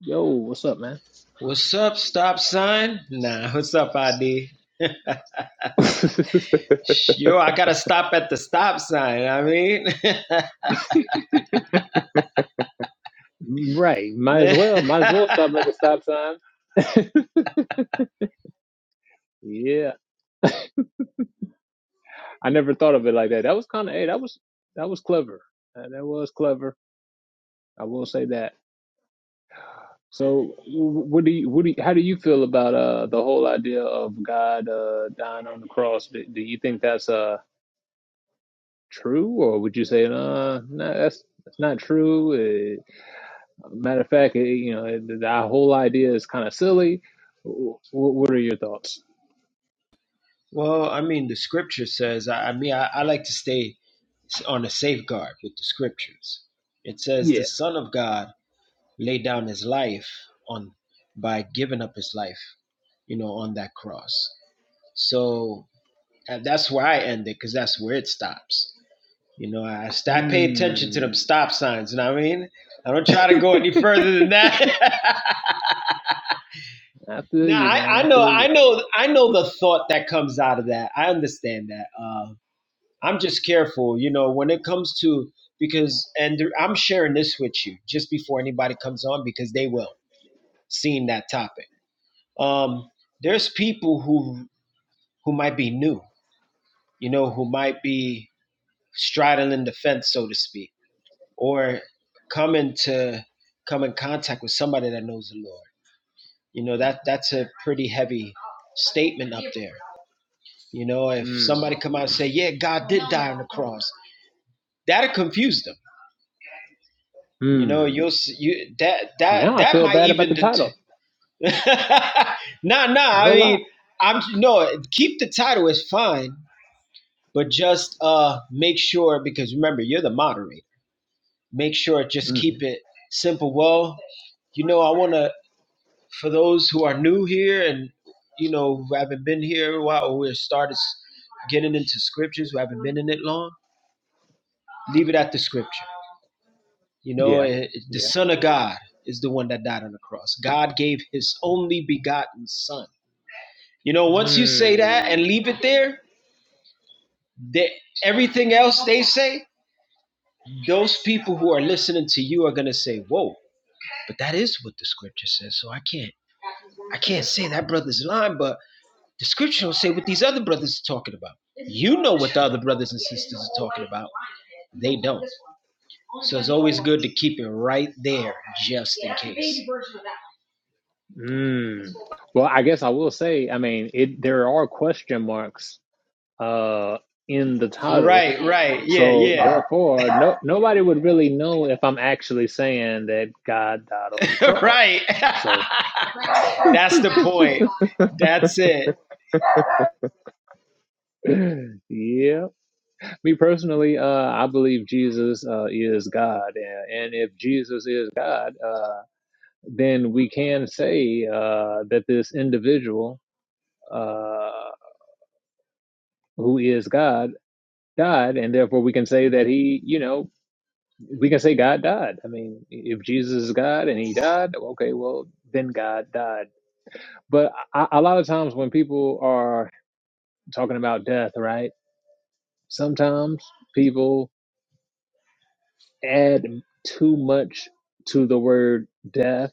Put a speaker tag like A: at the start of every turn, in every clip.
A: Yo, what's up, man?
B: What's up, stop sign? Nah, what's up, ID? Yo, I gotta stop at the stop sign. I mean,
A: right. Might as well. Might as well stop at the stop sign. Yeah. I never thought of it like that. That was kind of, hey, that was, that was clever. Uh, That was clever. I will say that. So wh- what do you, what do you, how do you feel about, uh, the whole idea of God, uh, dying on the cross? Do, do you think that's, uh, true or would you say, uh, no, that's, that's not true. Eh, Matter of fact, it, you know, it, that whole idea is kind of silly. What, what are your thoughts?
B: well, I mean, the scripture says, I, I mean, I, I like to stay on a safeguard with the scriptures. It says, the
A: Yeah.
B: Son of God laid down his life on by giving up his life, you know, on that cross. So uh, that's where I end it because that's where it stops. You know, I, I pay attention to them
A: Hmm.
B: stop signs. You know what I mean? I don't
A: I
B: try to go any further than that.
A: feel
B: now,
A: you,
B: I,
A: man.
B: I
A: I
B: know,
A: feel
B: I
A: you.
B: know, I know the thought that comes out of that. I understand that. Uh, I'm just careful, you know, when it comes to because, and th- I'm sharing this with you just before anybody comes on because they will seeing that topic. Um, there's people who who might be new, you know, who might be straddling the fence, so to speak or come into come in contact with somebody that knows the Lord. You know that that's a pretty heavy statement there. You know, if
A: Hmm.
B: somebody come out and say, "Yeah, God," knows," that'll confuse them. You know,
A: Hmm.
B: you'll you that that
A: Now I
B: that
A: feel
B: might
A: bad about
B: even
A: the
B: det-
A: title.
B: nah nah. I
A: No lie.
B: mean, I'm no keep the title is fine, but just uh make sure because remember you're the moderator. Make sure just
A: hmm
B: keep it simple. Well, you know, I want to. for those who are new here and you know who haven't been here a while or we started s- getting into scriptures who haven't been in it long leave it at the scripture you know
A: Yeah.
B: eh, eh, the
A: Yeah.
B: son of god is the one that died on the cross god gave his only begotten son you know once you say that and
A: Hmm.
B: leave it there that everything else they say those people who are listening to you are going to say whoa but that is what the scripture says so i can't And that brother's lying but the scripture don't say what these other brothers are talking about brothers good to keep it right there. Just
A: Hmm. Well, I guess I will say. I mean, it. There are question marks. Uh, in the title.
B: Yeah,
A: So
B: yeah.
A: therefore, no nobody would really know if I'm actually saying that God died on the
B: right.
A: cross. So
B: That's it.
A: yeah, me personally, uh, I believe Jesus uh, is God, and, and if Jesus is God, uh, then we can say uh, that this individual uh, who is God died, and therefore we can say that he, you know, we can say God died. I mean, if Jesus is God and he died, okay, well then God died But a a lot of times when people are talking about death, right? Sometimes people add too much to the word death.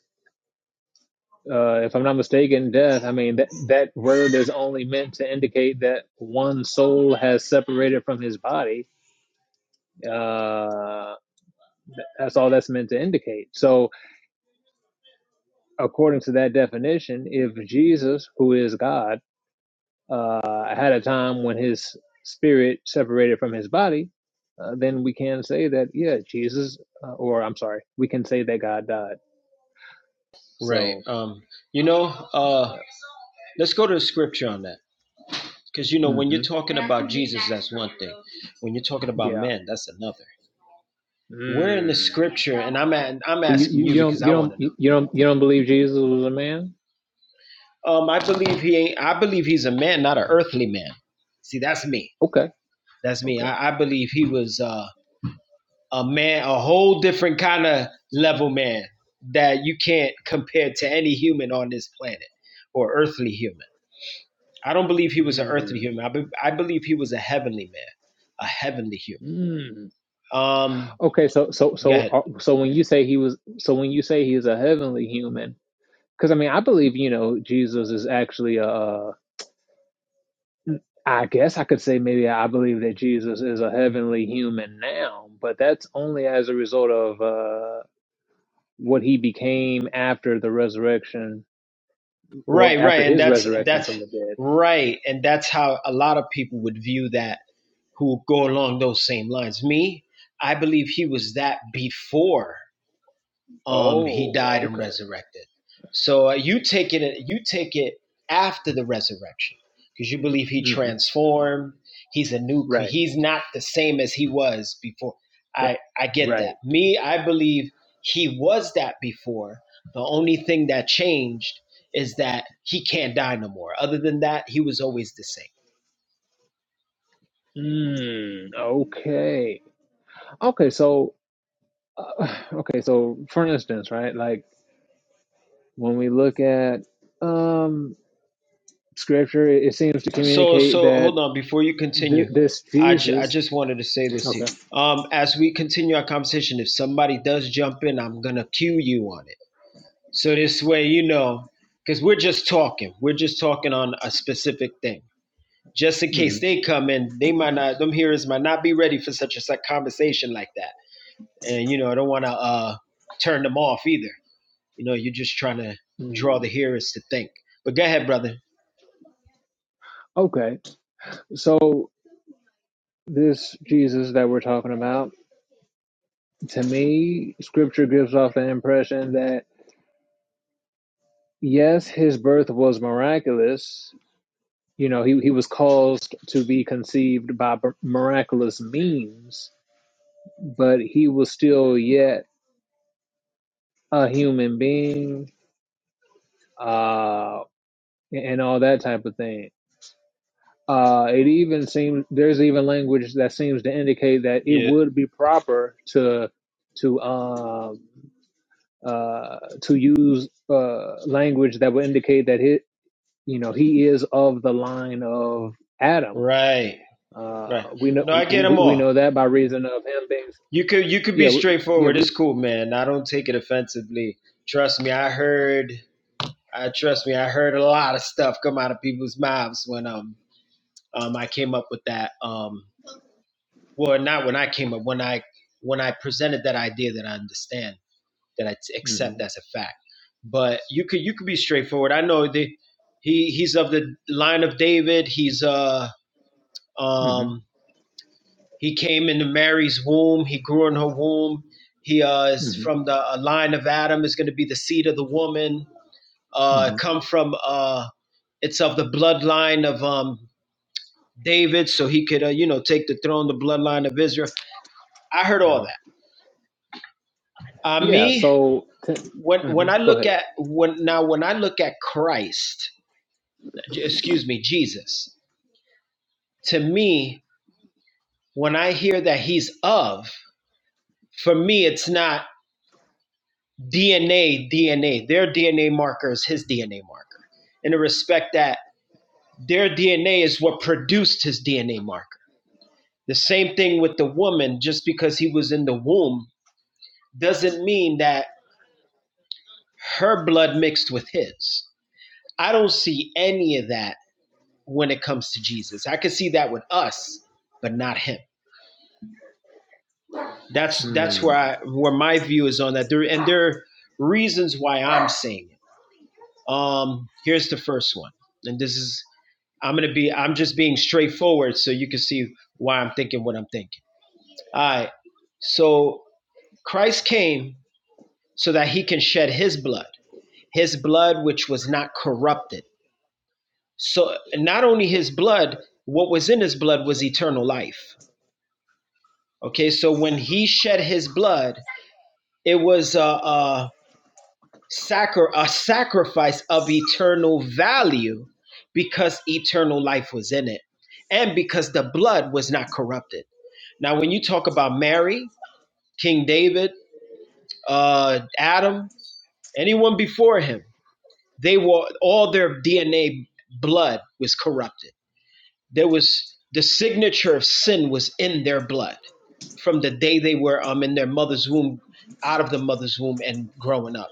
A: Uh, if I'm not mistaken, death, I mean, that, that word is only meant to indicate that one soul has separated from his body. Uh, th- that's all that's meant to indicate. So, according to that definition, if Jesus, who is God, uh, had a time when his spirit separated from his body, uh, then we can say that, yeah, Jesus, uh, or I'm sorry, we can say that God died.
B: right.
A: So,
B: Um, you know, uh,
A: yeah.
B: let's go to the scripture on that, because you know when you're
A: hmm
B: talking when you're talking about
A: Yeah.
B: men, that's another. Where in the
A: Mm.
B: script? I'm at, I'm
A: Well, you,
B: asking
A: you,
B: you
A: you don't
B: because I
A: you don't
B: want to
A: you you don't you don't believe Jesus was a man?
B: know. Um, I believe he ain't. I believe he's a man, not an earthly man. See, that's me.
A: Okay,
B: That's me.
A: okay.
B: I, I believe he was. Uh, a man, a whole different kind of level man that you can't compare to any human on this planet or earthly human. I don't believe he was an earthly
A: Mm.
B: human. I, be, I believe he was a heavenly man, a heavenly human.
A: Mm.
B: Um,
A: Okay, so so
B: go
A: so
B: ahead.
A: uh, so when you say he was, so when you say he is a heavenly human, because I mean I believe you know Jesus is actually a, I guess I could say maybe I believe that Jesus is a heavenly human now, but that's only as a result of uh, what he became after the resurrection or
B: Right,
A: after
B: right, and
A: his
B: that's
A: resurrection
B: that's
A: from the dead.
B: right, and that's how a lot of people would view that who go along those same lines. Me, I believe he was that before um, he
A: Oh,
B: died and
A: okay.
B: resurrected. So uh, you take it you take it after the resurrection because you believe he
A: hmm
B: transformed. He's a new. cre-
A: Right.
B: He's not the same as he was before.
A: R-
B: I I get that.
A: Right.
B: Me, I believe he was that before. The only thing that changed is that he can't die no more. Other than that, he was always the same.
A: Mm, okay. Okay. So, uh, okay. So, for instance, right, like when we look at um, scripture, it, it seems to
B: So,
A: communicate
B: so
A: that
B: hold on before you
A: th-
B: continue.
A: this
B: I ju- I
A: Jesus.
B: just wanted to say this to
A: okay,
B: you. Um, as we continue our conversation, if somebody does jump in, I'm gonna cue you on it. So this way, you know, because we're just talking. We're just talking on a specific thing. Just in case
A: Mhm.
B: they come in, they might not. Them hearers might not be ready for such a such conversation like that. And you know, I don't want to uh turn them off either. You know, you're just trying to draw
A: Mm.
B: the hearers to think. But go ahead, brother.
A: Okay. So this Jesus that we're talking about, to me, scripture gives off the impression that yes, his birth was miraculous. You know, he, he was caused to be conceived by b- miraculous means, but he was still yet a human being, uh, and all that type of thing. Uh, it even seems there's even language that seems to indicate that it
B: Yeah.
A: would be proper to to um, uh, to use uh, language that would indicate that it you know he is of the line of Adam.
B: Right. Right.
A: Uh, we
B: No, I
A: know
B: get
A: we,
B: them all.
A: we know that by reason of him being
B: You could you could
A: yeah
B: be
A: we- yeah
B: straightforward. It's
A: we
B: cool, man. I don't take it offensively. Trust me, I heard I trust me, I heard a lot of stuff come out of people's mouths when um um I came up with that um well not when I came up when I when I presented that idea that I understand that I t-
A: hmm
B: accept as a fact. But you could you could be straightforward. I know that he he's of the line of David. He's uh
A: hmm
B: um He came into Mary's womb. He grew in her womb. He uh, is
A: hmm
B: from the uh, line of Adam. Is going to be the seed of the woman. Uh,
A: hmm
B: come from uh, it's of the bloodline of um, David, so he could uh, you know take the throne, the bloodline of Israel. I heard all that. Uh,
A: yeah
B: me
A: so t-
B: when when
A: mhm,
B: I
A: go
B: look
A: ahead.
B: at when now when I look at Christ, j- excuse me, Jesus. To me, when I hear that He's of, for me, it's not. DNA, DNA, their DNA marker is his DNA marker. In the respect that their DNA is what produced his DNA marker. The same thing with the woman, just because he was in the womb doesn't mean that her blood mixed with his. I don't see any of that when it comes to Jesus. I can see that with us, but not him. That's that's
A: Mm.
B: where I where my view is on that. There and there are reasons why I'm saying it Um, here's the first one, and this is I'm gonna be I'm just being straightforward so you can see why I'm thinking what I'm thinking. All right. So Christ came so that he can shed his blood, his blood which was not corrupted. So not only his blood, what was in his blood was eternal life. Okay, so when he shed his blood, it was uh, uh sacri- a sacrifice of eternal value because eternal life was in it and because the blood was not corrupted. Now, when you talk about Mary, King David, uh, Adam, anyone before him, they were all their DNA blood was corrupted. There was the signature of sin was in their blood from the day they were um, in their mother's womb, out of the mother's womb, and growing up.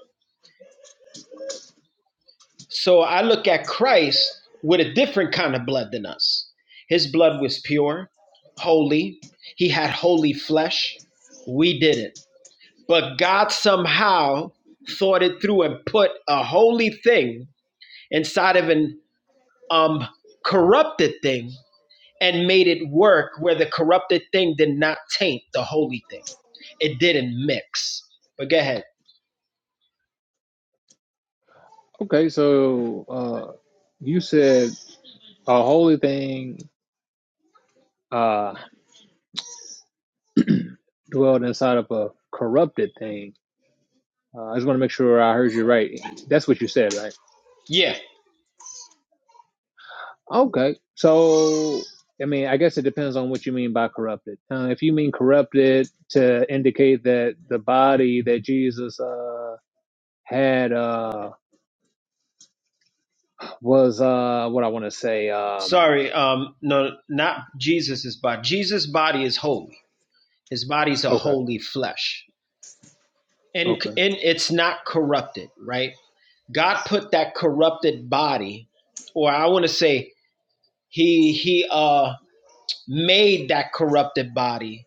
B: So I look at Christ with a different kind of blood than us. His blood was pure, holy. He had holy flesh. We didn't. But God somehow thought it through and put a holy thing inside of an um, corrupted thing and made it work where the corrupted thing did not taint the holy thing. It didn't mix. But go ahead.
A: Okay, so uh, you said. A holy thing uh, dwelled inside of a corrupted thing. Uh, I just want to make sure I heard you right. That's what you said, right?
B: Yeah.
A: Okay. So, I mean, I guess it depends on what you mean by corrupted. Uh, if you mean corrupted to indicate that the body that Jesus uh, had uh, was uh, what I want to say. Um,
B: Sorry. Um, no, not Jesus's body. Jesus' body is holy His body's a
A: okay.
B: holy flesh, and
A: Okay.
B: and it's not corrupted, right? God put that corrupted body, or I want to say he he uh made that corrupted body,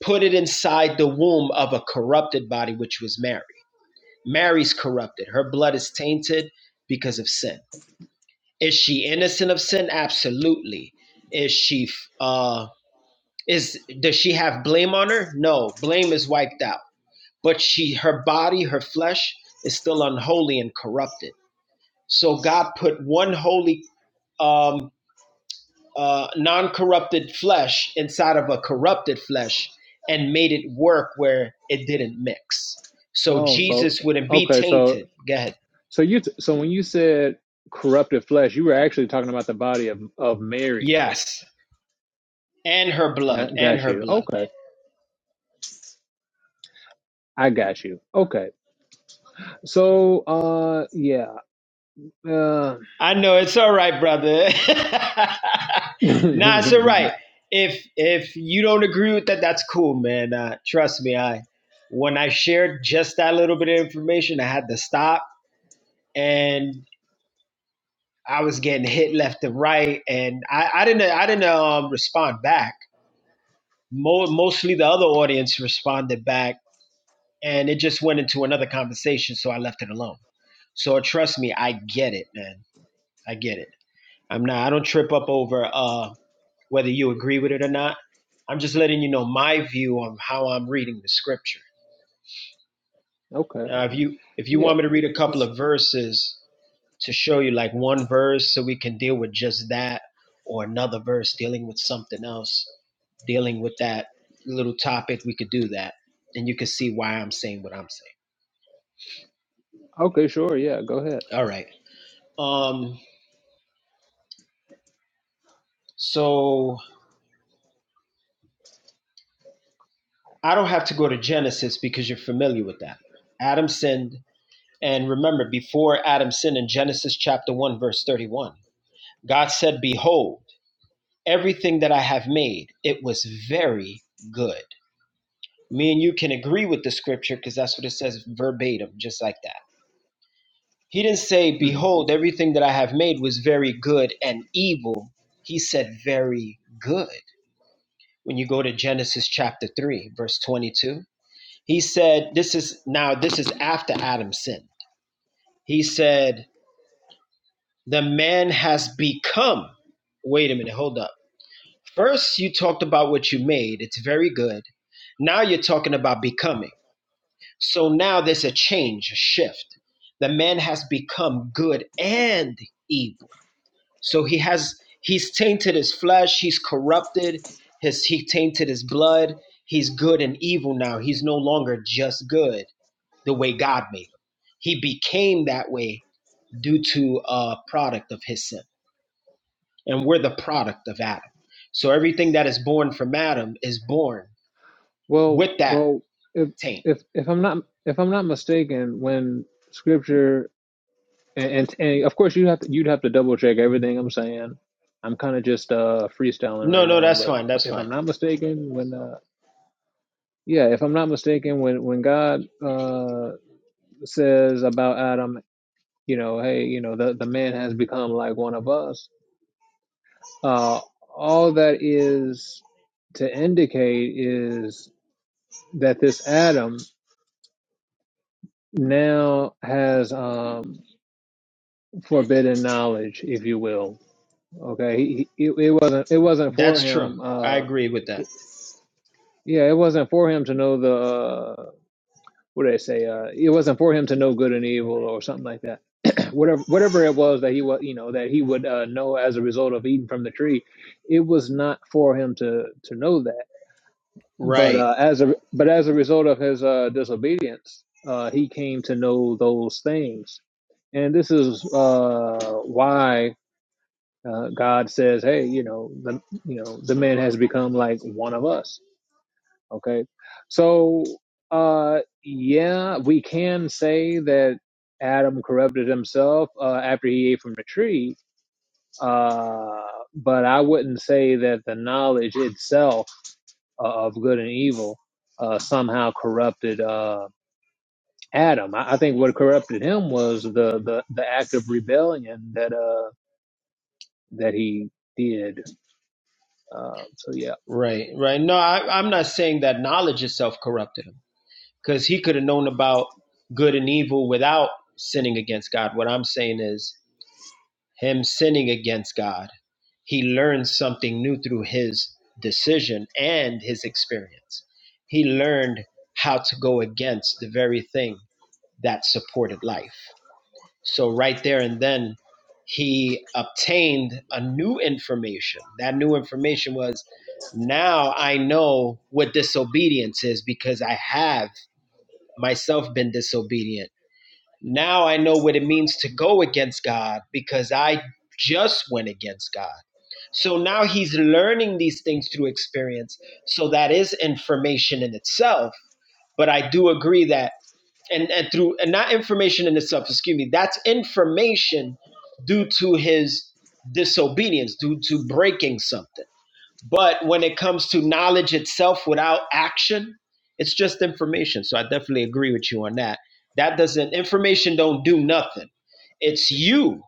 B: put it inside the womb of a corrupted body, which was Mary. Mary's corrupted. Her blood is tainted because of sin. Is she innocent of sin? Absolutely. Is she uh is does she have blame on her? No, blame is wiped out but she her body her flesh is still unholy and corrupted so god put one holy um uh non-corrupted flesh inside of a corrupted flesh and made it work where it didn't mix so
A: Oh, so
B: jesus
A: so,
B: wouldn't be
A: okay. So
B: tainted go ahead
A: So you t- so when you said corrupted flesh, you were actually talking about the body of of Mary.
B: yes and her blood
A: Got,
B: and
A: got
B: her
A: you.
B: blood
A: Okay, I got you. Okay. So uh, yeah. Uh,
B: I know it's all right, brother. nah, it's all
A: okay.
B: right. If if you don't agree with that, that's cool, man. Uh, trust me, I when I shared just that little bit of information, I had to stop, and I was getting hit left and right, and I, I didn't I didn't um, respond back. Mo- mostly the other audience responded back, and it just went into another conversation, so I left it alone. So trust me, I get it, man. I get it. I'm not. I don't trip up over. uh whether you agree with it or not. I'm just letting you know my view on how I'm reading the scripture. Uh, if you if you
A: Yeah.
B: want me to read a couple of verses to show you like one verse so we can deal with just that or another verse dealing with something else, dealing with that little topic, we could do that and you can see why I'm saying what I'm saying.
A: Okay. Sure. Yeah. Go ahead.
B: All right. Um so I don't have to go to Genesis because you're familiar with that. Adam sinned, And remember, before Adam sinned in Genesis chapter 1, verse 31, God said, Behold, everything that I have made, it was very good. Me and you can agree with the scripture because that's what it says verbatim, just like that. He didn't say,
A: hmm
B: Behold, everything that I have made was very good and evil. He said, Very good. When you go to Genesis chapter 3, verse 22, he said, This is now, this is after Adam sinned. He said, the man has become. Wait a minute, hold up. First, you talked about what you made, it's very good. Now you're talking about becoming. So now there's a change, a shift. The man has become good and evil. So he has he's tainted his flesh, he's corrupted, his he tainted his blood. He's good and evil now. He's no longer just good the way God made him. He became that way due to a product of his sin. and we're the product of Adam. So everything that is born from Adam is born
A: Well,
B: with that
A: well, if
B: taint.
A: if if I'm not if I'm not mistaken, when scripture and, and and of course you have to you'd have to double check everything I'm saying. I'm kind of just uh freestyling right
B: No, no,
A: now,
B: that's
A: but
B: fine. That's
A: if I'm
B: fine.
A: not mistaken, when uh Yeah, if I'm not mistaken, when when God uh, says about Adam, you know, hey, you know, the the man has become like one of us. Uh, all that is to indicate is that this Adam now has um, forbidden knowledge, if you will. Okay, he, he, it it wasn't it wasn't for
B: That's true.
A: him.
B: I
A: Uh,
B: agree with that.
A: yeah, it wasn't for him to know the. uh, what did I say? Uh, it wasn't for him to know good and evil or something like that. whatever, whatever it was that he was, you know, that he would uh, know as a result of eating from the tree, it was not for him to to know that. But
B: Right,
A: uh, as a but as a result of his uh, disobedience, uh, he came to know those things, and this is uh, why uh, God says, "Hey, you know, the you know the man has become like one of us." Okay. So, uh, yeah, we can say that Adam corrupted himself uh, after he ate from the tree, uh, but I wouldn't say that the knowledge itself uh, of good and evil uh, somehow corrupted uh, Adam. I, I think what corrupted him was the, the, the act of rebellion that uh, that he did. Uh, so, yeah.
B: right, right. No, I, I'm not saying that knowledge itself corrupted him because he could have known about good and evil without sinning against God. What I'm saying is him sinning against God. He learned something new through his decision and his experience. He learned how to go against the very thing that supported life. So, right there and then, he obtained a new information. That new information was now I know what disobedience is because I have myself been disobedient now I know what it means to go against God because I just went against God. So now he's learning these things through experience. So that is information in itself. But I do agree that, and, and through, and not information in itself, excuse me, that's information due to his disobedience, due to breaking something. But when it comes to knowledge itself without action, it's just information. So I definitely agree with you on that. That doesn't information don't do nothing. It's you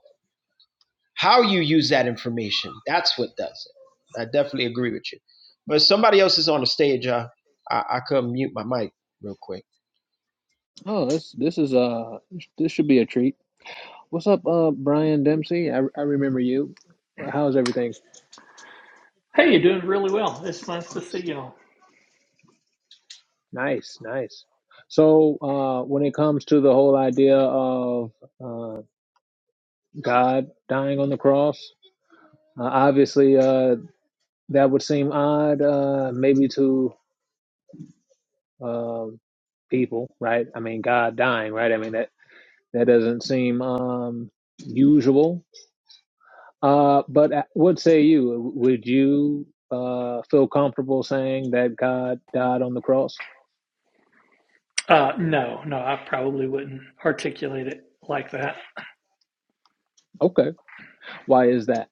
B: how you use that information. That's what does it. I definitely agree with you. But if somebody else is on the stage. I I, I could mute my mic real quick.
A: Oh, this this is uh this should be a treat. What's up, uh, Brian Dempsey? I, I remember you. How's everything? Nice, nice. So, uh, when it comes to the whole idea of uh, God dying on the cross, uh, obviously uh, that would seem odd, uh, maybe to um people, right? I mean, God dying, right? I mean that that doesn't seem um, usual. Uh, but uh, what say you? Would you uh, feel comfortable saying that God died on the cross? Okay. Why is that?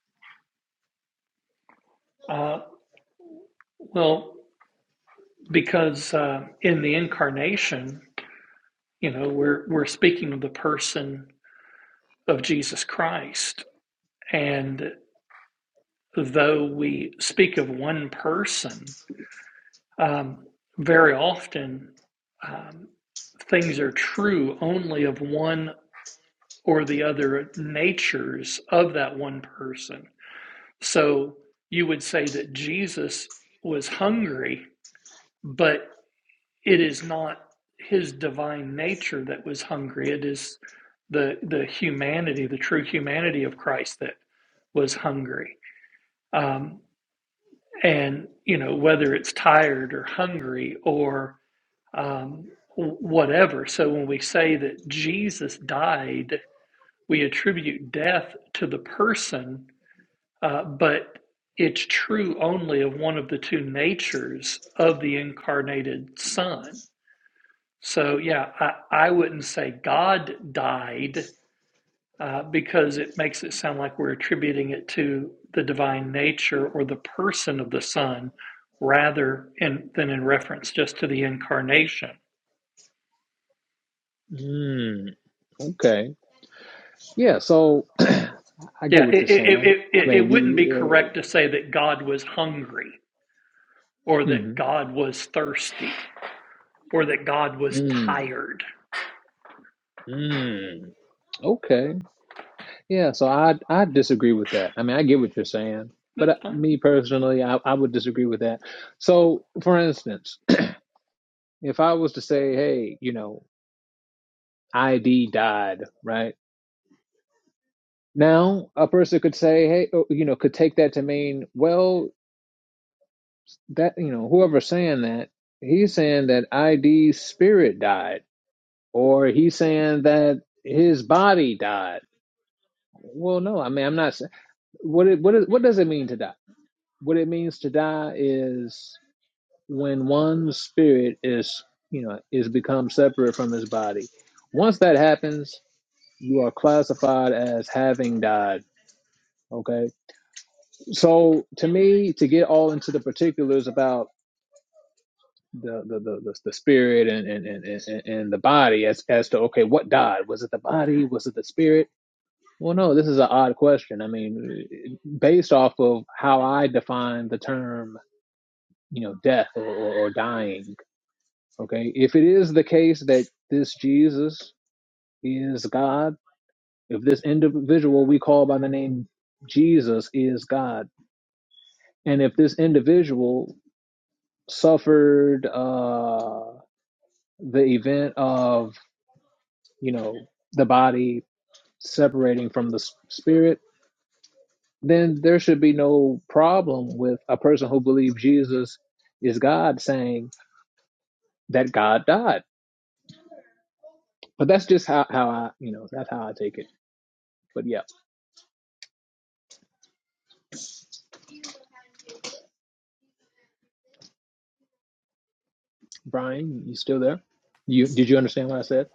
A: Mm, okay. Yeah. So I get what you're saying. I mean, you. you, Uh, mm Mm, mm, okay. Yeah. So I I disagree with that. I mean, I get what you're saying, but I, me personally, I, I would disagree with that. So, for instance, if I was to say, hey, you know, ID died, right? Now, a person could say, hey, oh, you know, could take that to mean, well, that you know whoever's saying that he's saying that id's spirit died or he's saying that his body died well no i mean i'm not saying. what it what, is, what does it mean to die what it means to die is when one's spirit is you know is become separate from his body once that happens you are classified as having died okay so to me to get all into the particulars about the the the, the, the spirit and and, and and and the body as as to okay what died was it the body was it the spirit well no this is an odd question i mean based off of how i define the term you know death or, or, or dying okay if it is the case that this jesus is god if this individual we call by the name jesus is god and if this individual suffered uh the event of you know, the body separating from the s- spirit, then there should be no problem with a person who believes Jesus is God saying that God died. But that's just how, how I, you know, that's how I take it. But yeah, Brian, you still there? You did you understand what I said?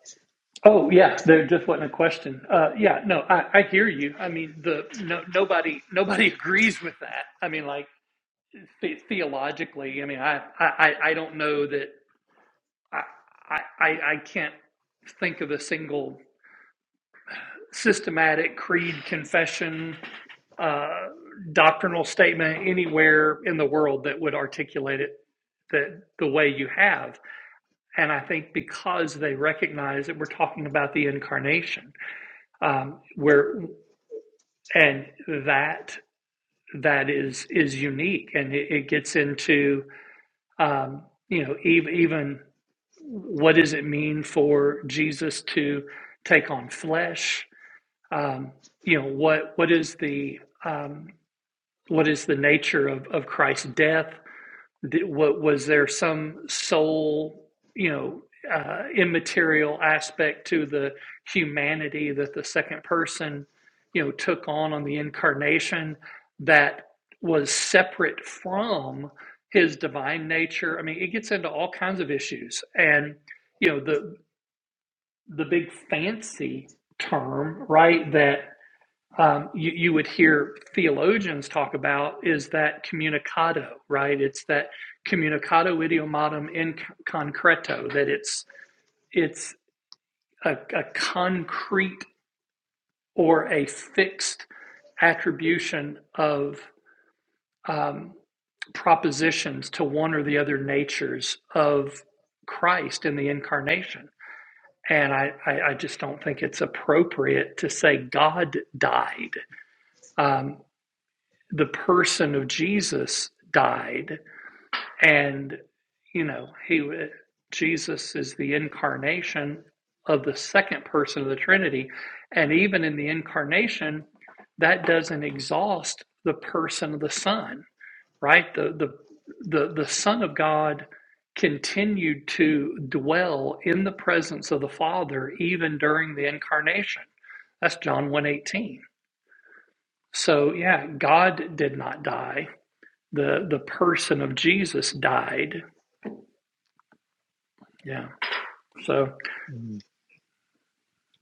A: Mm,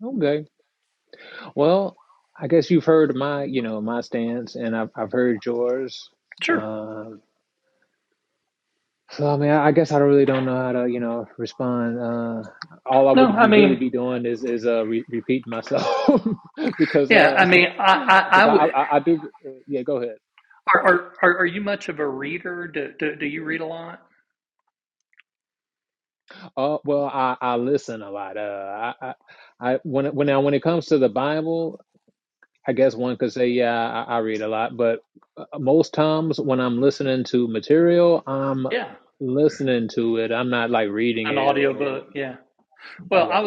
A: Okay. Well, I guess you've heard my, you know, my stance, and I've I've heard yours. Uh, So I mean, I I guess I really don't know how to, you know, respond. Uh, all I would be- really be doing is is uh re repeating myself because uh because I, I I do yeah go ahead. Uh, well I I listen a lot. Uh, I I, I when it- when now when it comes to the Bible, I guess one could say yeah I, I read a lot, but uh, most times when I'm listening to material, I'm listening to it. I'm not like reading it or yeah.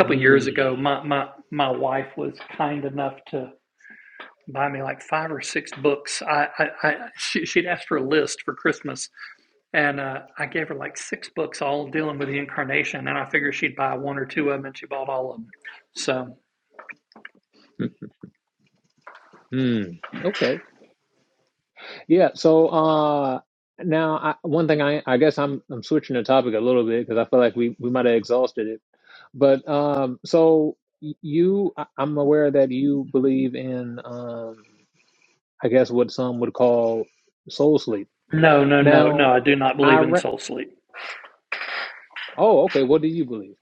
A: Mm, mm, mm. okay. Yeah. So uh, now, I, one thing I I guess I'm I'm switching the topic a little bit because I feel like we we might have exhausted it. But um, so y- you, I, I'm aware that you believe in um, I guess what some would call soul sleep. Now, I re- oh okay, what do you believe?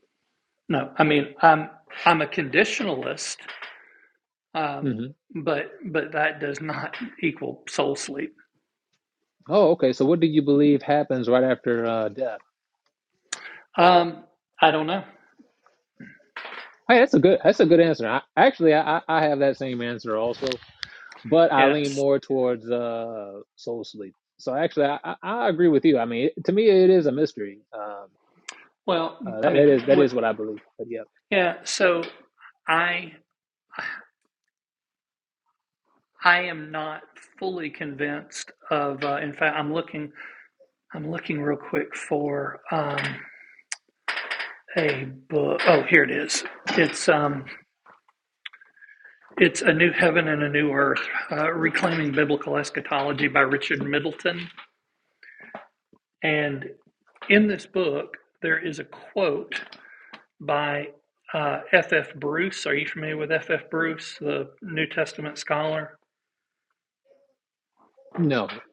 A: hmm Oh okay, so what do you believe happens right after uh, death? Hey, that's a good that's a good answer. I, actually, I I I have that same answer also but I lean more towards uh Soul Sleep. So actually, I, I, I agree with you. I mean, it- to me, it is a mystery. Um, uh, that, that is that is what I believe. But yeah, no,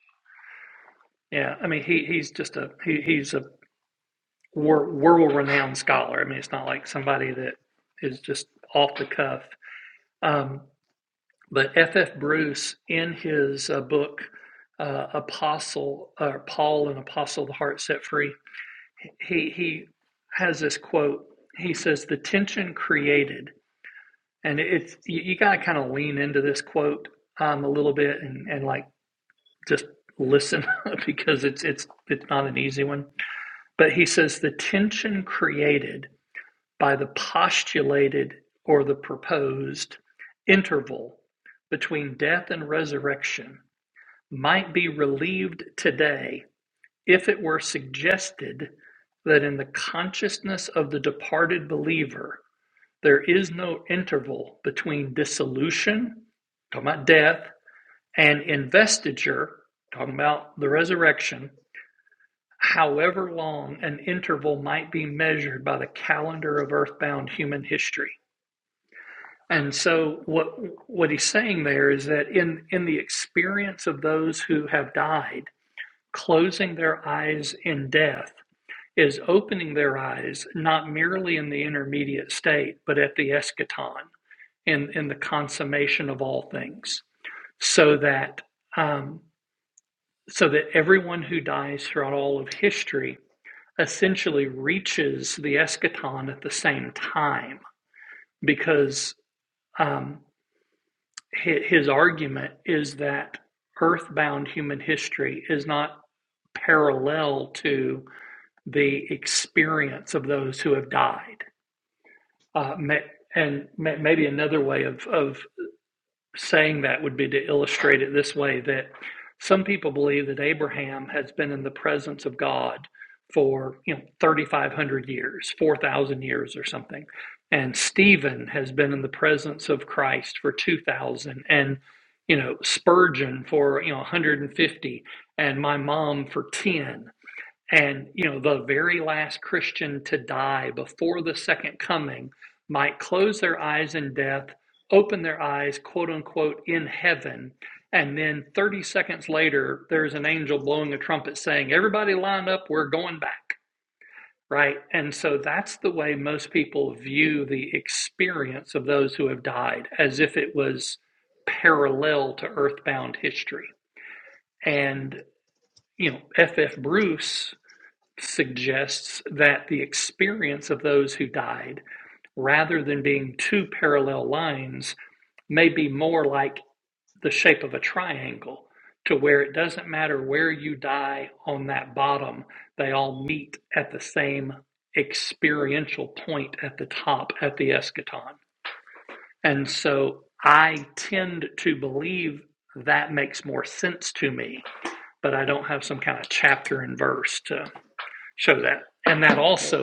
B: Hey,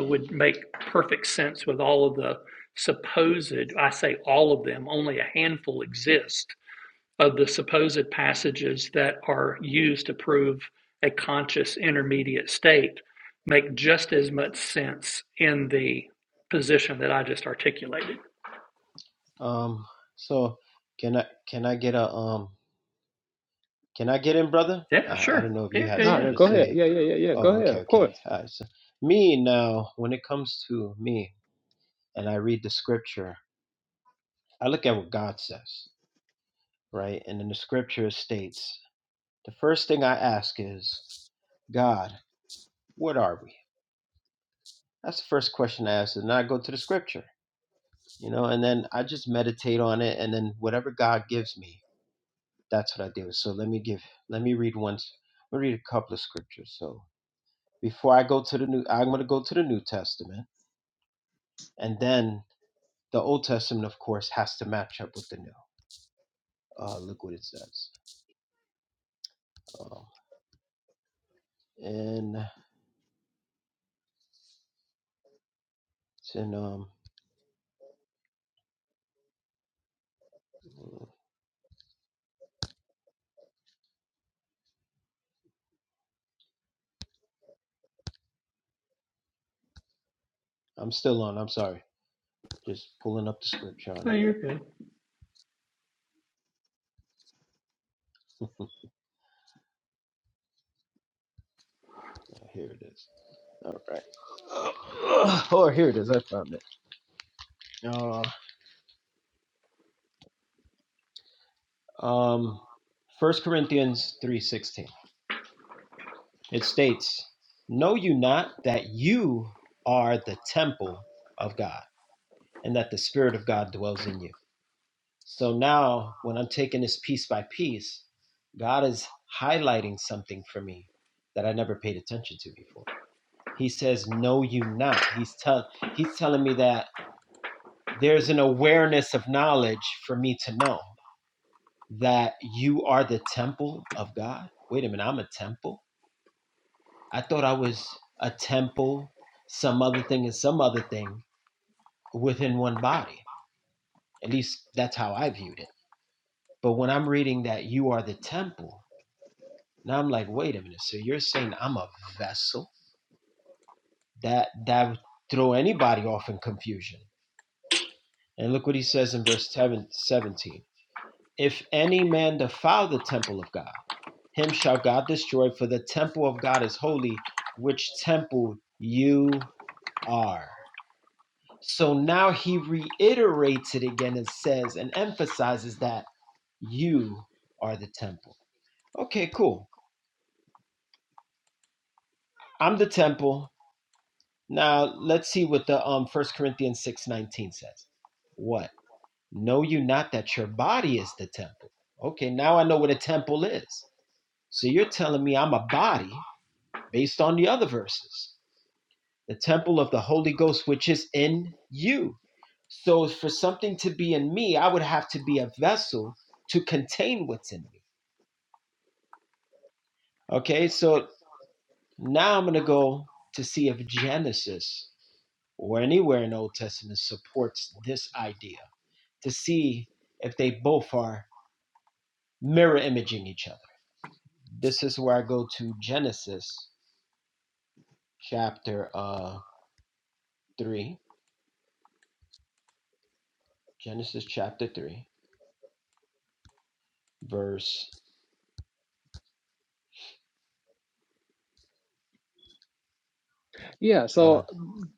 B: um, so can I can I get a um Can I get in, brother? Uh, I don't know if you had
A: no,
B: something
A: no.
B: to
A: Go ahead.
B: say.
A: Yeah, yeah, yeah, yeah. Go
B: Oh,
A: ahead.
B: okay,
A: Of
B: okay.
A: course.
B: All right. So, me now, when it comes to me and I read the scripture, I look at what God says, right? And then the scripture states the first thing I ask is, God, what are we? That's the first question I ask. And then I go to the scripture, you know, and then I just meditate on it. And then whatever God gives me, that's what I do. So let me give, let me read once, let me read a couple of scriptures. So before I go to the new I'm going to go to the New Testament and then the Old Testament of course has to match up with the new. Uh look what it says. Um, and it's in um I'm still on. I'm sorry. Just pulling up the scripture on it. Uh, here it is. All right. Uh, oh, here it is. I found it. Uh, um, First Corinthians 3.16. It states, Know you not that you are the temple of God and that the Spirit of God dwells in you? So now, when I'm taking this piece by piece, God is highlighting something for me that I never paid attention to before. He says, "Know you not." He's tell he's telling me that there's an awareness of knowledge for me to know that you are the temple of God. Wait a minute, I'm a temple. I thought I was a temple, some other thing, and some other thing within one body. At least that's how I viewed it. But when I'm reading that you are the temple, Now I'm like, wait a minute. So you're saying I'm a vessel? That that would throw anybody off in confusion. And look what he says in verse 7, 17. If any man defile the temple of God, him shall God destroy, for the temple of God is holy, which temple you are. So now he reiterates it again and says and emphasizes that you are the temple. Okay, cool. I'm the temple. Now let's see what the um First Corinthians six nineteen says. What? Know you not that your body is the temple? Okay, now I know what a temple is. So you're telling me I'm a body based on the other verses. The temple of the Holy Ghost, which is in you. So for something to be in me, I would have to be a vessel to contain what's in me. Okay, so now I'm gonna go to see if Genesis or anywhere in Old Testament supports this idea to see if they both are mirror imaging each other. This is where I go to Genesis chapter uh, 3. Genesis chapter 3, verse.
A: Yeah.
B: Uh,
A: So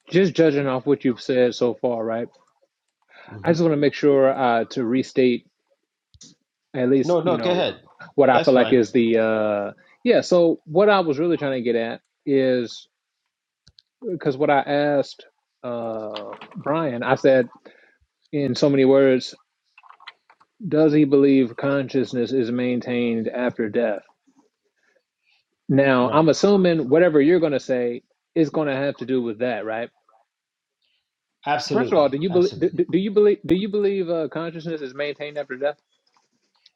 A: just judging off what you've said so far, right? I
B: hmm
A: just want to make sure uh, to restate at least
B: No,
A: you
B: no, go
A: know
B: ahead.
A: what I
B: That's
A: feel like
B: fine.
A: is the uh yeah. So what I was really trying to get at is because what I asked uh Brian, I said in so many words does he believe consciousness is maintained after death? Now,
B: Right.
A: I'm assuming whatever you're going to say is going to have to do with that, right? First of all,
B: Absolutely.
A: do you believe do,
B: Absolutely.
A: do you believe do you believe uh, consciousness is maintained after death?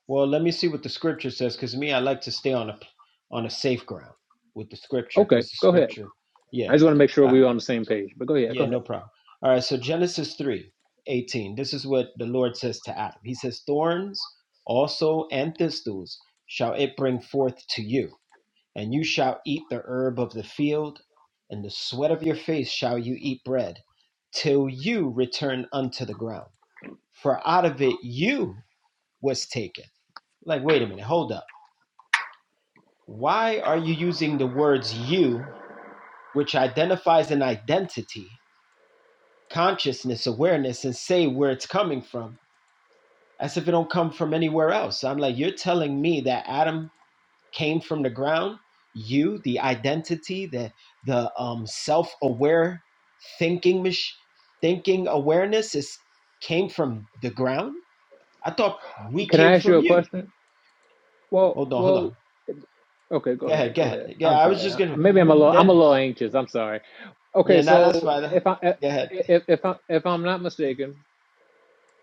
B: Well, let me see what the scripture says because me, I like to stay on a on a safe ground with the scripture
A: Okay,
B: because the
A: go ahead.
B: scripture,
A: I
B: yeah.
A: just want to make sure
B: Uh,
A: we're on the same page. But go ahead, go
B: Yeah, no
A: ahead.
B: problem. All right, so Genesis 3 18. This is what the Lord says to Adam. He says, Thorns also and thistles shall it bring forth to you, and you shall eat the herb of the field, and the sweat of your face shall you eat bread, till you return unto the ground. For out of it you was taken. Like, wait a minute, hold up. Why are you using the words you, which identifies an identity? consciousness awareness and say where it's coming from as if it don't come from anywhere else i'm like you're telling me that adam came from the ground you the identity the the um self-aware thinking mach- thinking awareness is came from the ground i thought we
A: Can I
B: came
A: ask you
B: from
A: a
B: you
A: question? Well,
B: hold on hold on
A: well, okay, go
B: go ahead
A: ahead,
B: go
A: go
B: ahead
A: ahead.
B: yeah
A: I'm
B: i was
A: sorry.
B: just
A: I,
B: gonna
A: maybe I'm a little I'm
B: then
A: a little anxious. I'm sorry. Okay,
B: yeah now
A: so
B: that's fine
A: if I
B: go ahead
A: if if I if I'm not mistaken,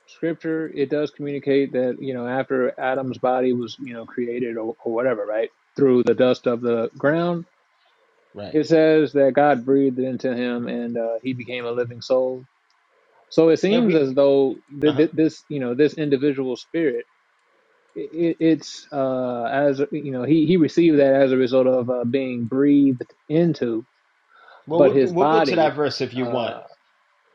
A: scripture it does communicate that you know after adam's body was you know created or, or whatever right through the dust of the ground
B: right
A: it says that god breathed into him and uh, he became a living soul so it
B: yeah
A: seems
B: we
A: as though th-
B: uh-huh
A: th- this you know this individual spirit it, it's uh as you know he he received that as a result of uh, being breathed into
B: well
A: but
B: we'll,
A: his
B: we'll go to
A: body
B: that verse if you want
A: uh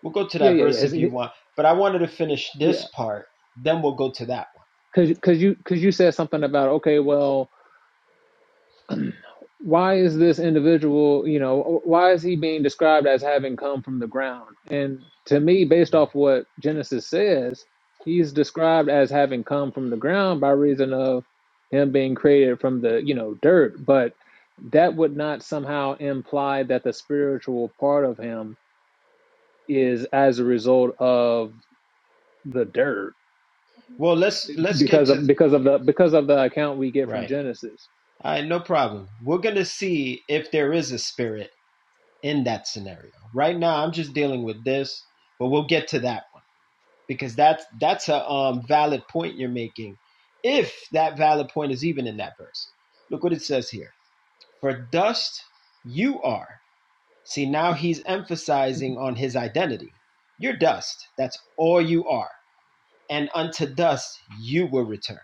B: We'll go to
A: yeah
B: that
A: yeah yeah
B: verse
A: his,
B: if you
A: his-
B: want, but I wanted to finish
A: yeah
B: this part, then we'll go to that
A: because because you because you said something about okay well why is this individual, you know, why is he being described as having come from the ground? And to me, based
B: one.
A: off what Genesis says, he's described as having come from the ground by reason of him being created from the, you know, dirt. But that would not somehow imply that the spiritual part of him is as a result of the dirt
B: Well, let's let's get
A: because
B: to
A: of because of the because of the account we get from
B: right.
A: Genesis.
B: All right, no problem. We're gonna see if there is a spirit in that scenario. Right now, I'm just dealing with this, but we'll get to that one because that's that's a um, valid point you're making. If that valid point is even in that verse, look what it says here: "For dust you are." See, now he's emphasizing on his identity. You're dust. That's all you are. and unto dust you will return.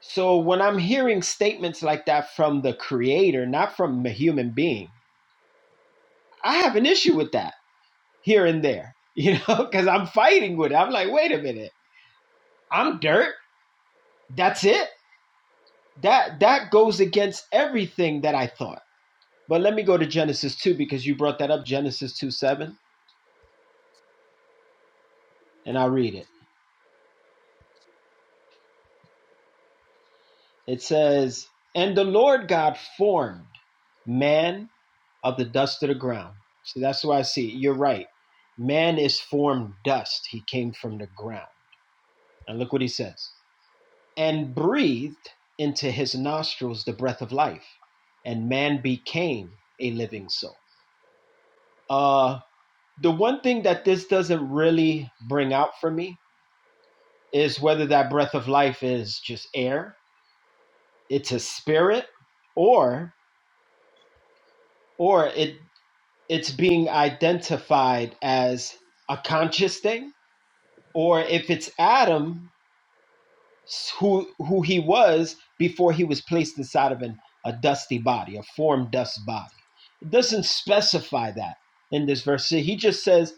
B: So when I'm hearing statements like that from the creator, not from a human being, I have an issue with that here and there, you know, because I'm fighting with it. I'm like, wait a minute, I'm dirt. That's it. That that goes against everything that I thought. But let me go to Genesis 2 because you brought that up, Genesis 2 7, and I'll read it. It says, And the Lord God formed man of the dust of the ground. See, that's why I see. You're right. Man is formed dust. He came from the ground. And look what he says. And breathed into his nostrils the breath of life, and man became a living soul. Uh, the one thing that this doesn't really bring out for me is whether that breath of life is just air, it's a spirit, or or it it's being identified as a conscious thing or if it's Adam who who he was before he was placed inside of an, a dusty body, a form dust body. It doesn't specify that in this verse. He just says,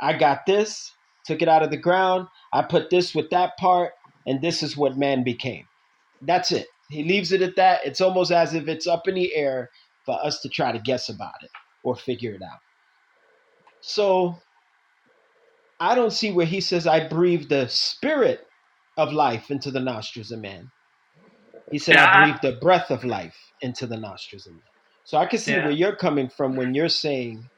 B: "I got this, took it out of the ground, I put this with that part, and this is what man became." That's it. He leaves it at that. It's almost as if it's up in the air for us to try to guess about it or figure it out. So I don't see where he says, I breathe the spirit of life into the nostrils of man. He said, I breathe the breath of life into the nostrils of man. So I can see where you're coming from when you're saying,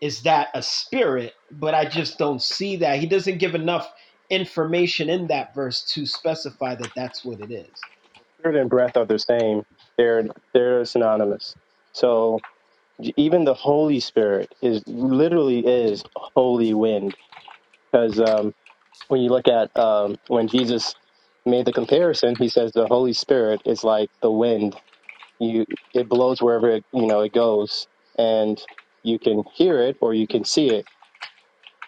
B: is that a spirit? But I just don't see that. He doesn't give enough information in that verse to specify that that's what it is.
C: spirit and breath are the same. They're they're synonymous. So even the Holy Spirit is literally is holy wind because um, when you look at um, when Jesus made the comparison, he says the Holy Spirit is like the wind. You it blows wherever it you know it goes, and you can hear it or you can see it,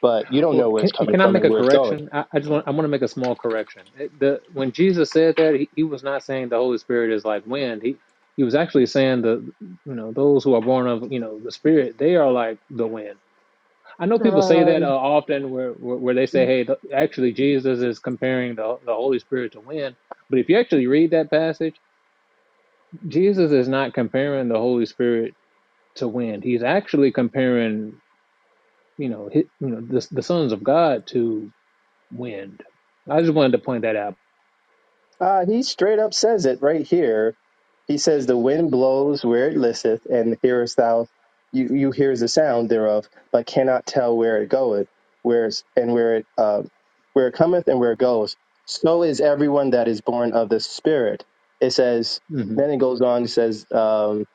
C: but you don't
A: Well,
C: know where
A: can,
C: it's coming
A: can I
C: from
A: make
C: and
A: a
C: where it's going
A: correction? I, I just want I want to make a small correction. It- the when Jesus said that, he, he was not saying the Holy Spirit is like wind. He he was actually saying the you know those who are born of you know the Spirit they are like the wind. I know people say that uh, often where, where where they say hey the, actually Jesus is comparing the the Holy Spirit to wind. But if you actually read that passage, Jesus is not comparing the Holy Spirit to wind. He's actually comparing you know his, you know the, the sons of God to wind. I just wanted to point that out.
C: Uh, he straight up says it right here. He says, "The wind blows where it listeth, and hearest thou, you you hears the sound thereof, but cannot tell where it goeth, where it's, and where it uh, where it cometh and where it goes. So is everyone that is born of the Spirit." It says.
A: hmm
C: Then it goes on. It says. um,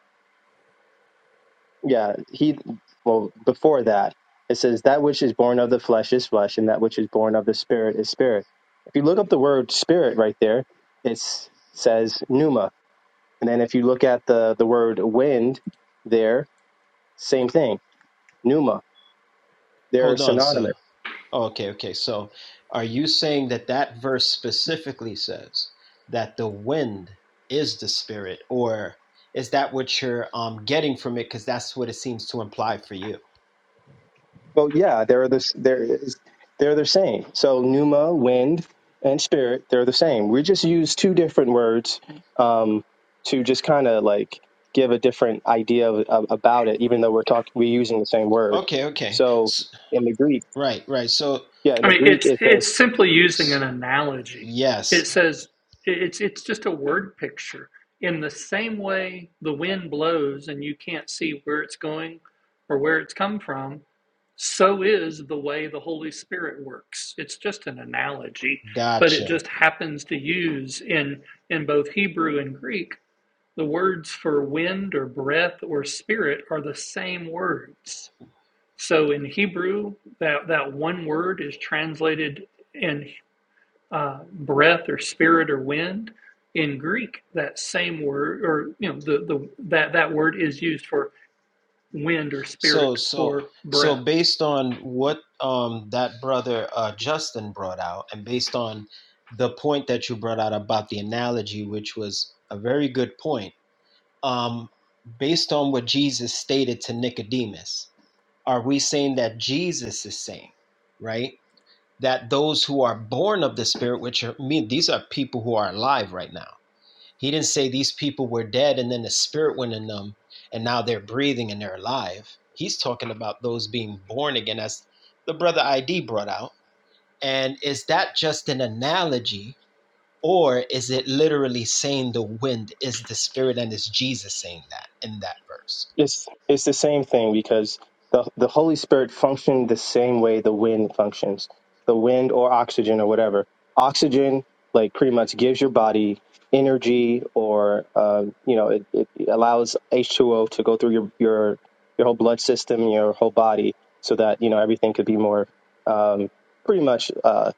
C: yeah, he well before that it says that which is born of the flesh is flesh, and that which is born of the spirit is spirit. If you look up the word spirit right there, it says pneuma, and then if you look at the the word wind there, same thing, pneuma. They're
B: Hold on, sir.
C: synonymous.
B: Okay, okay. So are you saying that that verse specifically says that the wind is the spirit, or is that what you're um getting from it? Because that's what it seems to imply for you.
C: Well, yeah, they're the there is they're the same. So pneuma, wind, and spirit, they're the same. We just use two different words um, to just kind of like give a different idea of, of, about it, even though we're talking we're using the same word.
B: Okay, okay.
C: So
B: S
C: in the Greek,
B: right, right. So
C: yeah, in the Greek it says
B: s- yes, gotcha. So so so based on what um that brother uh Justin brought out and based on the point that you brought out about the analogy which was a very good point um based on what Jesus stated to Nicodemus are we saying that Jesus is saying right that those who are born of the spirit which are I mean these are people who are alive right now he didn't say these people were dead and then the spirit went in them and now they're breathing and they're alive. He's talking about those being born again, as the brother ID brought out. And is that just an analogy or is it literally saying the wind is the spirit and is Jesus saying that in that verse?
C: It's it's the same thing because the the Holy Spirit functioned the same way the wind functions. The wind or oxygen or whatever. Oxygen like pretty much gives your body energy or um, you know it, it allows H2O to go through your your your whole blood system, your whole body, so that you know everything could be more um, pretty much uh,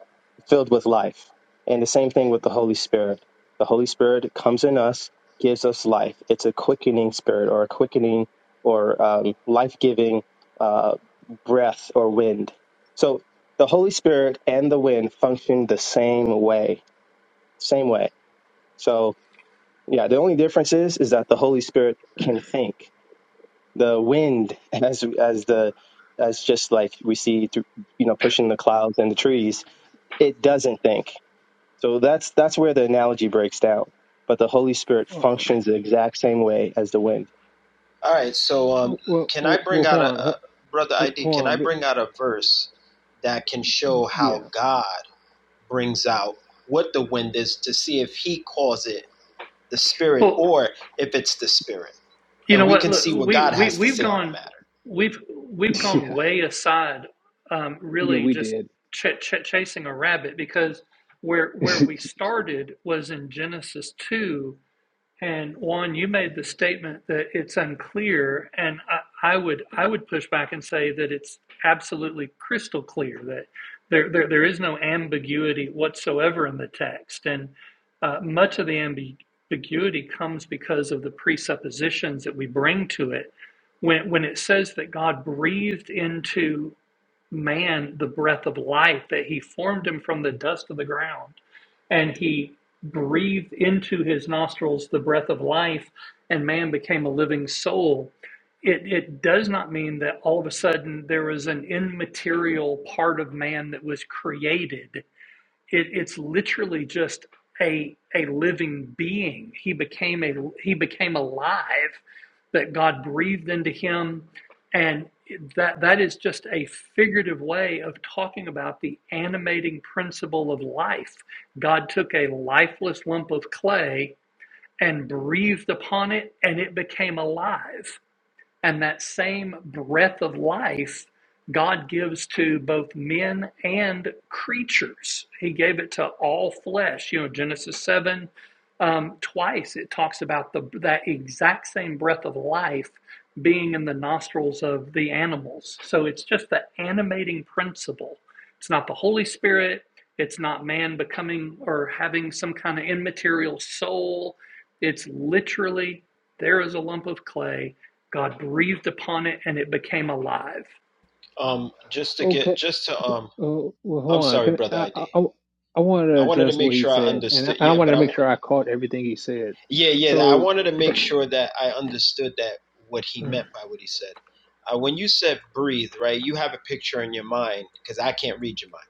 C: filled with life. And the same thing with the Holy Spirit. The Holy Spirit comes in us, gives us life. It's a quickening spirit or a quickening or um, life giving uh, breath or wind. So the Holy Spirit and the wind function the same way, same way. So yeah, the only difference is is that the Holy Spirit can think. The wind, as as the as just like we see through, you know pushing the clouds and the trees, it doesn't think. So that's that's where the analogy breaks down. But the Holy Spirit
A: Uh,
C: functions the exact same way as the wind.
B: All right, so um,
A: well,
B: can I
A: well, well,
B: bring out a,
A: Juan,
B: a
A: Ju-
B: brother
A: Ju-
B: ID? Can I
A: Juan, but
B: bring out a verse that can show how
A: yeah,
B: God brings out what the wind is to see if He calls it? the spirit or if it's the spirit and we can see what god has to say on the matter
A: yeah, yeah, we did.
B: um just to get
A: okay, uh,
B: just to um
A: well,
B: i'm
A: Juan,
B: sorry
A: can
B: brother
A: I, I,
B: id
A: I I wanted to
B: i wanted to
A: address
B: make
A: what he
B: sure i
A: said, and I,
B: understood
A: I
B: yeah
A: wanted
B: but
A: to
B: i
A: make sure I caught everything he said.
B: yeah yeah i
A: So,
B: wanted to make sure that i understood that what he meant by what he said uh, when you said breathe right you have a picture in your mind because i can't read your mind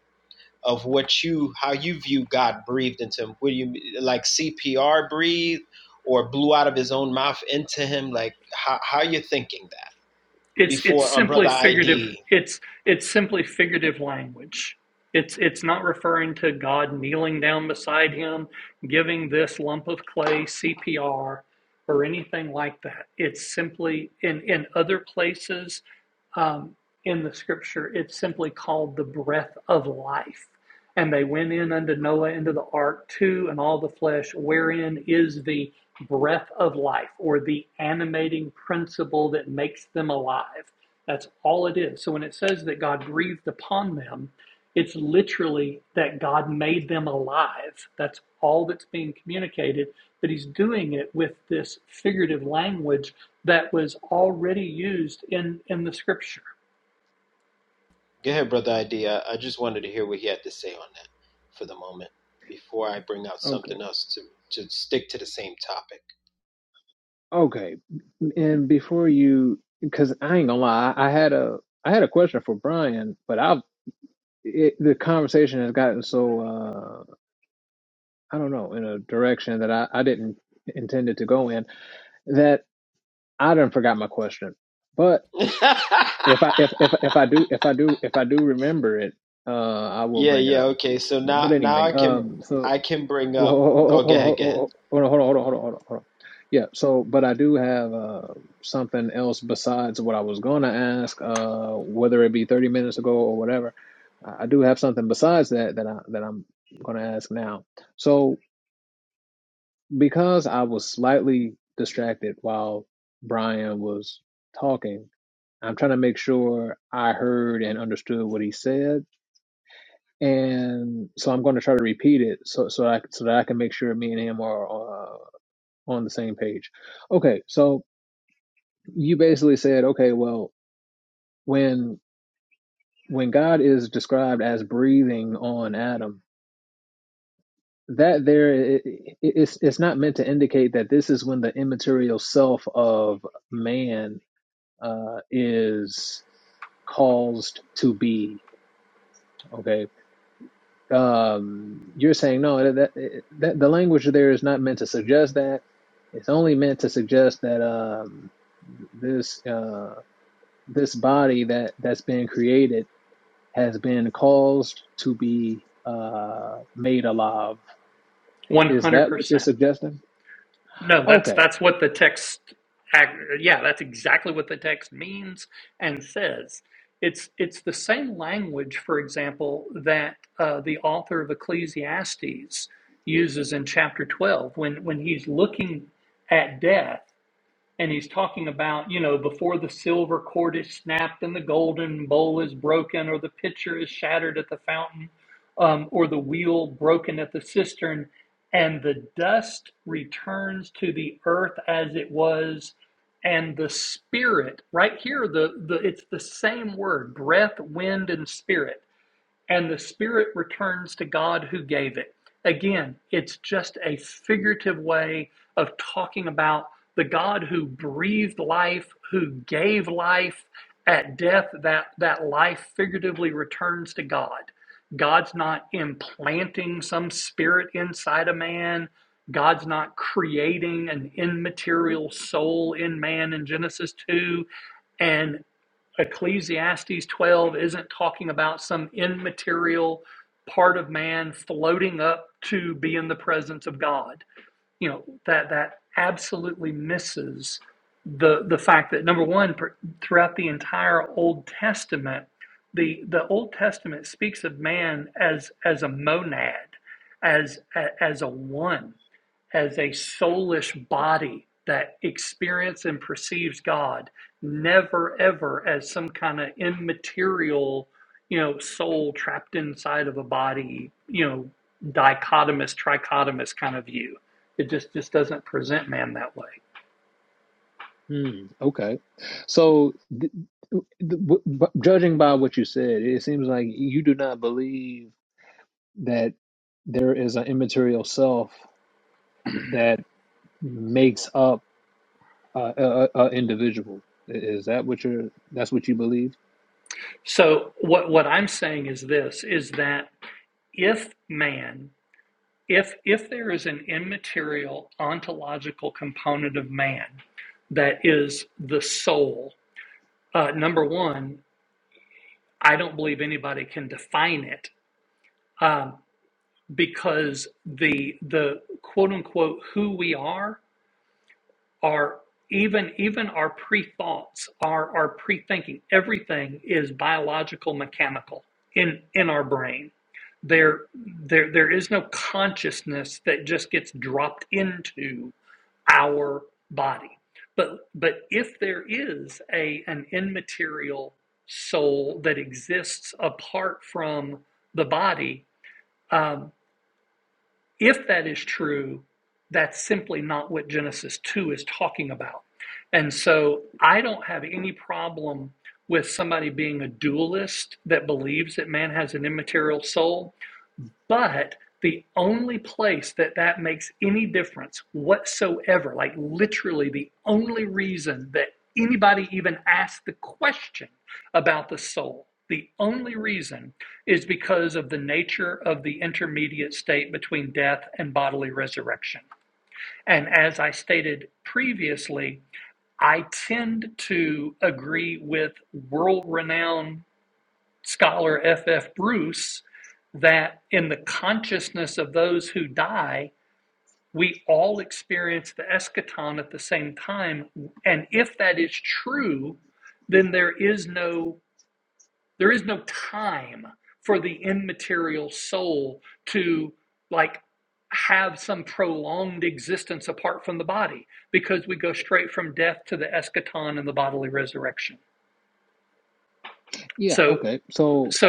B: of what you how you view god breathed into him what do you like cpr breathe or blew out of his own mouth into him like how, how you're thinking that before um, brother ID. Go ahead, brother ID. I I just wanted to hear what he had to say on that for the moment before I bring out
A: okay,
B: something else to to stick to the same topic.
A: okay, and before you, because I ain't gonna lie, I, I had a, I had a question for Brian, but I've it, the conversation has gotten so. uh, I don't know, in a direction that I, I didn't intend it to go in, that I done forgot my question. But if I if if if I do if I do if I do remember it, uh, I will
B: yeah,
A: bring it
B: yeah,
A: up.
B: okay. So now
A: But
B: now
A: anyway,
B: I can
A: um, so
B: I can bring
A: hold
B: up.
A: on
B: Oh, go
A: hold on, ho- ho-
B: ahead, go ahead.
A: hold on, hold on, hold on, hold on, hold on. Yeah. So, but I do have uh something else besides what I was gonna ask, uh, whether it be thirty minutes ago or whatever. I I do have something besides that that I that I'm gonna ask now. So. because I was slightly distracted while Brian was talking, I'm trying to make sure I heard and understood what he said. And so I'm going to try to repeat it so so I so that I can make sure me and him are uh, on the same page. Okay, so you basically said, okay, well, when when God is described as breathing on Adam, that there it, it- it's it's not meant to indicate that this is when the immaterial self of man uh, is caused to be. Okay, um, you're saying no. That, that, the language there is not meant to suggest that. It's only meant to suggest that um, this uh, this body that that's been created has been caused to be uh, made alive. Is that what you're suggesting? Okay. Hmm. okay. So th- th- w- b- judging by what you said, it seems like you do not believe that there is an immaterial self that makes up uh, a, a, a individual. Is that what you're? That's what you believe? Yeah. Okay. So.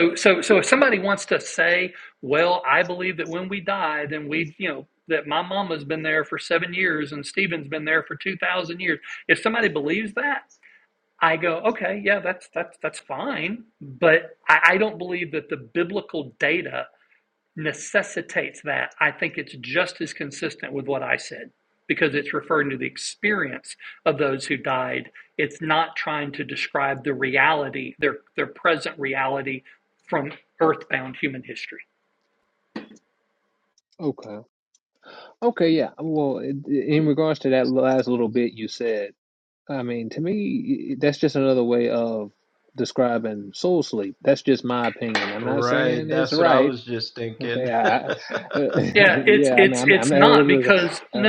A: Okay. Okay. Yeah. Well, in in regards to that last little bit you said, I mean, to me, that's just another way of describing soul sleep. That's just my opinion. I'm not
B: Right,
A: saying it's
B: that's what I
A: right.
B: was just
A: Okay.
B: thinking.
A: I, I yeah. I mean, I'm, I'm not. uh,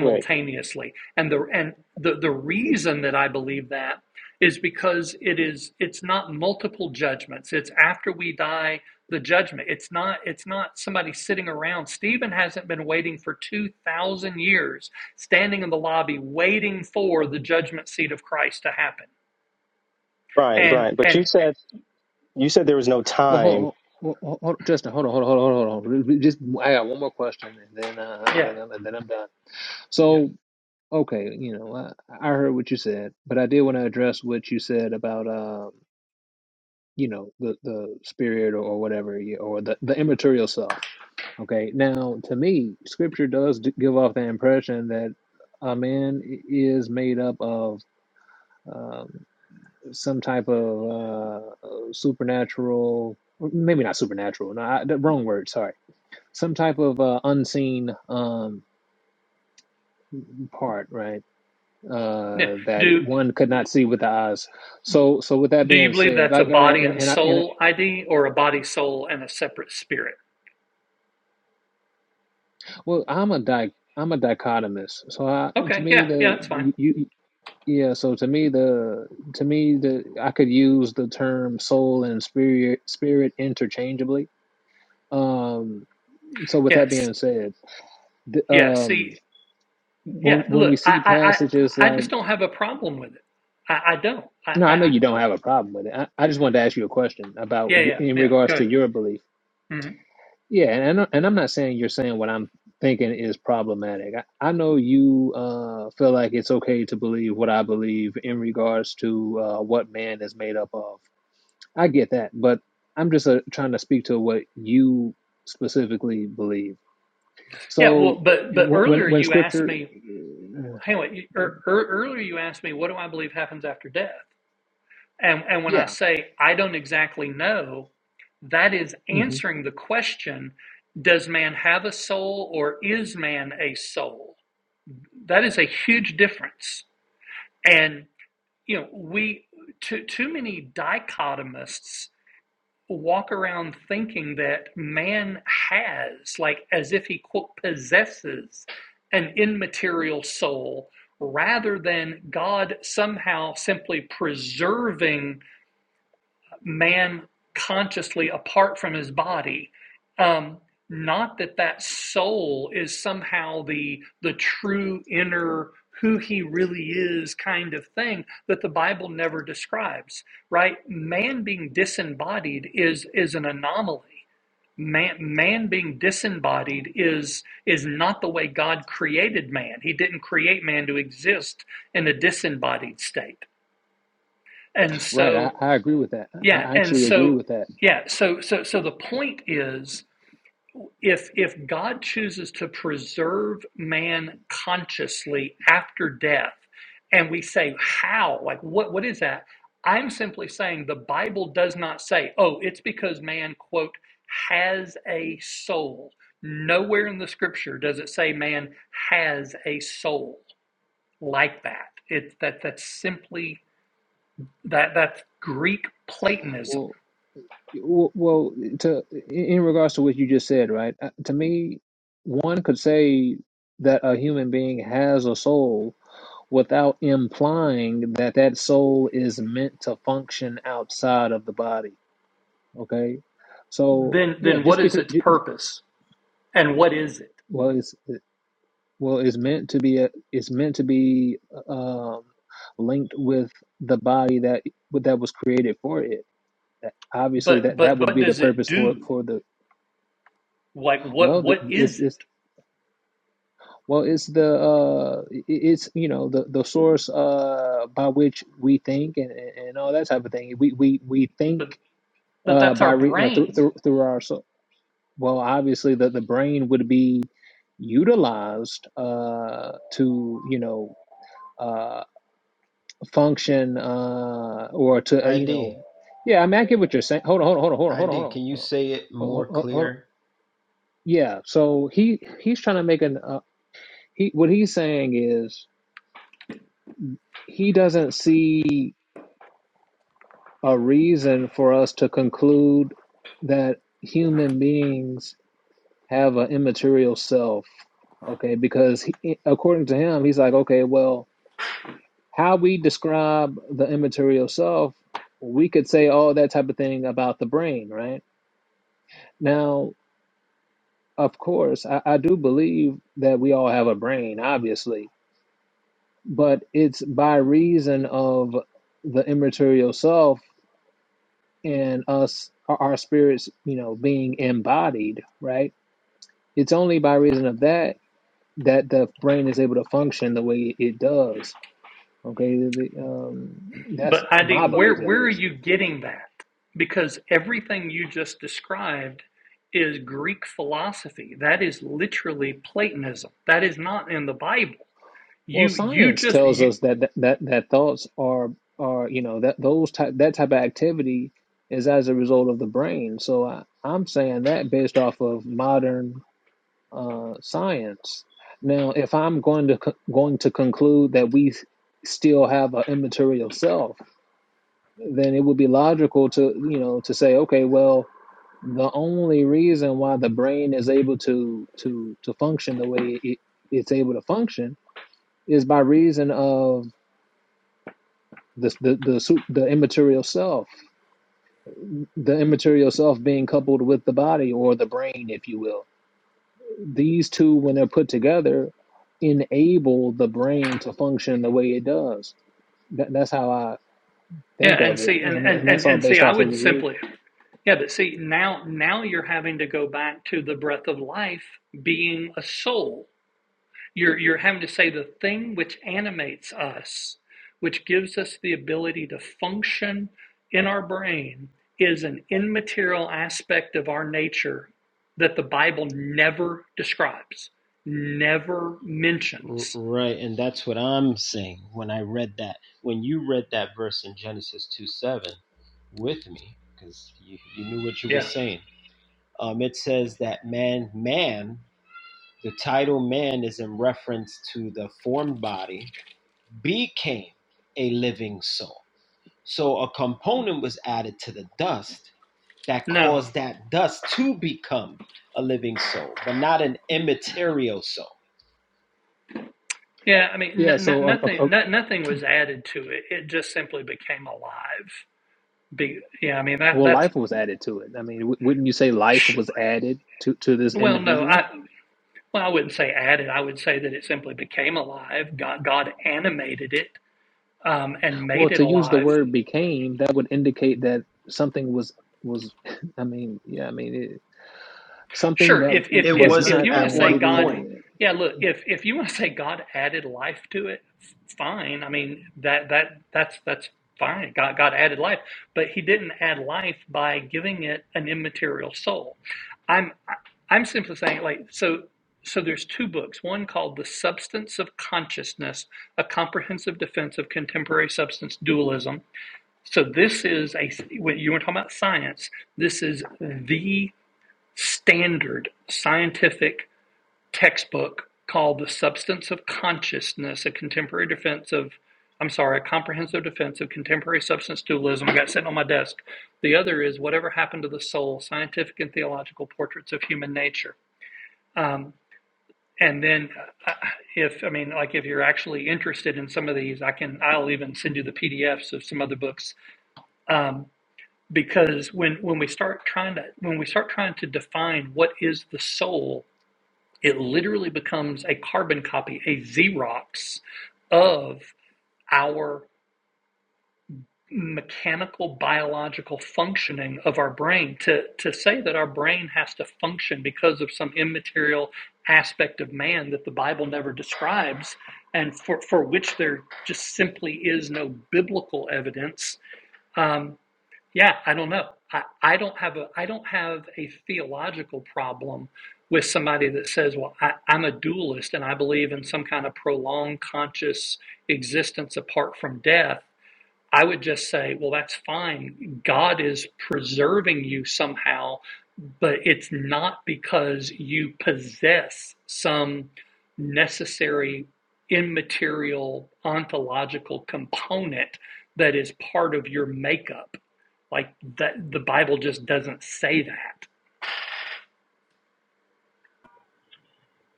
C: Wait, Brian, Brian, but you said you said there was no
A: Well,
C: time
A: hold, hold, hold, hold- Justin, hold on, hold on, hold on, hold on. hold on. Just, I got one more question, and then, uh, and then, I'm, and then I'm done. So, okay, you know, I, I heard what you said, but I did want to address what you said about, um, you know, the the spirit or whatever, you- or the the immaterial self. Okay, now to me, Scripture does d- give off the impression that a man i- is made up of um, some type of uh, supernatural, maybe not supernatural. No, I, the wrong word. Sorry some type of uh, unseen um, part, right? Uh, that one could not see with the eyes. So, so with that being said, like, and and, and, I, and I, well, I'm a di- I'm a dichotomist. So, I, to me, the you, you yeah. So to me, the to me the I could use the term soul and spirit spirit interchangeably. Um, so with that being said, the, um, when when we see passages like No, I know you don't have a problem with it. I, I just wanted to ask you a question about you, in regards to your belief. Yeah, and I, know, and I'm not saying you're saying what I'm thinking is problematic. I, I know you uh, feel like it's okay to believe what I believe in regards to uh, what man is made up of. I get that, but I'm just uh, trying to speak to what you specifically believe. So wh- when when scripture, yeah, hmm right, I, I agree with that. I I actually agree with that. Well, Well, well, to in in regards to what you just said, right? uh, To me, one could say that a human being has a soul without implying that that soul is meant to function outside of the body. Okay, so yeah, just because ju- ju- well, it's well, it's meant to be a, it's meant to be um, linked with the body that that was created for it. That- Obviously, that that would be the purpose for for the well, th- it's, it's Well, it's the uh, i- it's you know the the source uh by which we think and and and all that type of thing. We we we think uh by re uh, through through through our so well obviously the the brain would be utilized uh to you know uh function uh or to uh, you know
B: ID,
A: yeah I mean I get what you're saying. Hold on hold on hold on hold on hold on hold on
B: ID,
A: hold
B: can you
A: on.
B: say it
A: Hold
B: more
A: on, hold on.
B: clear?
A: Yeah, so he he's trying to make an uh, he what he's saying is he doesn't see. a reason for us to conclude that human beings have an immaterial self. Okay, because he, according to him, he's like, okay, well, how we describe the immaterial self, we could say all that type of thing about the brain, right? Now, of course, I, I do believe that we all have a brain, obviously, but it's by reason of the immaterial self and us our spirits you know being embodied right it's only by reason of that that the brain is able to function the way it does okay The- um, that's my belief at least well science tells us that that that, that thoughts are are you know that those type that type of activity is as a result of the brain so I, i'm saying that based off of modern uh, science. Now, if I'm going to co- going to conclude that we s- still have an immaterial self, then it would be logical to you know to say, okay, well, the only reason why the brain is able to to to function the way it, it's able to function is by reason of the the the, su- the immaterial self, the immaterial self being coupled with the body or the brain, if you will These two, when they're put together, enable the brain to function the way it does. That, that's how I think of it, and and that's all based off of the read.
B: R- Right, and that's what I'm saying when I read that. When you read that verse in Genesis 2 7 with me, because you, you knew what you were saying, um, it says that man, man, the title man is in reference to the formed body, became a living soul. So a component was added to the dust that caused that dust to become a living soul, but not an immaterial soul.
A: Yeah. So, uh, uh, uh, well, life was added to it. I mean, w- wouldn't you say life was added to to this individual? Well, to use the word became, that would indicate that something was was. I mean, yeah. I mean, it, something that
B: It
A: was not.
B: wasn't
A: I
B: at one point.
A: mean, it, it,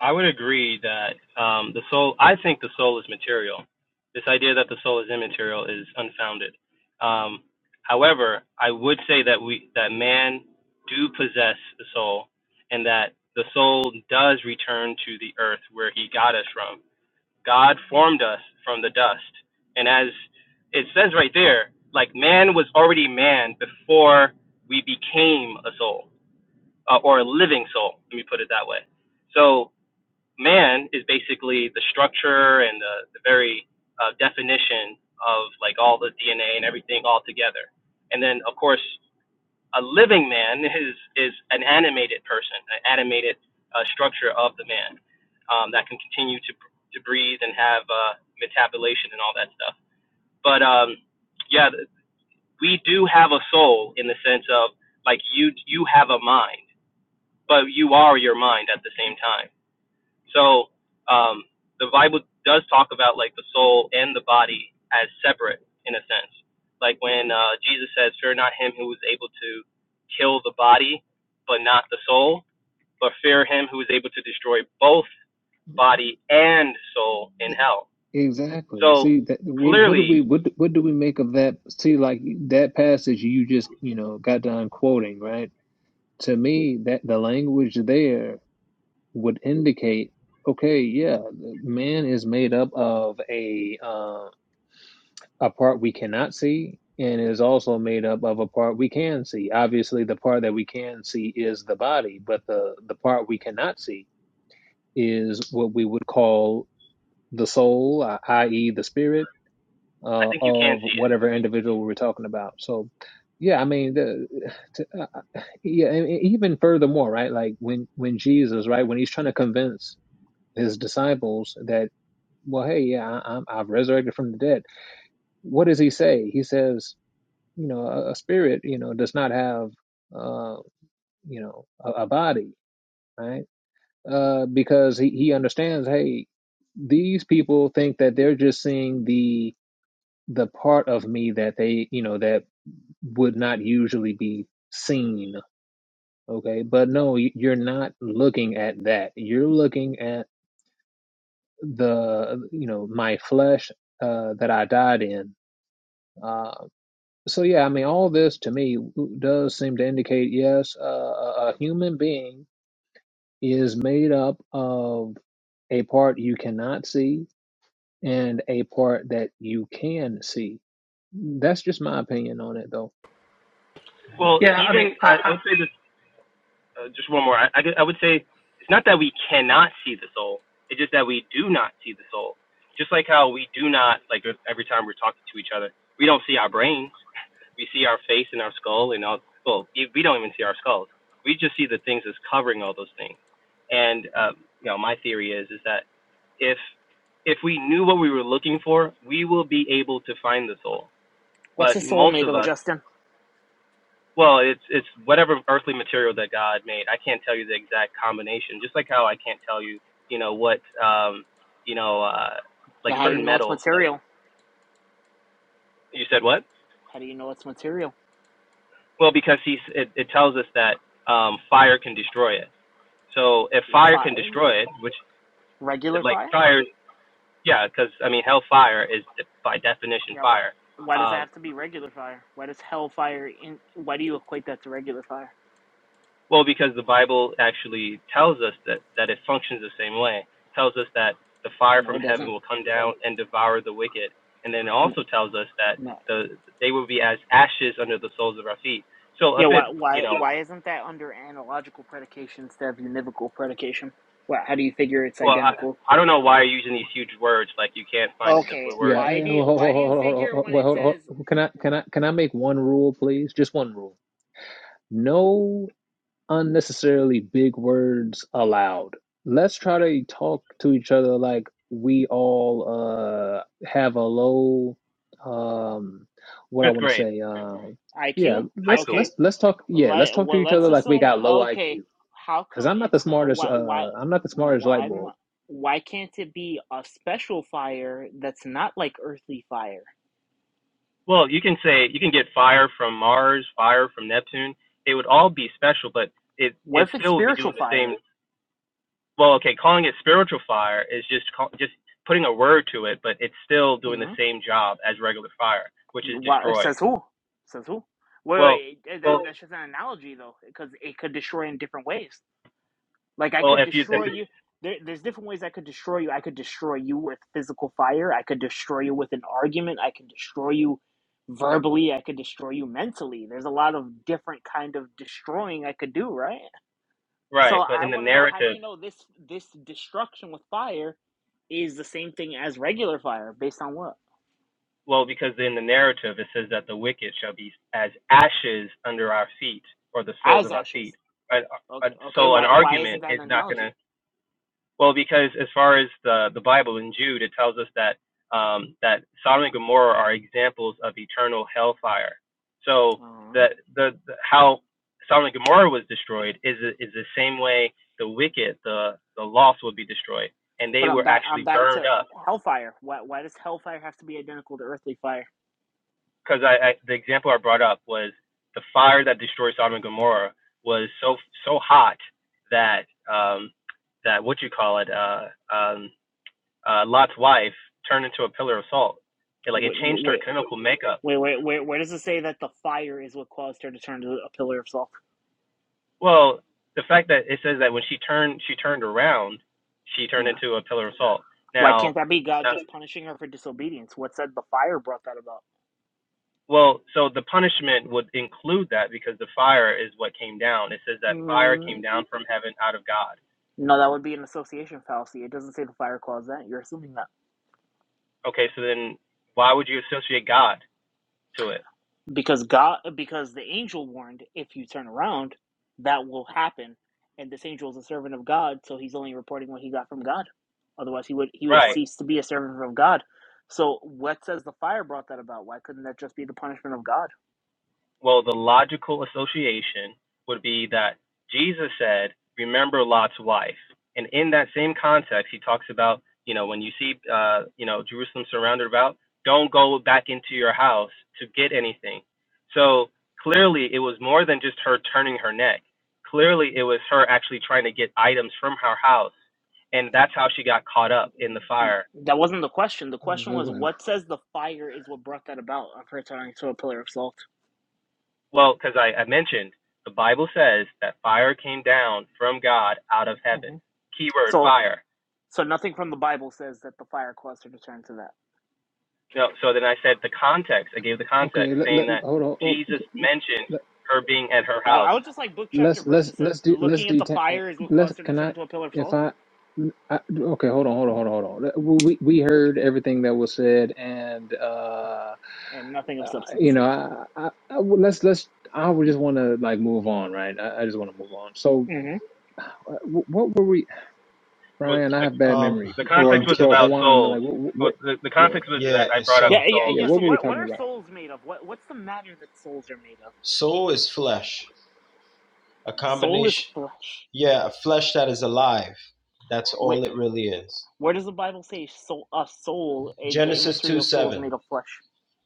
C: I would agree that um, the soul. I think the soul is material. This idea that the soul is immaterial is unfounded. Um, however, I would say that we that man do possess the soul, and that the soul does return to the earth where he got us from. God formed us from the dust, and as it says right there, like man was already man before we became a soul uh, or a living soul. Let me put it that way. So man is basically the structure and the, the very uh, definition of like all the DNA and everything all together. And then of course a living man is is an animated person, an animated uh, structure of the man um, that can continue to to breathe and have uh, metabolation and all that stuff. But um, yeah, we do have a soul in the sense of like you you have a mind, but you are your mind at the same time so um, the Bible does talk about like the soul and the body as separate in a sense. Like when uh, Jesus says, "Fear not him who is able to kill the body, but not the soul, but fear him who is able to destroy both body and soul in hell."
A: Exactly.
C: So
A: See that what, what do
C: clearly,
A: we what do- what do we make of that? See, like that passage you just you know got done quoting, right? To me, that the language there would indicate, okay, yeah, man is made up of a uh, a part we cannot see, and is also made up of a part we can see. Obviously, the part that we can see is the body, but the the part we cannot see is what we would call the soul, i.e., the spirit
C: I
A: uh,
C: think you can
A: of
C: see it.
A: whatever individual we were talking about. So, yeah, I mean, the, to, uh, uh, yeah, and and even furthermore, right? Like when when Jesus, right, when he's trying to convince his disciples that, well, hey, yeah, I, I'm, I've resurrected from the dead. What does he say? He says, you know, a, a spirit, you know, does not have, uh, you know, a, a body, right? Uh, because he he understands, hey, these people think that they're just seeing the the part of me that they you know that would not usually be seen. Okay, but no, y- you're not looking at that. You're looking at the, you know, my flesh uh, that I died in. Uh, so yeah, I mean, all this to me does seem to indicate yes, uh, a a human being is made up of a part you cannot see and a part that you can see. That's just my opinion on it, though.
C: Well, even I, would say this. uh, just one more. I, I, I would say it's not that we cannot see the soul. It's just that we do not see the soul. Just like how we do not, like every time we're talking to each other, we don't see our brains. We see our face and our skull and all. Well, we we don't even see our skulls. We just see the things that's covering all those things. And um, you know, my theory is is that if if we knew what we were looking for, we will be able to find the soul.
D: What's the
C: But
D: soul
C: most
D: made
C: of us
D: of, Justin?
C: well, it's it's whatever earthly material that God made. I can't tell you the exact combination. Just like how I can't tell you, you know, what um, you know, uh, like
D: Like, How do you
C: certain
D: know it's
C: metals. Like
D: material?
C: you said, what?
D: How do you know it's material?
C: Well, because he's it, it tells us that um, fire can destroy it. So if fire
D: Fire,
C: can destroy it, which
D: regular
C: like
D: fire?
C: fire, yeah, because I mean, hellfire is by definition
D: Yeah, what?
C: fire.
D: Why does it
C: Um,
D: have to be regular fire? Why does hellfire? In, why do you equate that to regular fire?
C: Well, because the Bible actually tells us that, that it functions the same way. It tells us that the fire
D: No,
C: from
D: it
C: heaven
D: doesn't.
C: will come down and devour the wicked. And then it
D: No,
C: also tells us that
D: no.
C: the they will be as ashes under the soles of our feet. So if
D: Yeah,
C: it,
D: why?
C: you
D: Why?
C: know,
D: Why isn't that under analogical predication instead of univocal predication? What? How do you figure it's
C: well, I,
D: identical?
C: I don't know why you're using these huge words like you can't find a
D: Okay,
C: simpler
A: Yeah,
C: word.
D: why
A: eh,
D: do you,
A: hold, hold,
D: why do you
A: hold, hold, hold,
D: figure when
A: hold,
D: it
A: hold,
D: says
A: hold. Can I can
D: what
A: I can I make one rule, please? Just one rule. No unnecessarily big words allowed. Let's try to talk to each other like we all uh have a low um what I
C: Fifth
A: want to
C: grade,
A: say um yeah,
D: IQ?
C: high
A: let's
D: Okay,
C: school.
A: let's let's talk yeah,
D: Let
A: let's talk to
D: well,
A: each
D: let's
A: other like we
D: assume.
A: got low
D: Okay,
A: IQ.
D: how
A: Cuz
D: come
A: I'm not the
D: it's not?
A: smartest
D: Why why
A: uh I'm not the smartest
D: why
A: light
D: m-
A: bulb.
D: why can't it be a special fire that's not like earthly fire?
C: Well, you can say, you can get fire from Mars, fire from Neptune. They would all be special, but it, it
D: What if it's
C: still would be
D: spiritual
C: doing the same
D: fire?
C: well, okay, calling it spiritual fire is just call, just putting a word to it, but it's still doing the
D: hmm
C: same job as regular fire, which is
D: Why,
C: destroy.
D: says who? Says who? Wait,
C: Well,
D: wait, eh, that,
C: well,
D: that's just an analogy though, because it could destroy in different ways. Like I
C: well,
D: could
C: if you if
D: destroy
C: it's,
D: you. There, there's different ways I could destroy you. I could destroy you with physical fire. I could destroy you with an argument. I could destroy you verbally. I could destroy you mentally. There's a lot of different kind of destroying I could do, right? So
C: right, but
D: I
C: in the
D: want to know how do
C: narrative,
D: you know this this destruction with fire is the same thing as regular fire based on what?
C: well, because in the narrative it says that the wicked shall be as ashes under our feet or the soles
D: As
C: of our feet.
D: ashes.
C: And, uh,
D: Okay, okay.
C: so an
D: Why why isn't
C: argument
D: that an
C: is not gonna
D: analogy?
C: Well, because as far as the the Bible in Jude, it tells us that um, that Sodom and Gomorrah are examples of eternal hellfire. So
D: uh
C: that the, the how Sodom and Gomorrah was destroyed is is the same way the wicked, the the lost, will be destroyed, and
D: But
C: they
D: I'm
C: were
D: back. I'm
C: actually
D: back
C: burned
D: to
C: up.
D: hellfire. Why why does hellfire have to be identical to earthly fire?
C: Because I, I the example I brought up was the fire that destroyed Sodom and Gomorrah was so so hot that um, that what you call it uh, um, uh, Lot's wife turned into a pillar of salt. It like it
D: Wait, no,
C: changed her
D: wait,
C: chemical makeup.
D: wait, wait, wait, where does it say that the fire is what caused her to turn to a pillar of salt?
C: Well, the fact that it says that when she turned she turned around, she turned
D: Yeah.
C: into a pillar of salt.
D: Why
C: Now,
D: can't that be God
C: uh,
D: just punishing her for disobedience? What said the fire brought that about?
C: well, so the punishment would include that because the fire is what came down. It says that fire came
D: Mm,
C: down from heaven out of God.
D: no, that would be an association fallacy. It doesn't say the fire caused that. You're assuming that
C: Okay, so then why would you associate God to it?
D: because God, because the angel warned, if you turn around, that will happen. And this angel is a servant of God, so he's only reporting what he got from God. Otherwise, he would he would
C: Right.
D: cease to be a servant of God. So, what says the fire brought that about? Why couldn't that just be the punishment of God?
C: Well, the logical association would be that Jesus said, "Remember Lot's wife," and in that same context, he talks about, you know, when you see, uh, you know, Jerusalem surrounded about, don't go back into your house to get anything. So clearly, it was more than just her turning her neck. Clearly, it was her actually trying to get items from her house, and that's how she got caught up in the fire
D: That wasn't the question. The question
A: Wait,
D: was,
A: wait.
D: what says the fire is what brought that about of her turning to a pillar of salt?
C: Well, because I, I mentioned the Bible says that fire came down from God out of heaven.
D: hmm
C: Keyword
D: So,
C: fire.
D: so nothing from the Bible says that the fire caused her to turn to that.
C: No, so then I said the context. I gave the context,
A: Okay, let, let,
C: saying that
A: hold on. Oh,
C: Jesus mentioned
A: okay.
C: her being at her
D: Now,
C: house.
D: I would just like book chapter
A: let's
D: verse
A: let's
D: that said,
A: let's do let's
D: looking at the
A: detain.
D: fire is what
A: Let's
D: caused her to
A: can I
D: turn to a pillar of
A: if
D: salt,
A: I, I okay hold on hold on hold on hold on. We we heard everything that was said and uh
D: and nothing of
A: uh,
D: substance.
A: you know I, I, I well, let's let's I would just want to like move on right. I, I just want to move on. So
D: hmm
A: uh, wh- what were we
C: Was
A: Brian? I
C: the,
A: have bad
B: Um,
A: memory
C: the
A: or
C: context
B: um,
C: was
B: can
A: or
B: I?
C: about
A: Juan like
C: souls.
A: what
C: Well,
A: what.
C: the, the
A: what
C: context was
B: Yeah,
C: that I
B: it's
C: brought up
D: Yeah,
B: so
D: yeah,
C: souls.
A: yeah,
D: yeah.
A: what
D: So,
A: were we
D: what what
A: talking
D: are
A: about?
D: souls made of? What what's the matter that souls are made of?
B: soul is flesh, a
D: Soul is
B: combination.
D: flesh.
B: Yeah, a flesh that is alive. That's
D: Where
B: all it really is.
D: where does the Bible say soul a soul a, the
B: Genesis two
D: immaterial soul is
B: seven.
D: made of flesh?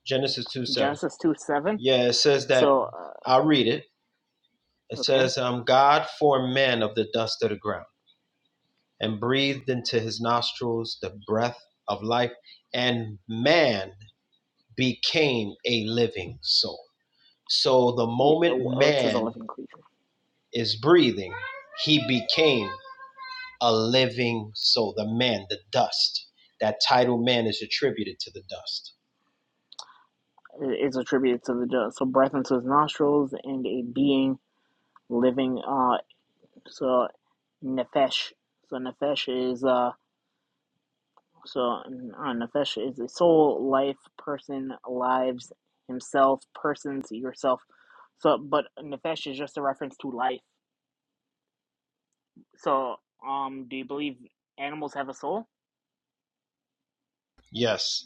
B: Genesis two seven.
D: Genesis two seven.
B: Yeah, it says that.
D: So, uh,
B: I'll read it. It
D: okay,
B: says, um, God formed man of the dust of the ground and breathed into his nostrils the breath of life, and man became a living soul. So the
D: it, it,
B: moment
D: well, it says a
B: man
D: living creature.
B: is breathing. He became a living soul, the man, the dust. That title man is attributed to the dust.
D: It, it's attributed to the judge. So, breath into his nostrils and a being living. Uh, so nefesh. So nefesh is uh. So uh, nefesh is a soul, life, person, lives, himself, persons, yourself. So, but nefesh is just a reference to life. So, um, do you believe animals have a soul?
B: Yes,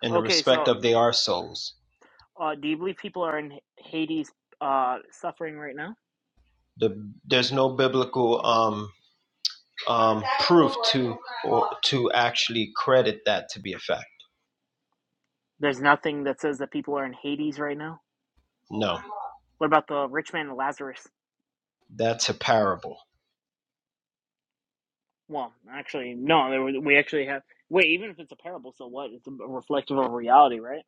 B: in the
D: Okay, so
B: respect of they are souls.
D: uh, do you believe people are in Hades uh suffering right now?
B: The, there's no biblical um, um, to actually credit that to be a fact.
D: There's nothing that says that people are in Hades right now.
B: No,
D: What about the rich man and Lazarus?
B: that's a parable.
D: Well, actually, no. There was, we actually have. Wait, even if it's a parable, so what? It's a reflective of reality, right?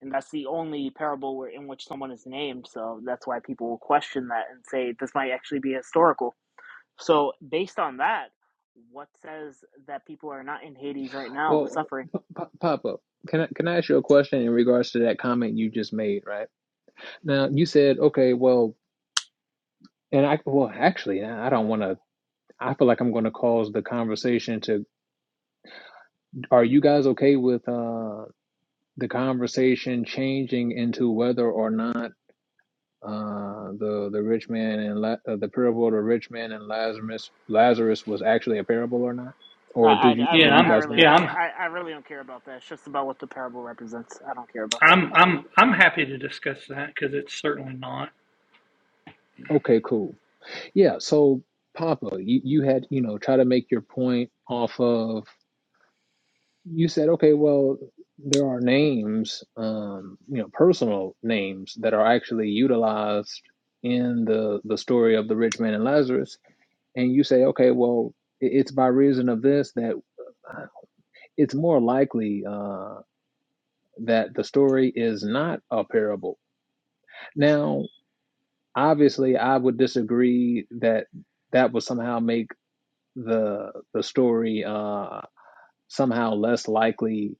D: And that's the only parable where, in which someone is named. So that's why people will question that and say this might actually be historical. So based on that, what says that people are not in Hades right now
A: Well,
D: suffering?
A: P- p- pop up. Can I can I ask you a question in regards to that comment you just made? Right now, you said, okay, well, And I, well, actually, yeah, I don't want to. I feel like I'm going to cause the conversation to. Are you guys okay with uh, the conversation changing into whether or not uh, the the rich man and La- uh, the parable of the rich man and Lazarus Lazarus was actually a parable or not?
D: I,
A: Or do
D: I,
A: you
D: I
A: do
D: really
A: you
D: I
A: guys
D: really
A: want to?
D: don't care. I, I really don't care about that. It's just about what the parable represents. I don't care about that.
A: Okay, cool. Yeah. So, Papa, you, you had you know try to make your point off of you said, okay, well, there are names, um, you know, personal names that are actually utilized in the the story of the rich man and Lazarus, and you say, okay, well, i- it's by reason of this that uh, it's more likely uh, that the story is not a parable. Now, obviously, I would disagree that that would somehow make the the story uh, somehow less likely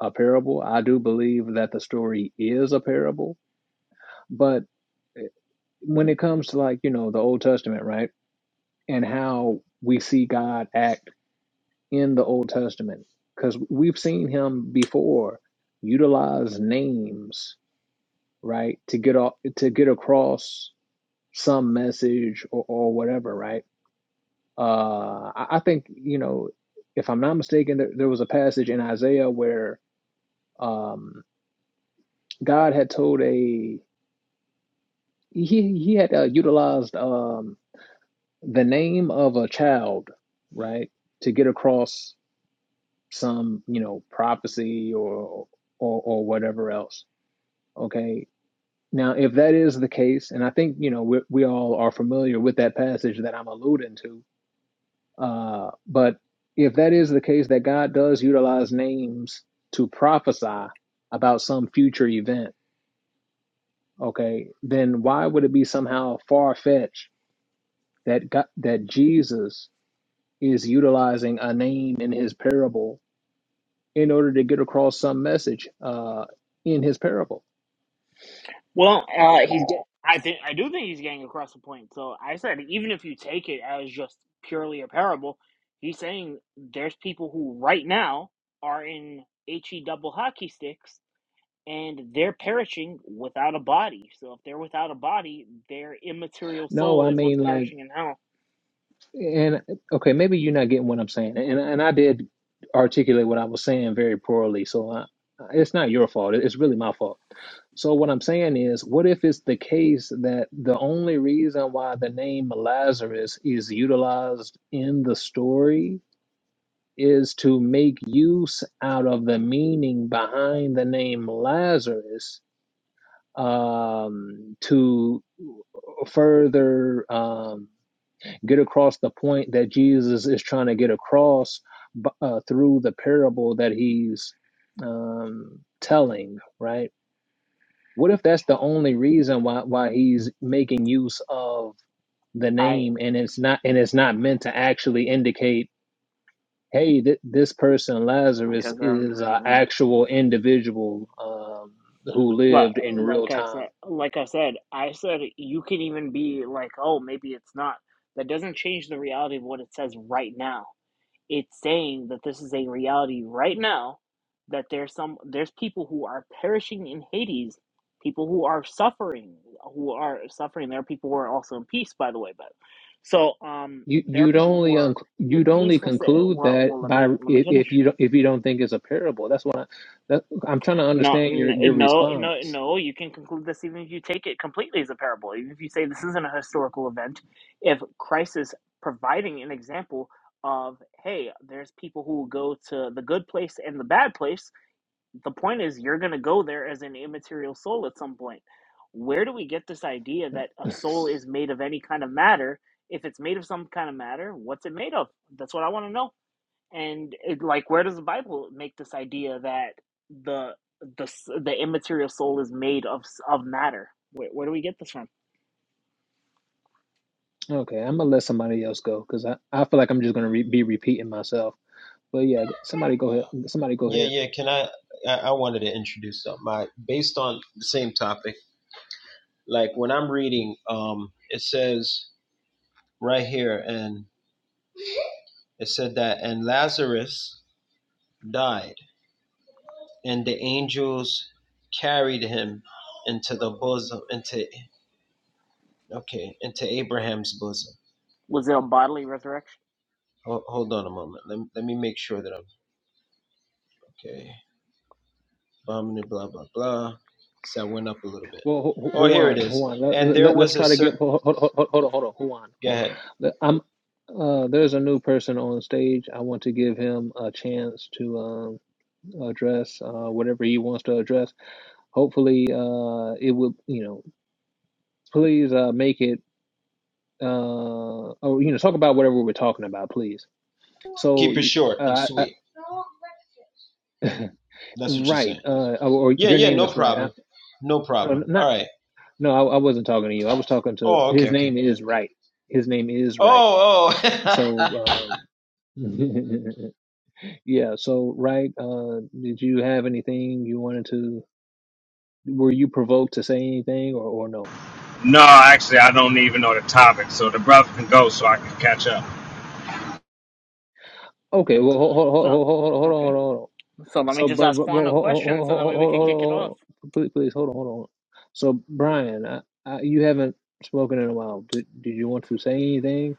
A: a parable. I do believe that the story is a parable, but eh, when it comes to like, you know, the Old Testament, right? And how we see God act in the Old Testament cuz we've seen him before utilize names, right? To get off, to get across some message or, or whatever, right? Uh I, I think, you know, if I'm not mistaken, there, there was a passage in Isaiah where um God had told a he he had uh, utilized um the name of a child right to get across some you know prophecy or or or whatever else okay now if that is the case and i think you know we, we all are familiar with that passage that i'm alluding to uh but if that is the case that god does utilize names to prophesy about some future event okay then why would it be somehow far-fetched that god, that jesus is utilizing a name in his parable in order to get across some message uh, in his parable.
D: Well, uh, he's get, I think I do think he's getting across the point. So I said even if you take it as just purely a parable, he's saying there's people who right now are in he double hockey sticks and they're perishing without a body. So if they're without a body, their immaterial
A: No,
D: soul
A: I
D: is what's
A: mean like,
D: perishing in hell.
A: and okay, maybe you're not getting what I'm saying, and and I did articulate what I was saying very poorly, so I, it's not your fault. It's really my fault. So what I'm saying is, what if it's the case that the only reason why the name Lazarus is utilized in the story is to make use out of the meaning behind the name Lazarus um, to further um, get across the point that Jesus is trying to get across uh, through the parable that he's um, telling, right? What if that's the only reason why why he's making use of the
D: I
A: name and it's not and it's not meant to actually indicate hey, th- this person,
D: like I
A: Lazarus, is an
D: said, I,
A: actual individual um, who lived
D: li-
A: in real
D: like I
A: time.
D: said, like I said, I said you can even be like, oh, maybe it's not. That doesn't change the reality of what it says right now It's saying that this is a reality right now that there's some there's people who are perishing in Hades, people who are suffering, who are suffering. There are people who are also in peace, by the way. But so um,
A: You,
D: there are
A: you'd
D: people who
A: only un-
D: are in
A: you'd
D: the
A: only
D: peaceful state.
A: conclude
D: Well,
A: that
D: well, let
A: by
D: me
A: i-
D: let me
A: if
D: finish.
A: you don't, if you don't think it's a parable. That's what I, that, I'm trying to
D: No,
A: understand your
D: n-
A: your
D: no, no,
A: response.
D: no. You can conclude this even if you take it completely as a parable. Even if you say this isn't a historical event, if Christ is providing an example of, hey, there's people who will go to the good place and the bad place, the point is you're going to go there as an immaterial soul at some point. Where do we get this idea that a soul is made of any kind of matter? If it's made of some kind of matter, what's it made of? That's what I want to know and it, like where does the bible make this idea that the the the immaterial soul is made of of matter where, where do we get this from
A: Okay, I'm gonna let somebody else go because I, I feel like I'm just gonna re- be repeating myself. But yeah, somebody go ahead. Somebody go
B: Yeah,
A: ahead.
B: yeah. Can I? I, wanted to introduce something. I, based on the same topic, like when I'm reading, um, it says right here, and it said that, and Lazarus died and the angels carried him into the bosom into okay into abraham's bosom
D: was it a bodily resurrection
B: Ho- hold on a moment let, me, let me make sure that i'm okay Blah blah blah blah so i went up a little bit
A: Well, Ho- Ho-
B: oh here it
A: Juan,
B: is
A: Juan, let,
B: and there
A: let, let's
B: was a
A: try to get
B: certain
A: hold, hold, hold, hold on, hold on, Juan.
B: go ahead
A: Th- I'm uh there's a new person on stage. I want to give him a chance to um address uh whatever he wants to address. Hopefully uh it will, you know, please uh make it uh or you know talk about whatever we're talking about, please. So
B: keep it
A: y-
B: short and
A: uh I,
B: sweet
A: I,
B: that's what you're
A: right
B: saying
A: uh or, or
B: yeah
A: your
B: yeah
A: name
B: no
A: is right. I,
B: problem no
A: no,
B: problem all
A: not
B: right
A: no, I, I wasn't talking to you. I was talking to
B: oh okay
A: his
B: okay
A: name is right. His name is right.
B: oh oh
A: So um Yeah, so right, uh, did you have anything you wanted to, were you provoked to say anything or, or no?
E: No, actually, I don't even know the topic, so the brother can go so I can catch up.
D: Yeah.
A: Okay, well, hold, hold, hold,
D: so
A: hold, hold, on, hold
D: okay
A: on, hold on.
D: so let me
A: So,
D: just
A: bro,
D: ask
A: bro,
D: juan
A: bro,
D: a
A: hold, hold, hold,
D: question so that
A: hold,
D: way we
A: hold,
D: could
A: hold,
D: kick it off
A: hold, please, please, hold on, hold on. So, Brian, I, I, you haven't spoken in a while. Did, did you want to say anything?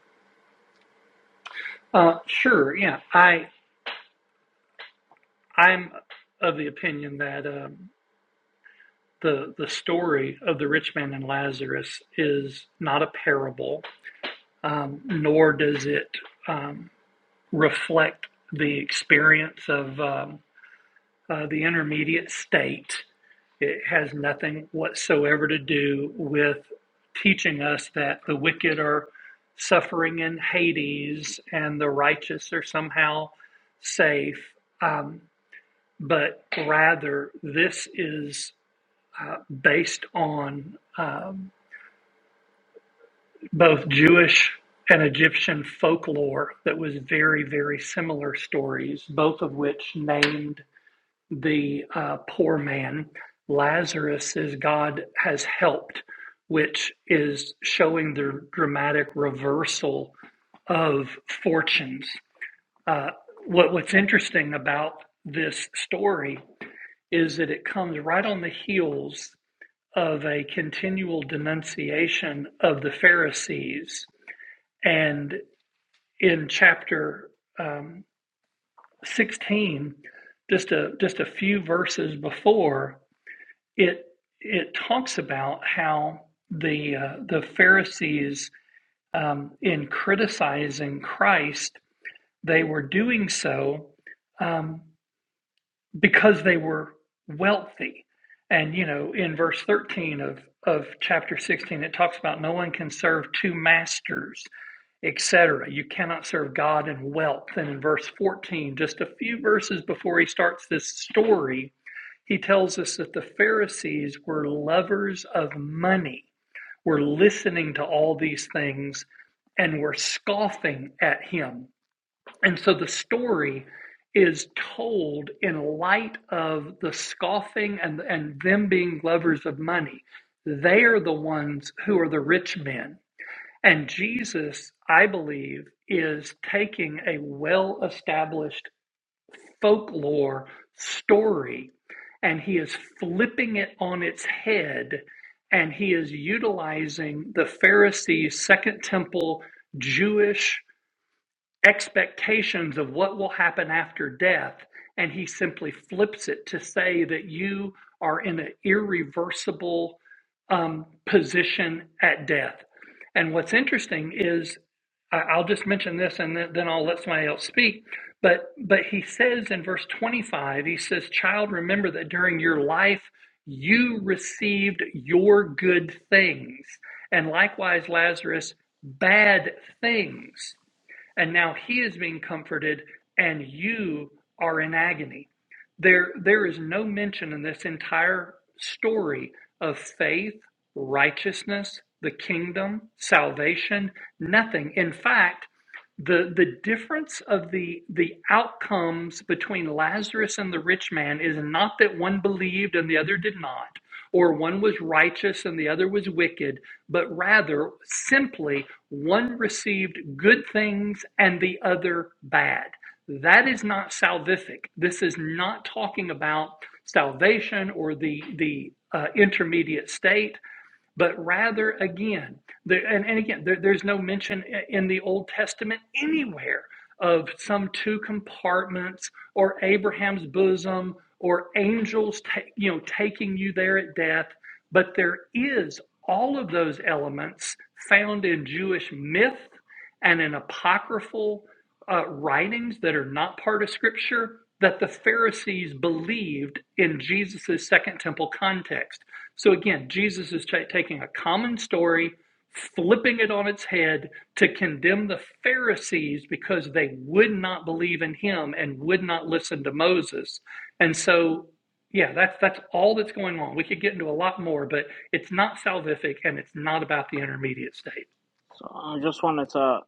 D: so i just wanted to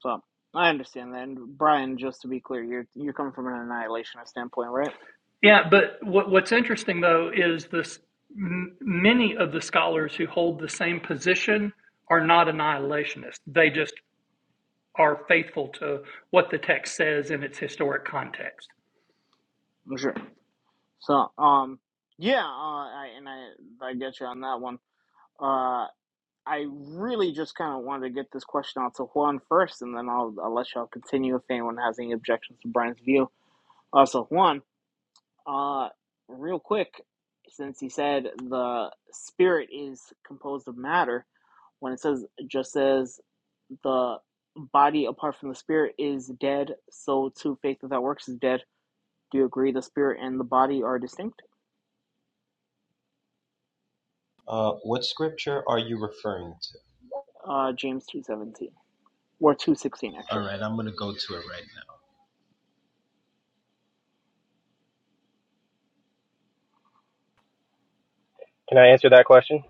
D: so i understand that and brian just to be clear you're you're coming from an annihilationist standpoint right sure so um yeah uh, I, and i i get you on that one Uh. I really just kind of wanted to get this question out to Juan first, and then I'll, I'll let y'all continue if anyone has any objections to Brian's view. Also, Juan, uh, real quick, since he said the spirit is composed of matter, when it says it just says the body apart from the spirit is dead, so too faith without works is dead. Do you agree the spirit and the body are distinct?
B: uh, what scripture are you referring to
D: Uh, James two seventeen or two sixteen
B: all
D: actually.
B: right i'm gonna go to it right now
C: Can I answer that question?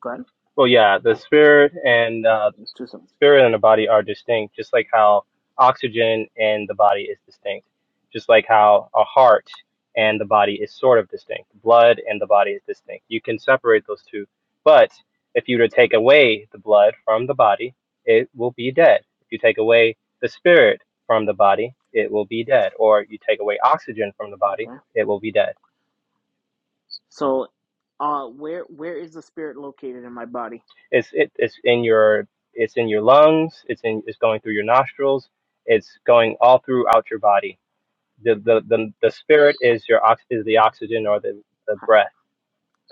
D: Go ahead,
C: Well, yeah, the spirit and uh,
D: two seventeen.
C: spirit and the body are distinct, just like how oxygen and the body is distinct, just like how a heart and the body is sort of distinct, blood and the body is distinct. You can separate those two, but if you were to take away the blood from the body, it will be dead. If you take away the spirit from the body, it will be dead. Or you take away oxygen from the
D: Okay.
C: body, it will be dead.
D: So, uh, where where is the spirit located in my body?
C: It's it, it's in your it's in your lungs. It's in it's going through your nostrils. It's going all throughout your body the the the, the spirit is your ox is the oxygen or the the
D: How,
C: breath.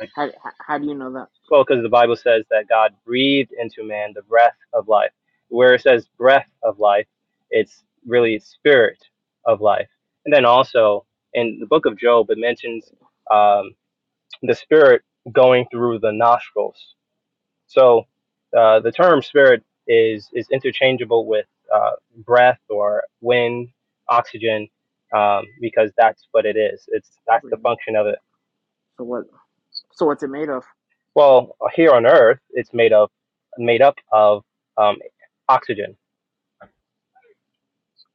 C: Like,
D: how, how do you know that?
C: well, because the Bible says that God breathed into man the breath of life. Where it says breath of life, it's really spirit of life. And then also in the book of Job, it mentions um, the spirit going through the nostrils. So uh, the term spirit is is interchangeable with uh, breath or wind, oxygen, um, because that's what it is. It's that's the
D: Breathing.
C: function of it.
D: So what? So what's it made of?
C: Well, here on Earth, it's made of made up of um, oxygen.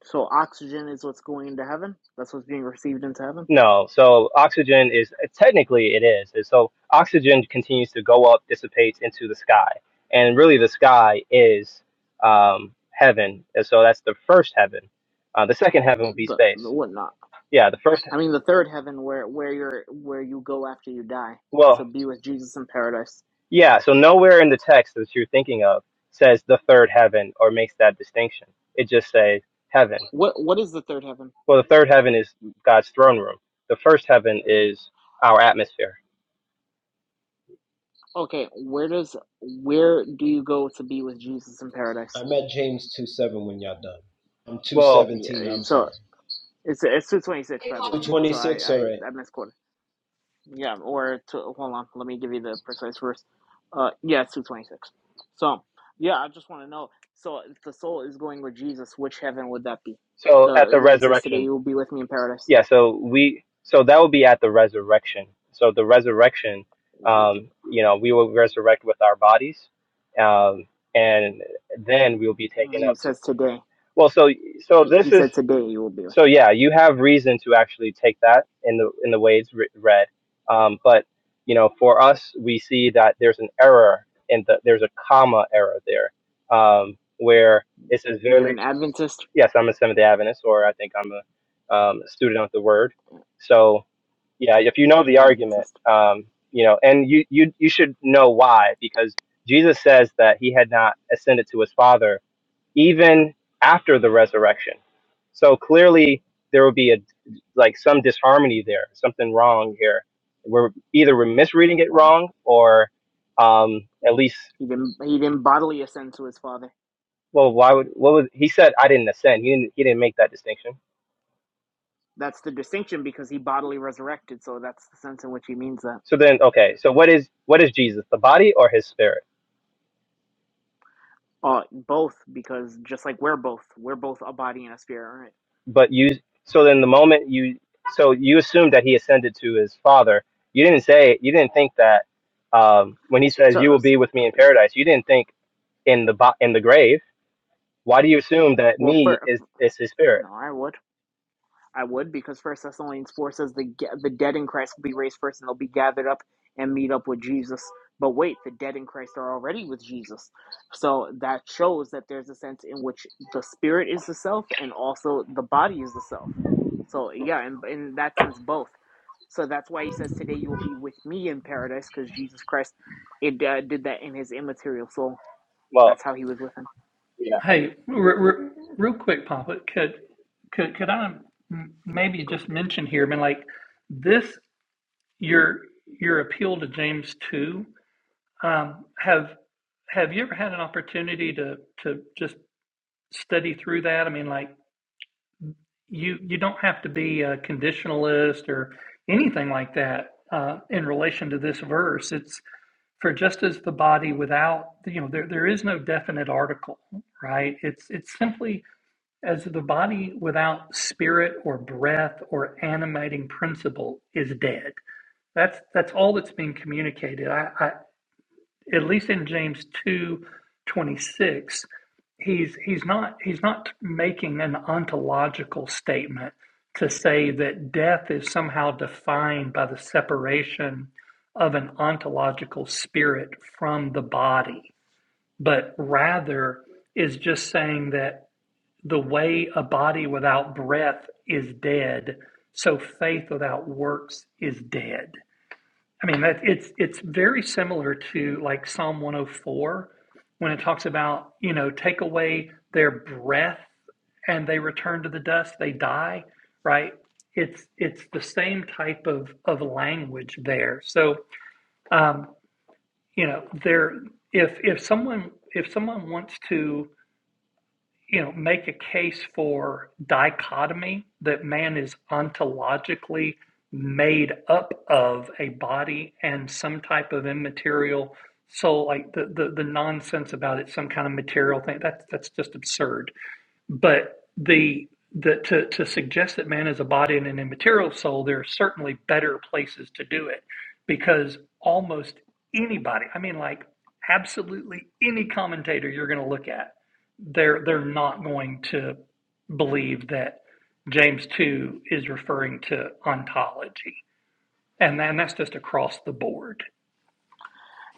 D: So oxygen is what's going into heaven. That's what's being received into heaven.
C: No, so oxygen is technically it is. And So oxygen continues to go up, dissipates into the sky, and really the sky is um, heaven. And so that's the first heaven. Uh, the second heaven would be
D: The,
C: space
D: the whatnot.
C: Yeah, the first,
D: I mean, the third heaven, where where you're where you go after you die to
C: well,
D: be with Jesus in paradise.
C: yeah, so nowhere in the text that you're thinking of says the third heaven or makes that distinction. It just says heaven.
D: What what is the third heaven?
C: Well, the third heaven is God's throne room. The first heaven is our atmosphere,
D: Okay, where does where do you go to be with Jesus in paradise?
B: I'm at James two seven when y'all done. I'm two seventeen.
D: Yeah,
B: I'm
D: so
B: sorry.
D: it's it's two twenty six, by the way.
B: Twenty
D: So I
B: six. All right.
D: I, I misquoted. Yeah, or to hold on, let me give you the precise verse. Uh, yeah, it's two twenty six. So, yeah, I just want to know. So, if the soul is going with Jesus, which heaven would that be? So when he says today you will be with me in paradise.
C: and um, and then we'll be taken
D: He
C: up to.
D: says today.
C: Well, so so
D: He, he
C: this is
D: said today you will be with
C: so
D: me.
C: yeah, you have reason to actually take that in the in the way it's writ- read. Um, but you know, for us, we see that there's an error in the there's a comma error there, um, where it says
D: You're
C: verily.
D: an Adventist.
C: Yes, I'm a Seventh Adventist, or I think I'm a um, student of the Word. So yeah, if you know the argument,
D: Adventist.
C: um, you know, and you you you should know why because Jesus says that he had not ascended to his Father even after the resurrection. So clearly there will be a like some disharmony there, something wrong here. We're either we're misreading it
D: Why?
C: wrong or um at least
D: He didn't. He didn't bodily ascend to his Father.
C: well why would what was he said I didn't ascend. He didn't he didn't make that distinction.
D: That's the distinction because he bodily resurrected. So that's the sense in which he means that.
C: So then okay, so what is what is Jesus, the body or his spirit?
D: Uh, both because just like we're both, we're both a body and a spirit. right?
C: But you so then the moment you so you assume that he ascended to his father. You didn't say you didn't think that um when he says
D: So,
C: you will be with me in paradise, you didn't think in the bo- in the grave, why do you assume that
D: well,
C: me
D: for
C: is is his spirit?
D: no, I would, I would, because First Thessalonians four says the ga- the dead in Christ will be raised first, and they'll be gathered up and meet up with Jesus. But wait, the dead in Christ are already with Jesus, so that shows that there's a sense in which the spirit is the self, and also the body is the self. So yeah, in, in that sense, both. So that's why he says, "Today you will be with me in paradise," because Jesus Christ, it uh, did that in his immaterial soul. That's how he was with him. Go.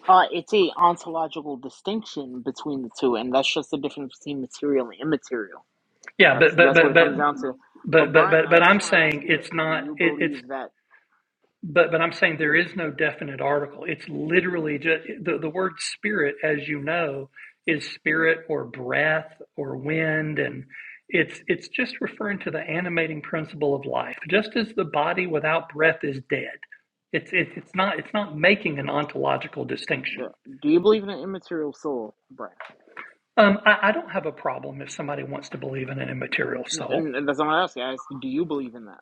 D: Uh, it's a ontological distinction between the two, and that's just the difference between material and immaterial. That's that's what it comes down to. But Brian, I just want to ask you: Do you believe that the do you believe in an immaterial soul, Brian? N- And, and that's not what I ask. you. I ask, do you believe in that?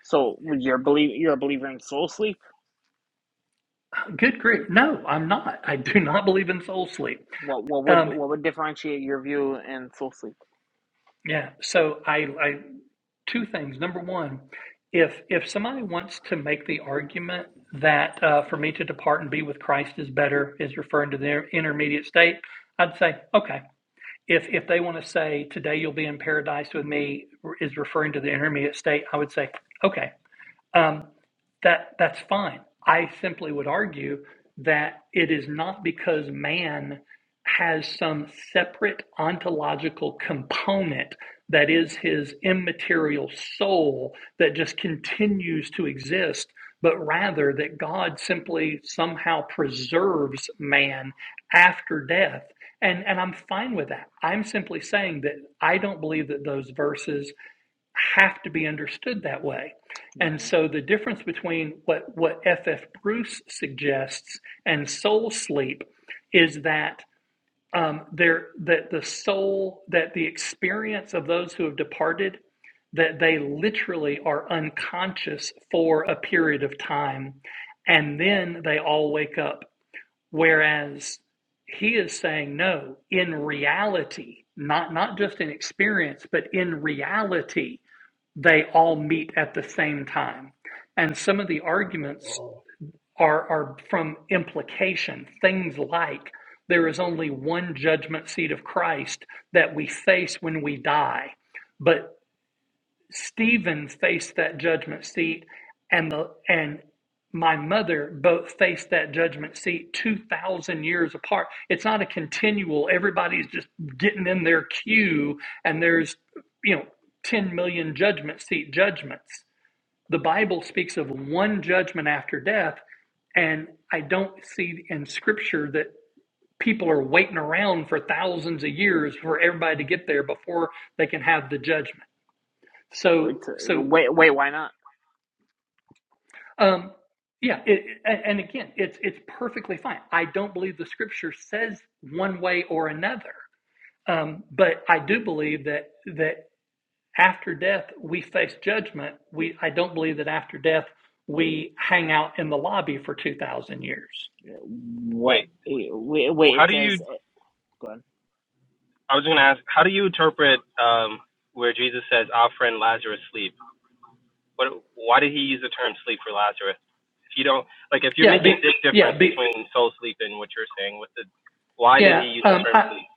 D: So would you're believe you're a believer in soul sleep. What what would what would differentiate your view and soul sleep? Okay. Wait, wait, wait why not? What?
C: Wait,
D: Wait,
C: well,
D: wait.
C: how
D: It
C: do you?
D: says. eh, Go ahead.
C: I was going to ask, how do you interpret um, where Jesus says, "Our friend Lazarus sleep"? What? Why did he use the term "sleep" for Lazarus? If you don't like, if you're making a big difference between soul sleep and what you're saying, what the? Why did he use the term "sleep"?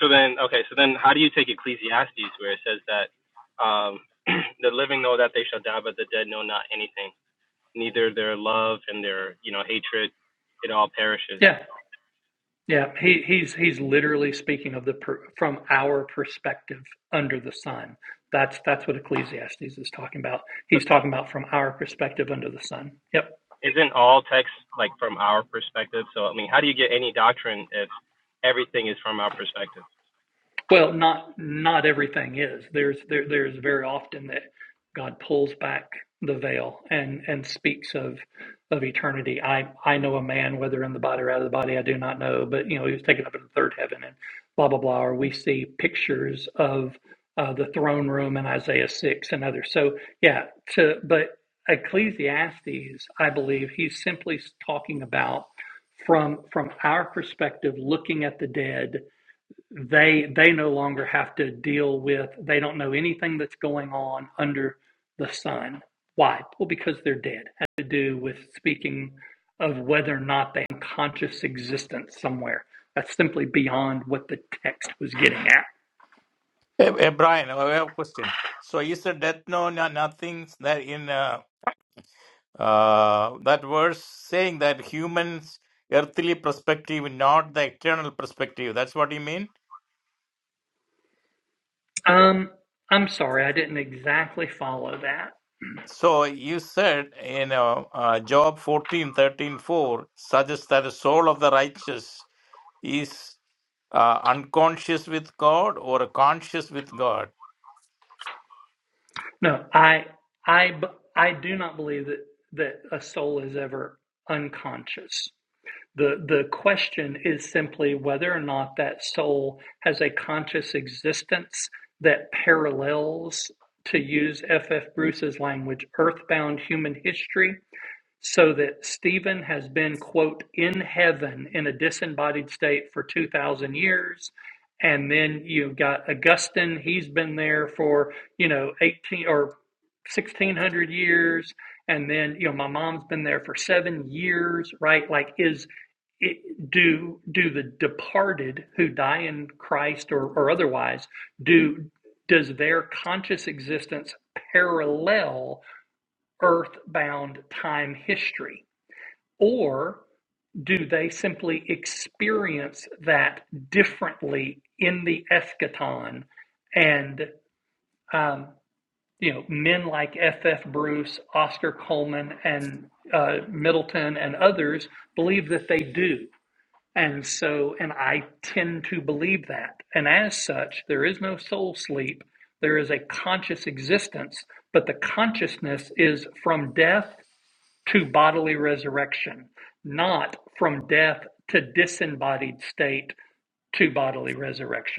C: So then, okay, so then, how do you take Ecclesiastes where it says that um, the living know that they shall die, but the dead know not anything? neither their love and their you know hatred it all perishes but isn't all text like from our perspective so i mean how do you get any doctrine if everything is from our perspective
F: Hey, hey, Brian, I have a question. So is the death no, no nothing that in uh, uh, that verse saying that humans earthly perspective, not the eternal perspective. That's what you mean? So you said in uh, uh, Job 14 13 4 suggests that the soul of the righteous is uh, unconscious with God or conscious with God.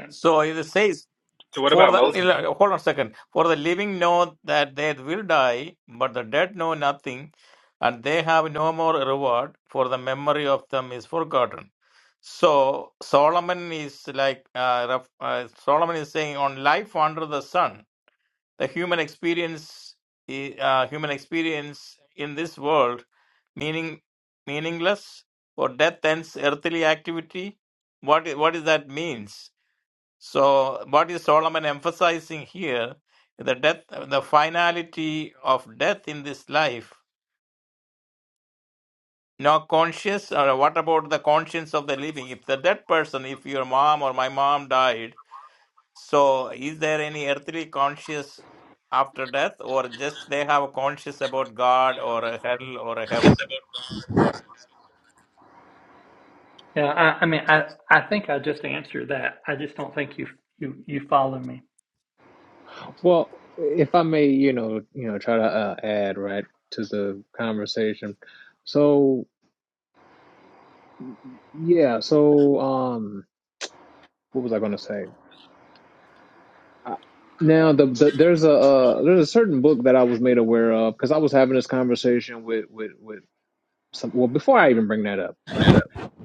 F: So it says
C: so what
F: For
C: about
F: the
C: moses
F: hold on a second. For the living know that they will die, but the dead know nothing, and they have no more reward, for the memory of them is forgotten. So Solomon is like uh, ref- uh, Solomon is saying on life under the sun, the human experience, i- uh, human experience in this world, meaning meaningless, or death ends earthly activity. What i- what is that means? So, what is Solomon emphasizing here? The death, the finality of death in this life. No conscience, or what about the conscience of the living? If the dead person, if your mom or my mom died, so is there any earthly conscience after death, or just they have a conscience about God or a hell or a heaven?
A: Well, if I may, you know, you know, try to uh, add right to the conversation. So yeah, so um, what was I going to say? I- Now the, the there's a uh, there's a certain book that I was made aware of because I was having this conversation with with with some. Well, before I even bring that up,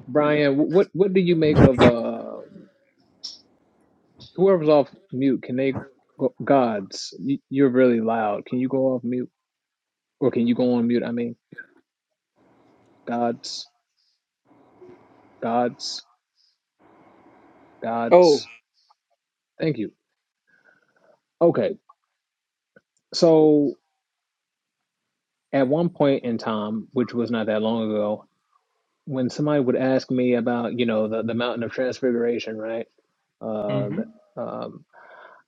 A: Brian, wh- what what do you make of uh whoever's off mute? Can they go, gods? y- You're really loud. Can you go off mute or can you go on mute? I mean, gods, gods,
G: Oh,
A: gods. Thank you. Okay, so at one point in time, which was not that long ago, when somebody would ask me about you know the the mountain of transfiguration, right? Uh, that, um,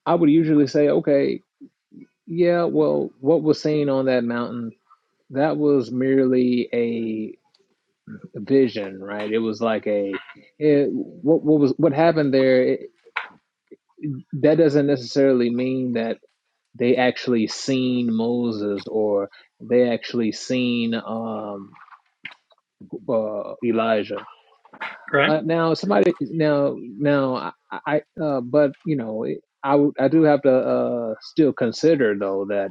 A: I would usually say, okay, yeah, well, what was seen on that mountain, that was merely a vision, right? It was like a, it, what, what was, what happened there, it, that doesn't necessarily mean that they actually seen Moses or they actually seen um, uh, Elijah. Uh, now somebody now now I, I uh, but you know it, I would- I do have to uh, still consider though that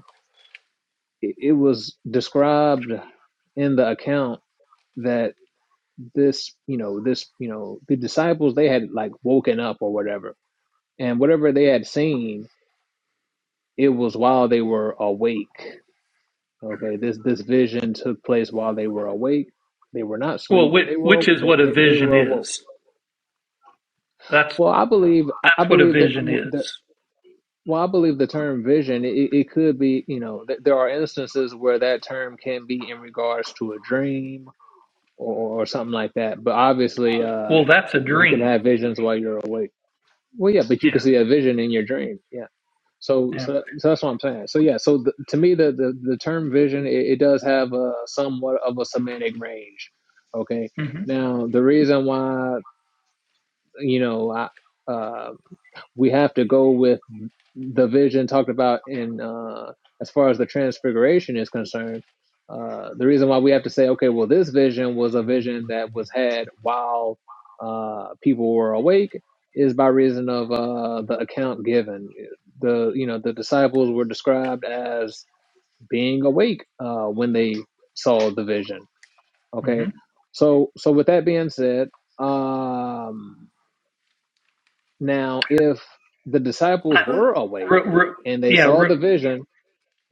A: it, it was described in the account that this you know this you know the disciples they had like woken up or whatever and whatever they had seen it was while they were awake okay this this vision took place while they were awake they were not asleep they were they, they, they were awoke well i believe i believe that that well i believe the term vision it, it could be you know th- there are instances where that term can be in regards to a dream or, or something like that. But obviously, uh, you can have visions while you're awake. Well, yeah, but you can see a vision in your dream. Yeah. So, so, so that's what I'm saying. So, yeah. So, the, to me, the, the, the term vision, it, it does have a somewhat of a semantic range. Okay. Now, the reason why, you know, I, uh, we have to go with the vision talked about in uh, as far as the transfiguration is concerned. Uh, the reason why we have to say, okay, well, this vision was a vision that was had while uh, people were awake, is by reason of uh, the account given. The you know the disciples were described as being awake uh, when they saw the vision. Okay, so so with that being said, um, now, if the disciples were awake and they saw the vision,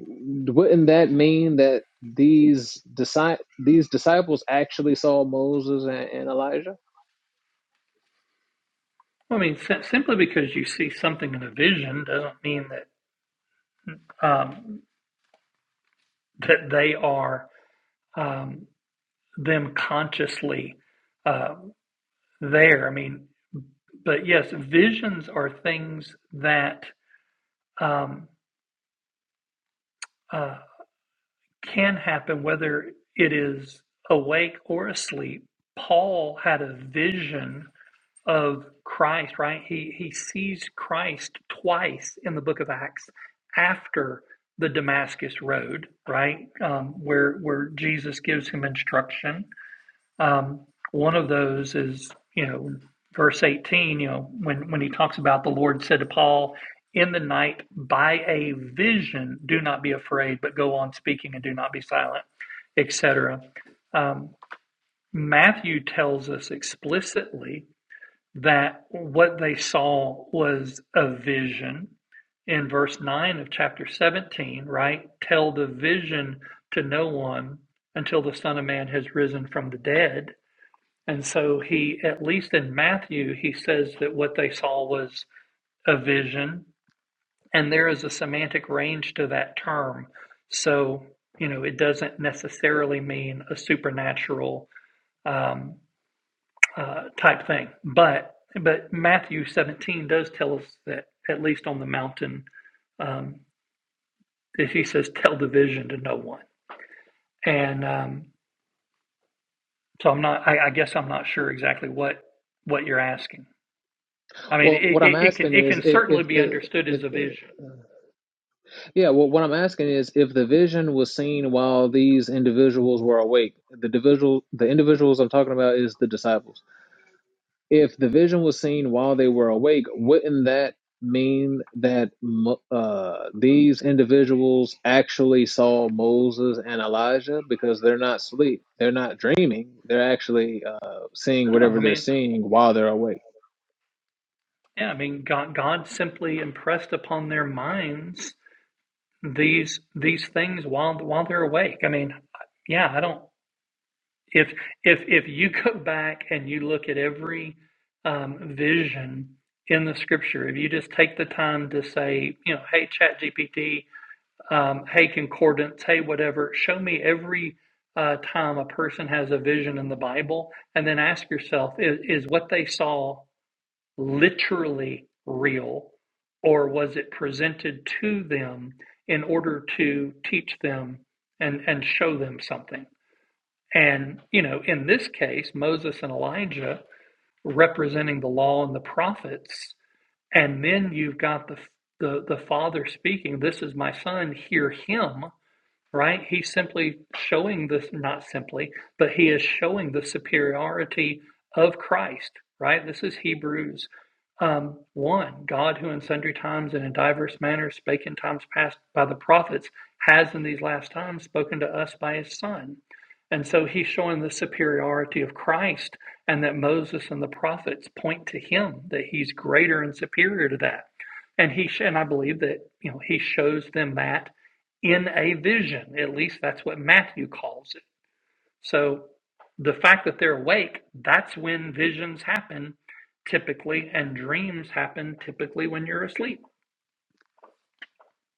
A: wouldn't that mean that these disci- these disciples actually saw Moses and, and Elijah? Well, what I'm asking is if if the if the yeah, well, what I'm asking is if the vision was seen while these individuals were awake. The individual the individuals I'm talking about is the disciples. if the vision was seen while they were awake, wouldn't that mean that uh, these individuals actually saw Moses and Elijah because they're not asleep, they're not dreaming, they're actually uh, seeing whatever they're seeing while they're awake?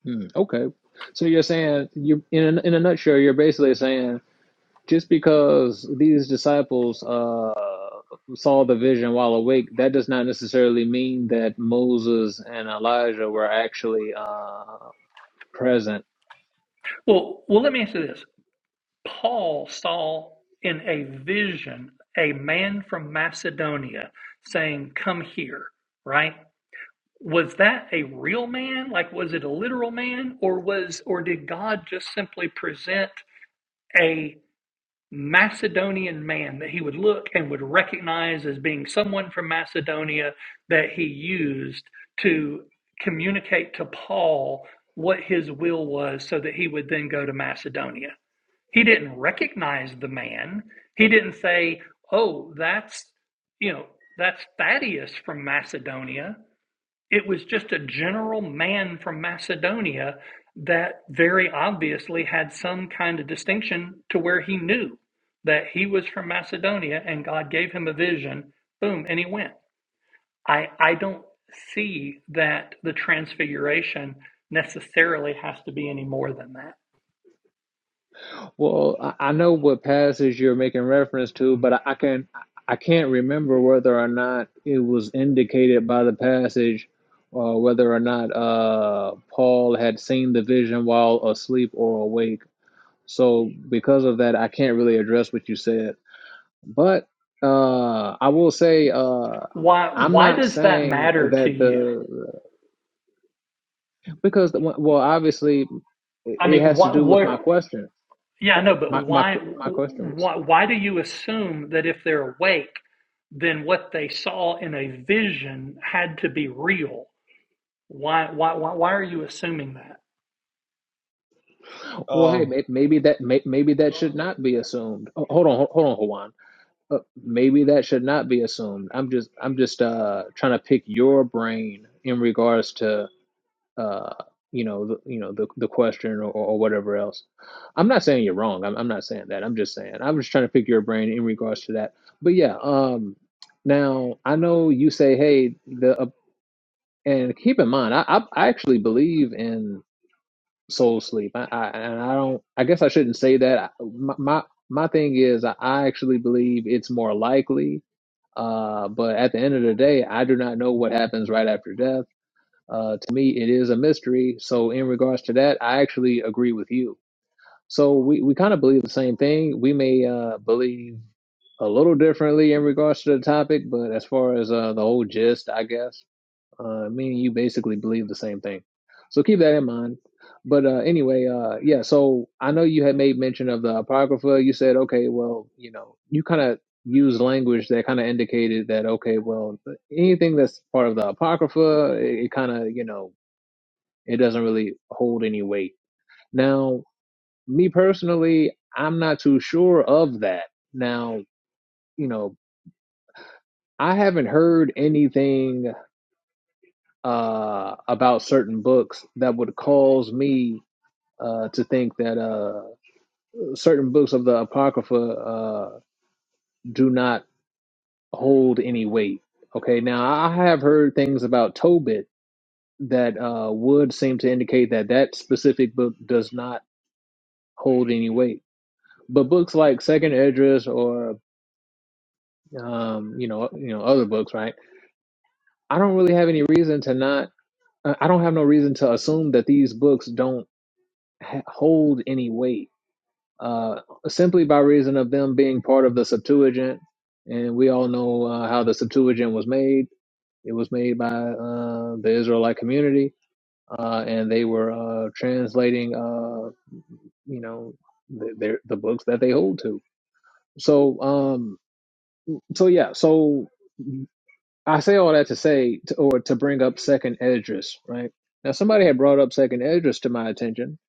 A: Hmm, okay, so you're saying you in a, in a nutshell, you're basically saying Just because these disciples uh, saw the vision while awake, that does not necessarily mean that Moses and Elijah were actually uh, present. Well, I, I know what passage you're making reference to, but I, I can I can't remember whether or not it was indicated by the passage. Uh, whether or not uh, Paul had seen the vision while asleep or awake. So, because of that, I can't really address what you said. But uh, I will say uh, I'm not saying that the because the, well well, obviously it has to do with my question. My my my question was well hey
B: Um,
A: may- maybe that may- maybe that should not be assumed. Oh, hold on hold on Juan. Uh, maybe that should not be assumed. I'm just I'm just uh, trying to pick your brain in regards to uh, you know, the, you know, the the question or, or whatever else. I'm not saying you're wrong. I'm, I'm not saying that. I'm just saying I am just trying to pick your brain in regards to that. But yeah, um, now I know you say, hey, the uh, and keep in mind, I, I I actually believe in soul sleep. I, I and I don't. I guess I shouldn't say that. I- My my, my thing is, I I actually believe it's more likely. Uh, but at the end of the day, I do not know what happens right after death. Uh, to me, it is a mystery. So, in regards to that, I actually agree with you. So, we, we kind of believe the same thing. We may uh, believe a little differently in regards to the topic, but as far as uh, the whole gist, I guess, uh, me and you basically believe the same thing. So, keep that in mind. But uh, anyway, uh, yeah, so I know you had made mention of the Apocrypha. You said, okay, well, you know, you kind of use language that kind of indicated that, okay, well, anything that's part of the Apocrypha, it, it kind of, you know, it doesn't really hold any weight. Now, me personally, I'm not too sure of that. Now, you know, I haven't heard anything uh, about certain books that would cause me uh, to think that uh, certain books of the Apocrypha uh, do not hold any weight. Okay, now I have heard things about Tobit that uh, would seem to indicate that that specific book does not hold any weight. But books like Second Address or um, you know, you know, other books, right? I don't really have any reason to not. uh, I don't have no reason to assume that these books don't ha- hold any weight, uh, simply by reason of them being part of the Septuagint, and we all know uh, how the Septuagint was made. It was made by uh, the Israelite community, uh, and they were uh, translating, uh, you know, the, their, the books that they hold to. So, um, so yeah, so I say all that to say, to, or to bring up Second Esdras, right? Now, somebody had brought up Second Esdras to my attention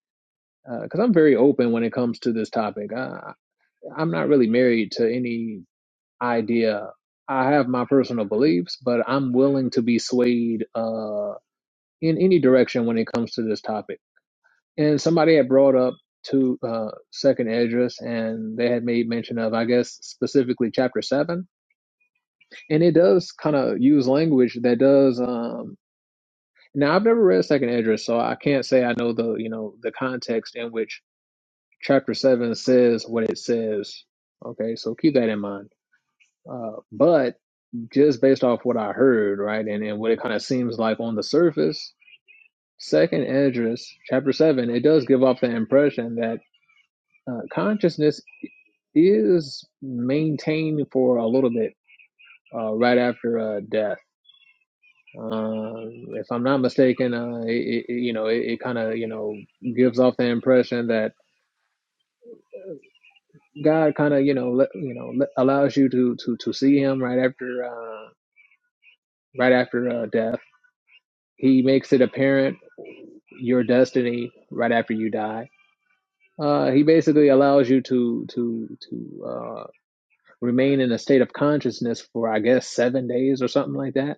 A: because I'm very open when it comes to this topic. I, I'm not really married to any idea. I have my personal beliefs, but I'm willing to be swayed uh, in any direction when it comes to this topic. And somebody had brought up to uh, Second Esdras, and they had made mention of, I guess, specifically chapter seven and it does kind of use language that does. um, Now I've never read Second Idris, so I can't say I know the you know the context in which chapter seven says what it says. Okay, so keep that in mind. Uh, but just based off what I heard, right, and, and what it kind of seems like on the surface, Second Idris, chapter seven, it does give off the impression that uh, consciousness is maintained for a little bit uh, right after uh, death Uh, if I'm not mistaken, uh, it, it, you know, it, it kind of, you know, gives off the impression that God kind of, you know, let, you know, let, allows you to, to, to see him right after, uh, right after, uh, death. He makes it apparent your destiny right after you die. Uh, he basically allows you to, to, to, uh, remain in a state of consciousness for, I guess, seven days or something like that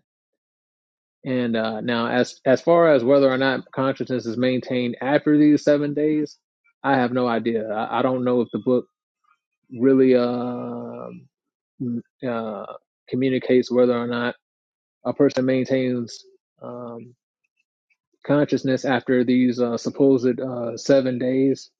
A: And uh, now, as as far as whether or not consciousness is maintained after these seven days, I have no idea. I, I don't know if the book really um uh, communicates whether or not a person maintains um, consciousness after these uh, supposed uh, seven days.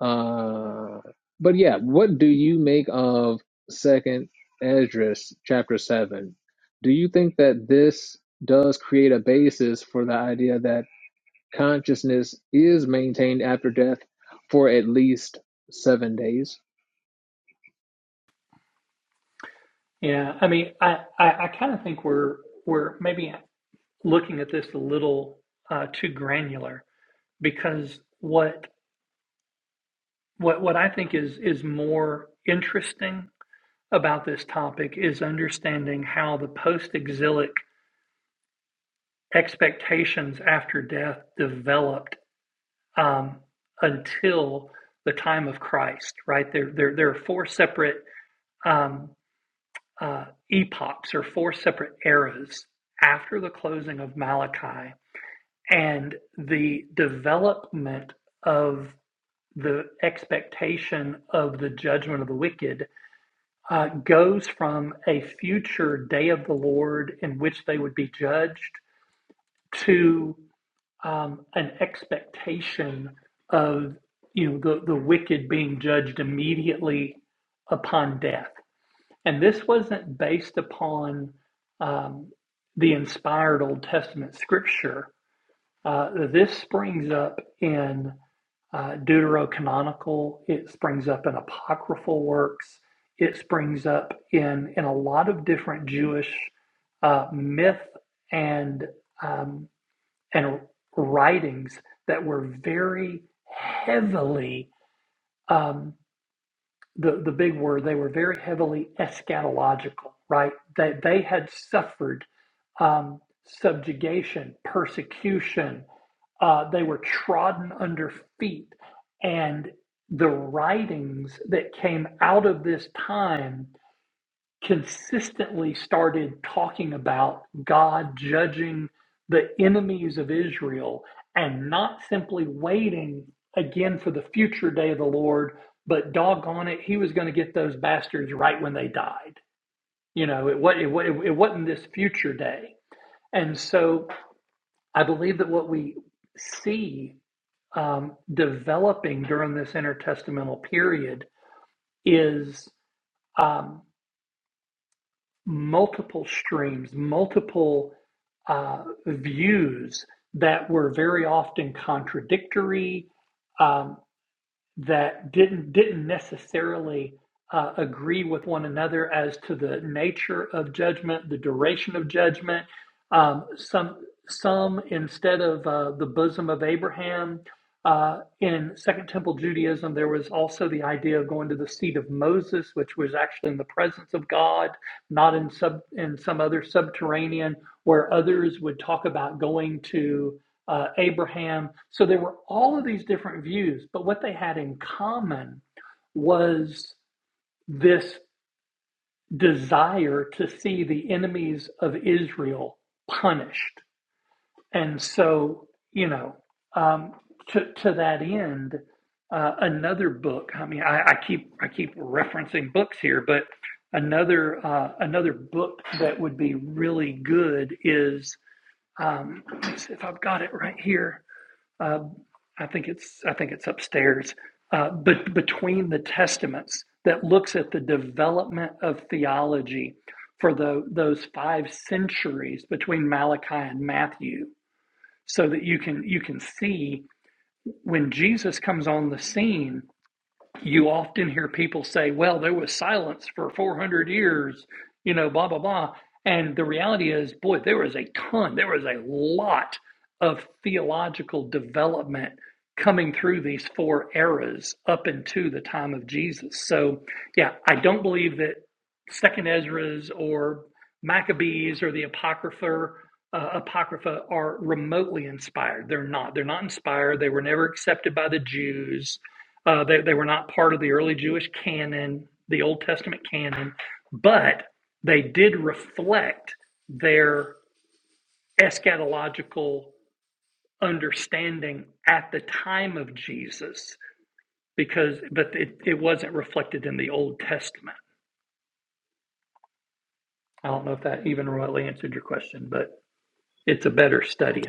A: Uh, but yeah, what do you make of Second Esdras chapter seven? Do you think that this does create a basis for the idea that Consciousness is maintained after death for at least seven days.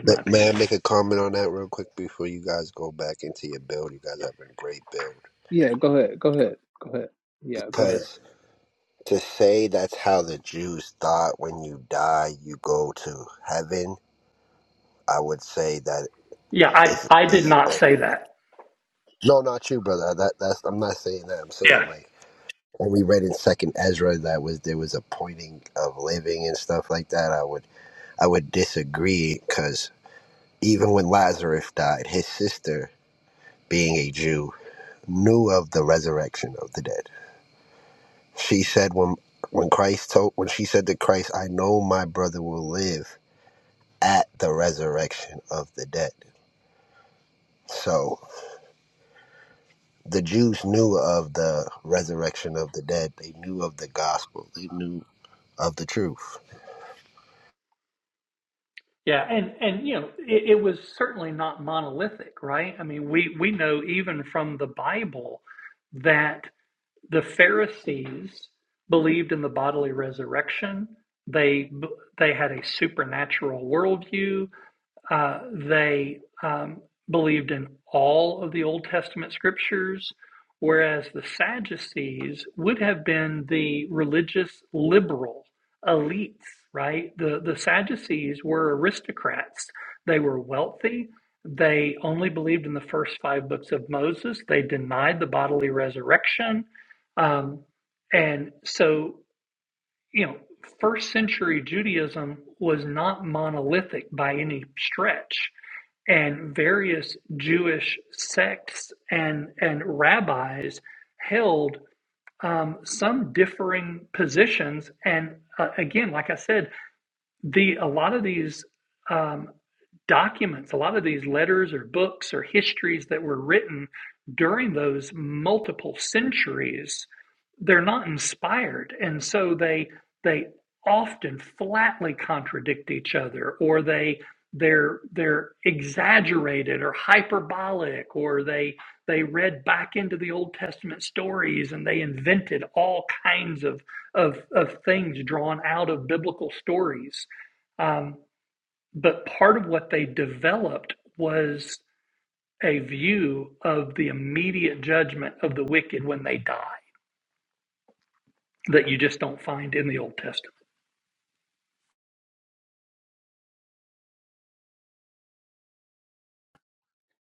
H: May may I make a comment on that real quick before you guys go back into your build? You guys have a great build.
A: Yeah, go ahead. Go ahead. Go ahead. Yeah, go ahead.
H: Because to say that's how the Jews thought when you die, you go to heaven, I would say that is is oh, no, not you, brother. That that's I'm not saying that. I'm saying like when we read in Second Ezra that was there was a pointing of living and stuff like that. I would I would disagree because even when Lazarus died, his sister being a Jew knew of the resurrection of the dead. She said when when Christ told when she said to Christ, I know my brother will live at the resurrection of the dead. So the Jews knew of the resurrection of the dead. They knew of the gospel. They knew of the truth.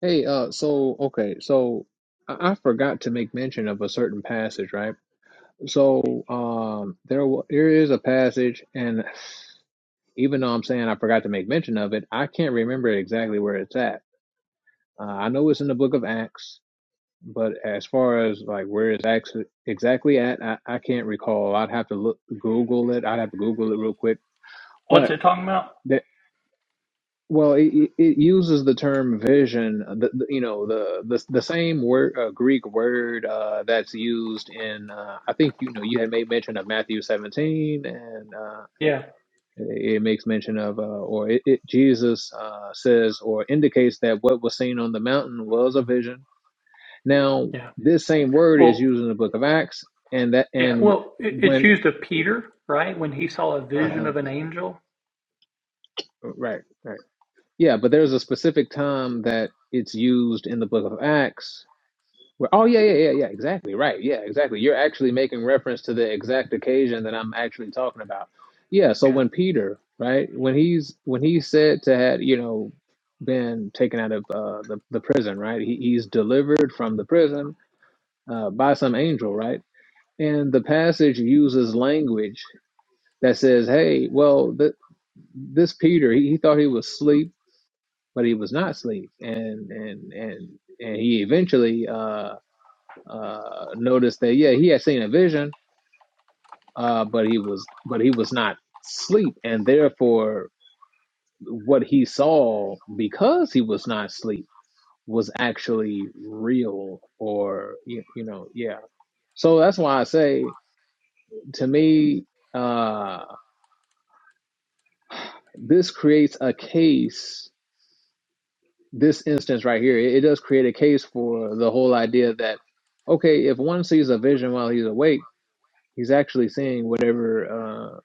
A: Hey, uh, so okay, so I, I forgot to make mention of a certain passage, right? So, um, there wa- there is a passage, and even though I'm saying I forgot to make mention of it, I can't remember exactly where it's at. Uh, I know it's in the book of Acts. But as far as like where it's actually exactly at, I, I can't recall. I'd have to look Google it. I'd have to Google it real quick. But that well, it, it it uses the term vision. The, the- you know the the the same word uh, Greek word uh, that's used in uh, I think you know you had made mention of Matthew 17 and uh, it it makes mention of uh, or it, it Jesus uh, says or indicates that what was seen on the mountain was a vision Now, this same word is used in the book of Acts, and that and when uh, right, right, yeah, but there's a specific time that it's used in the book of Acts. Where, oh yeah, yeah, yeah, yeah, exactly, right, yeah, exactly. You're actually making reference to the exact occasion that I'm actually talking about. Yeah, so when Peter, right, when he's when he said to had you know been taken out of uh, the the prison, right, he, he's delivered from the prison uh, by some angel, right And the passage uses language that says, hey, well, th- this Peter, he, he thought he was asleep, but he was not asleep. And, and, and, and he eventually, uh, uh, noticed that, yeah, he had seen a vision, uh, but he was, but he was not asleep. And therefore what he saw because he was not asleep was actually real or, you, you know, yeah. So that's why I say to me, uh, This creates a case, this instance right here, it, it does create a case for the whole idea that, okay, if one sees a vision while he's awake, he's actually seeing whatever uh,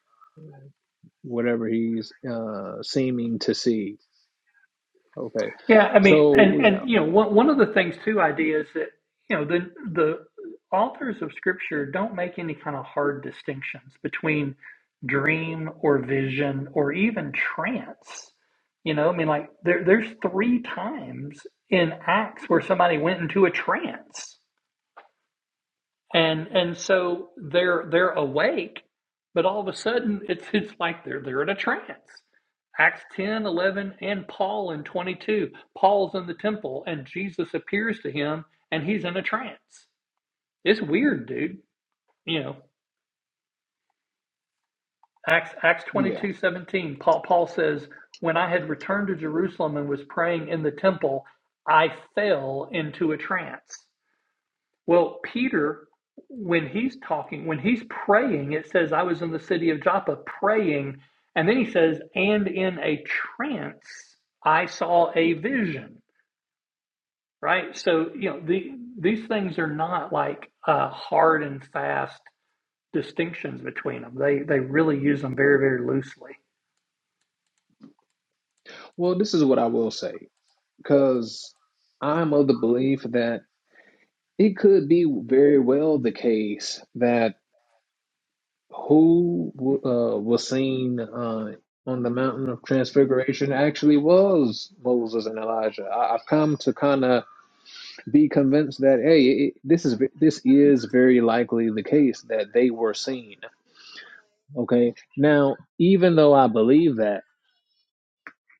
A: whatever he's uh, seeming to see. Okay. So, yeah, yeah. Well, this is what I will say, because I'm of the belief that it could be very well the case that. who uh, was seen uh, on the mountain of transfiguration actually was Moses and Elijah. I, I've come to kind of be convinced that hey, it, this is this is very likely the case that they were seen. Okay, now even though I believe that,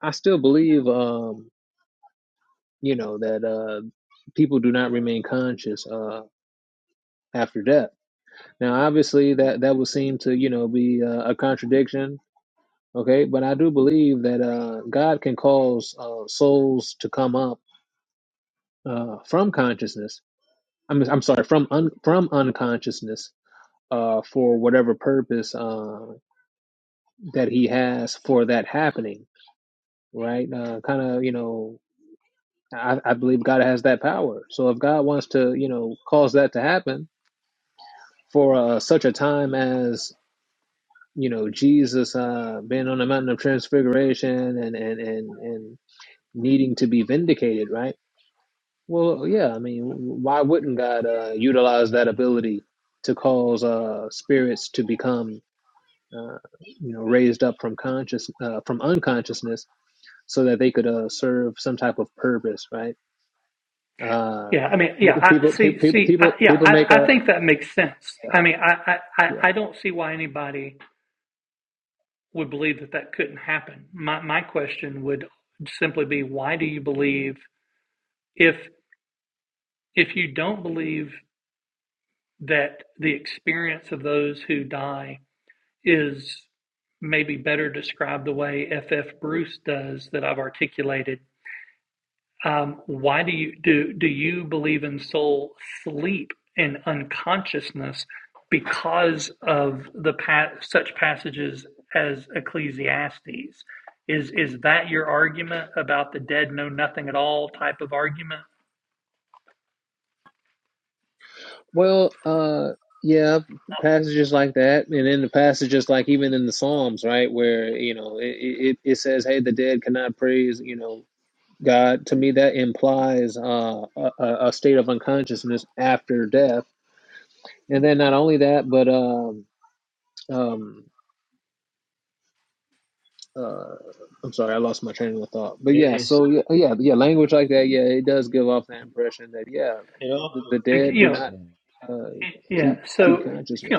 A: I still believe um, you know that uh, people do not remain conscious uh, after death. Now, obviously, that that would seem to you know be uh, a contradiction Okay, but I do believe that uh, God can cause uh, souls to come up uh, from consciousness. I'm I'm sorry, from un, from unconsciousness uh, for whatever purpose uh, that He has for that happening. Right, uh, kind of you know. I, I believe God has that power. So if God wants to, you know, cause that to happen for uh, such a time as you know Jesus uh, being on the mountain of transfiguration and and and and needing to be vindicated, right? Well, yeah, I mean, why wouldn't God uh, utilize that ability to cause uh, spirits to become, uh, you know, raised up from conscious uh, from unconsciousness, so that they could uh, serve some type of purpose, right? Uh, people, people, people, people make a yeah, yeah. Well, uh, yeah, passages like that, and then the passages like even in the Psalms, right, where you know it, it, it says, "Hey, the dead cannot praise," you know God, to me, that implies uh, a, a state of unconsciousness after death. And then not only that, but um, um, uh, I'm sorry, I lost my train of thought. But
B: it
A: yeah,
B: is
A: so yeah, yeah, yeah, language like that, yeah, it does give off that impression that yeah,
B: it all
A: the, the dead do not uh, keep keep consciousness.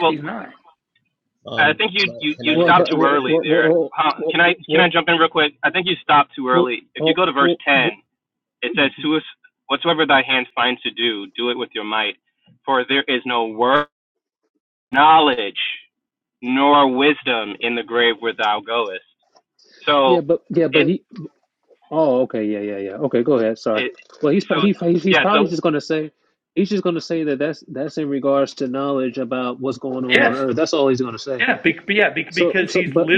C: well i
B: Um,
C: think you
B: can I,
C: you,
B: can
C: you
B: I
A: Well,
B: make
A: if I,
B: a
C: stopped too
A: well,
B: statement?
C: early
A: well,
C: there
A: well,
C: huh,
A: well,
C: can i can i
A: well,
C: jump in real quick i think you stopped too
A: well,
C: early if you
A: well,
C: go to verse
A: well,
C: 10
A: well,
C: it says
A: mhm.
C: "Whoso- whatsoever thy hand finds to do do it with your might for there is no word knowledge nor wisdom in the grave where thou goest.
A: yeah,
C: So
A: but yeah, but
C: it
A: he Oh, okay, yeah, yeah, yeah. Okay, go ahead. Sorry.
C: it
A: Well, he's
C: so
A: pro- he he's
C: yeah
A: probably
C: so
A: just going to say he's just going to say that that's that's in regards to knowledge about what's going on on Earth. That's all he's going to say. So, so, but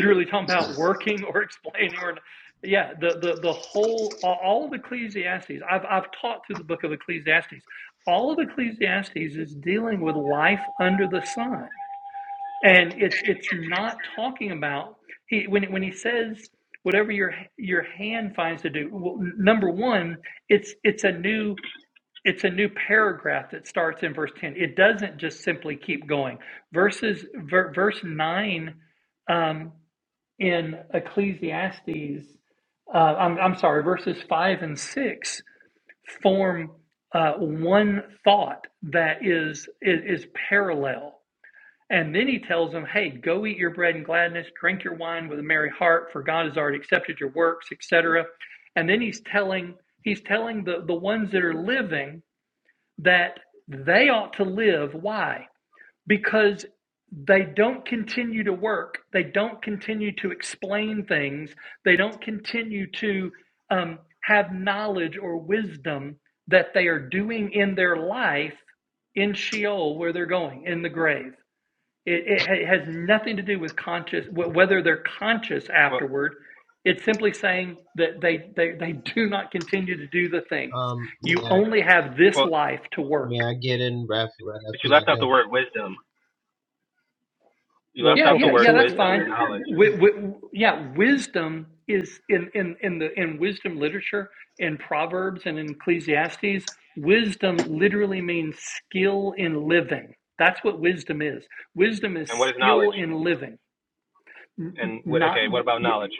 C: well,
B: Um, may I,
C: well
B: may I get in, Raph? Right
C: but
B: after
C: you left
B: y'all
C: out the
B: done.
C: word wisdom. You
A: well,
C: left out the
A: okay,
C: word
A: so
C: wisdom and knowledge. And what is knowledge? And what okay, what about knowledge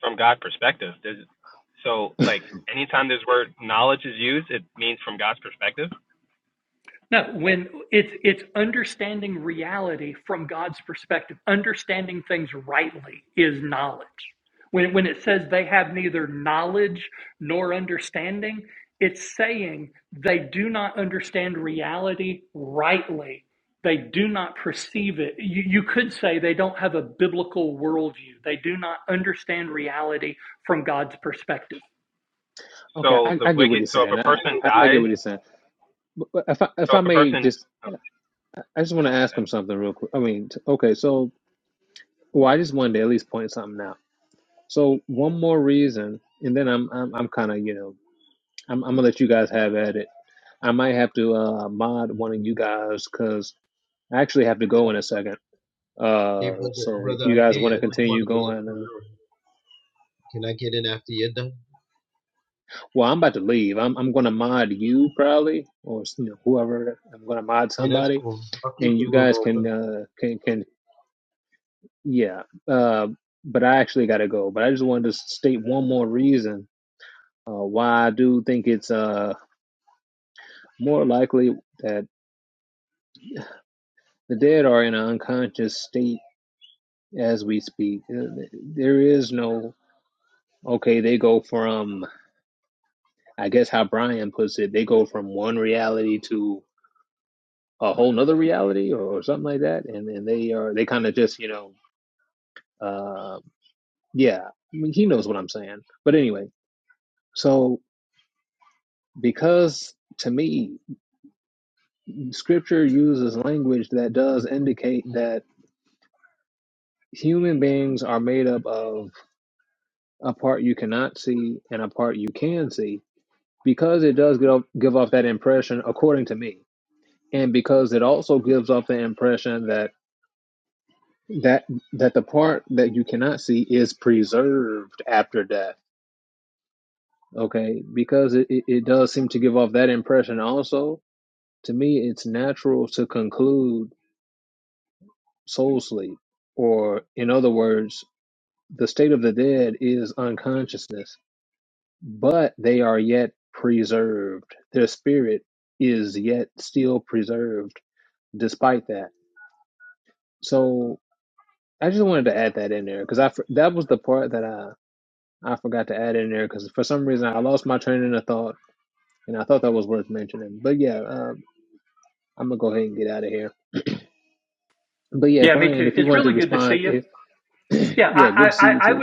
C: from God's perspective? Does so like anytime this word knowledge is used, it means from God's perspective.
A: okay,
C: So
A: I,
C: the
A: I get what
C: wicked.
A: he's
C: So if
A: saying.
C: a
A: I,
C: person
A: I I get
C: dies,
A: what he's saying. But but if I if
C: so
A: I
C: if a
A: may
C: person
A: just,
C: oh,
A: I just want to ask him something real quick. I mean, t- okay, so well, I just wanted to at least point something out. So one more reason, and then I'm I'm I'm kind of you know I'm, I'm gonna let you guys have at it. I might have to uh, mod one of you guys because I actually have to go in a second.
B: Hey,
A: Uh,
B: brother,
A: so if
B: brother,
A: you
B: ID.
A: guys want
B: I
A: to
B: just
A: continue
B: wanted to let
A: going,
B: you
A: uh,
B: know. Can I get in after you're done?
A: well, I'm about to leave. I'm I'm gonna mod you probably, or you know, whoever. I'm gonna mod
B: Yeah, that's
A: somebody,
B: cool. I'll keep
A: and
B: the
A: you
B: room
A: guys can
B: open.
A: uh, can can yeah. Uh, but I actually gotta go. But I just wanted to state one more reason uh, why I do think it's uh more likely that the dead are in an unconscious state as we speak. Uh, There is no, okay, they go from, I guess how Brian puts it, they go from one reality to a whole nother reality or, or something like that. And, and they are, they kind of just, you know, uh, yeah, I mean, he knows what I'm saying. But anyway, so because to me, scripture uses language that does indicate that human beings are made up of a part you cannot see and a part you can see because it does give give off that impression according to me and because it also gives off the impression that that that the part that you cannot see is preserved after death okay because it, it, it does seem to give off that impression also to me it's natural to conclude soul sleep or in other words the state of the dead is unconsciousness but they are yet preserved their spirit is yet still preserved despite that So I just wanted to add that in there because I for- that was the part that I I forgot to add in there because for some reason I lost my train of thought and I thought that was worth mentioning. But yeah, um, I'm gonna go ahead and get out of here. But yeah, Brian, if you wanted to respond, if, yeah, good to see you too.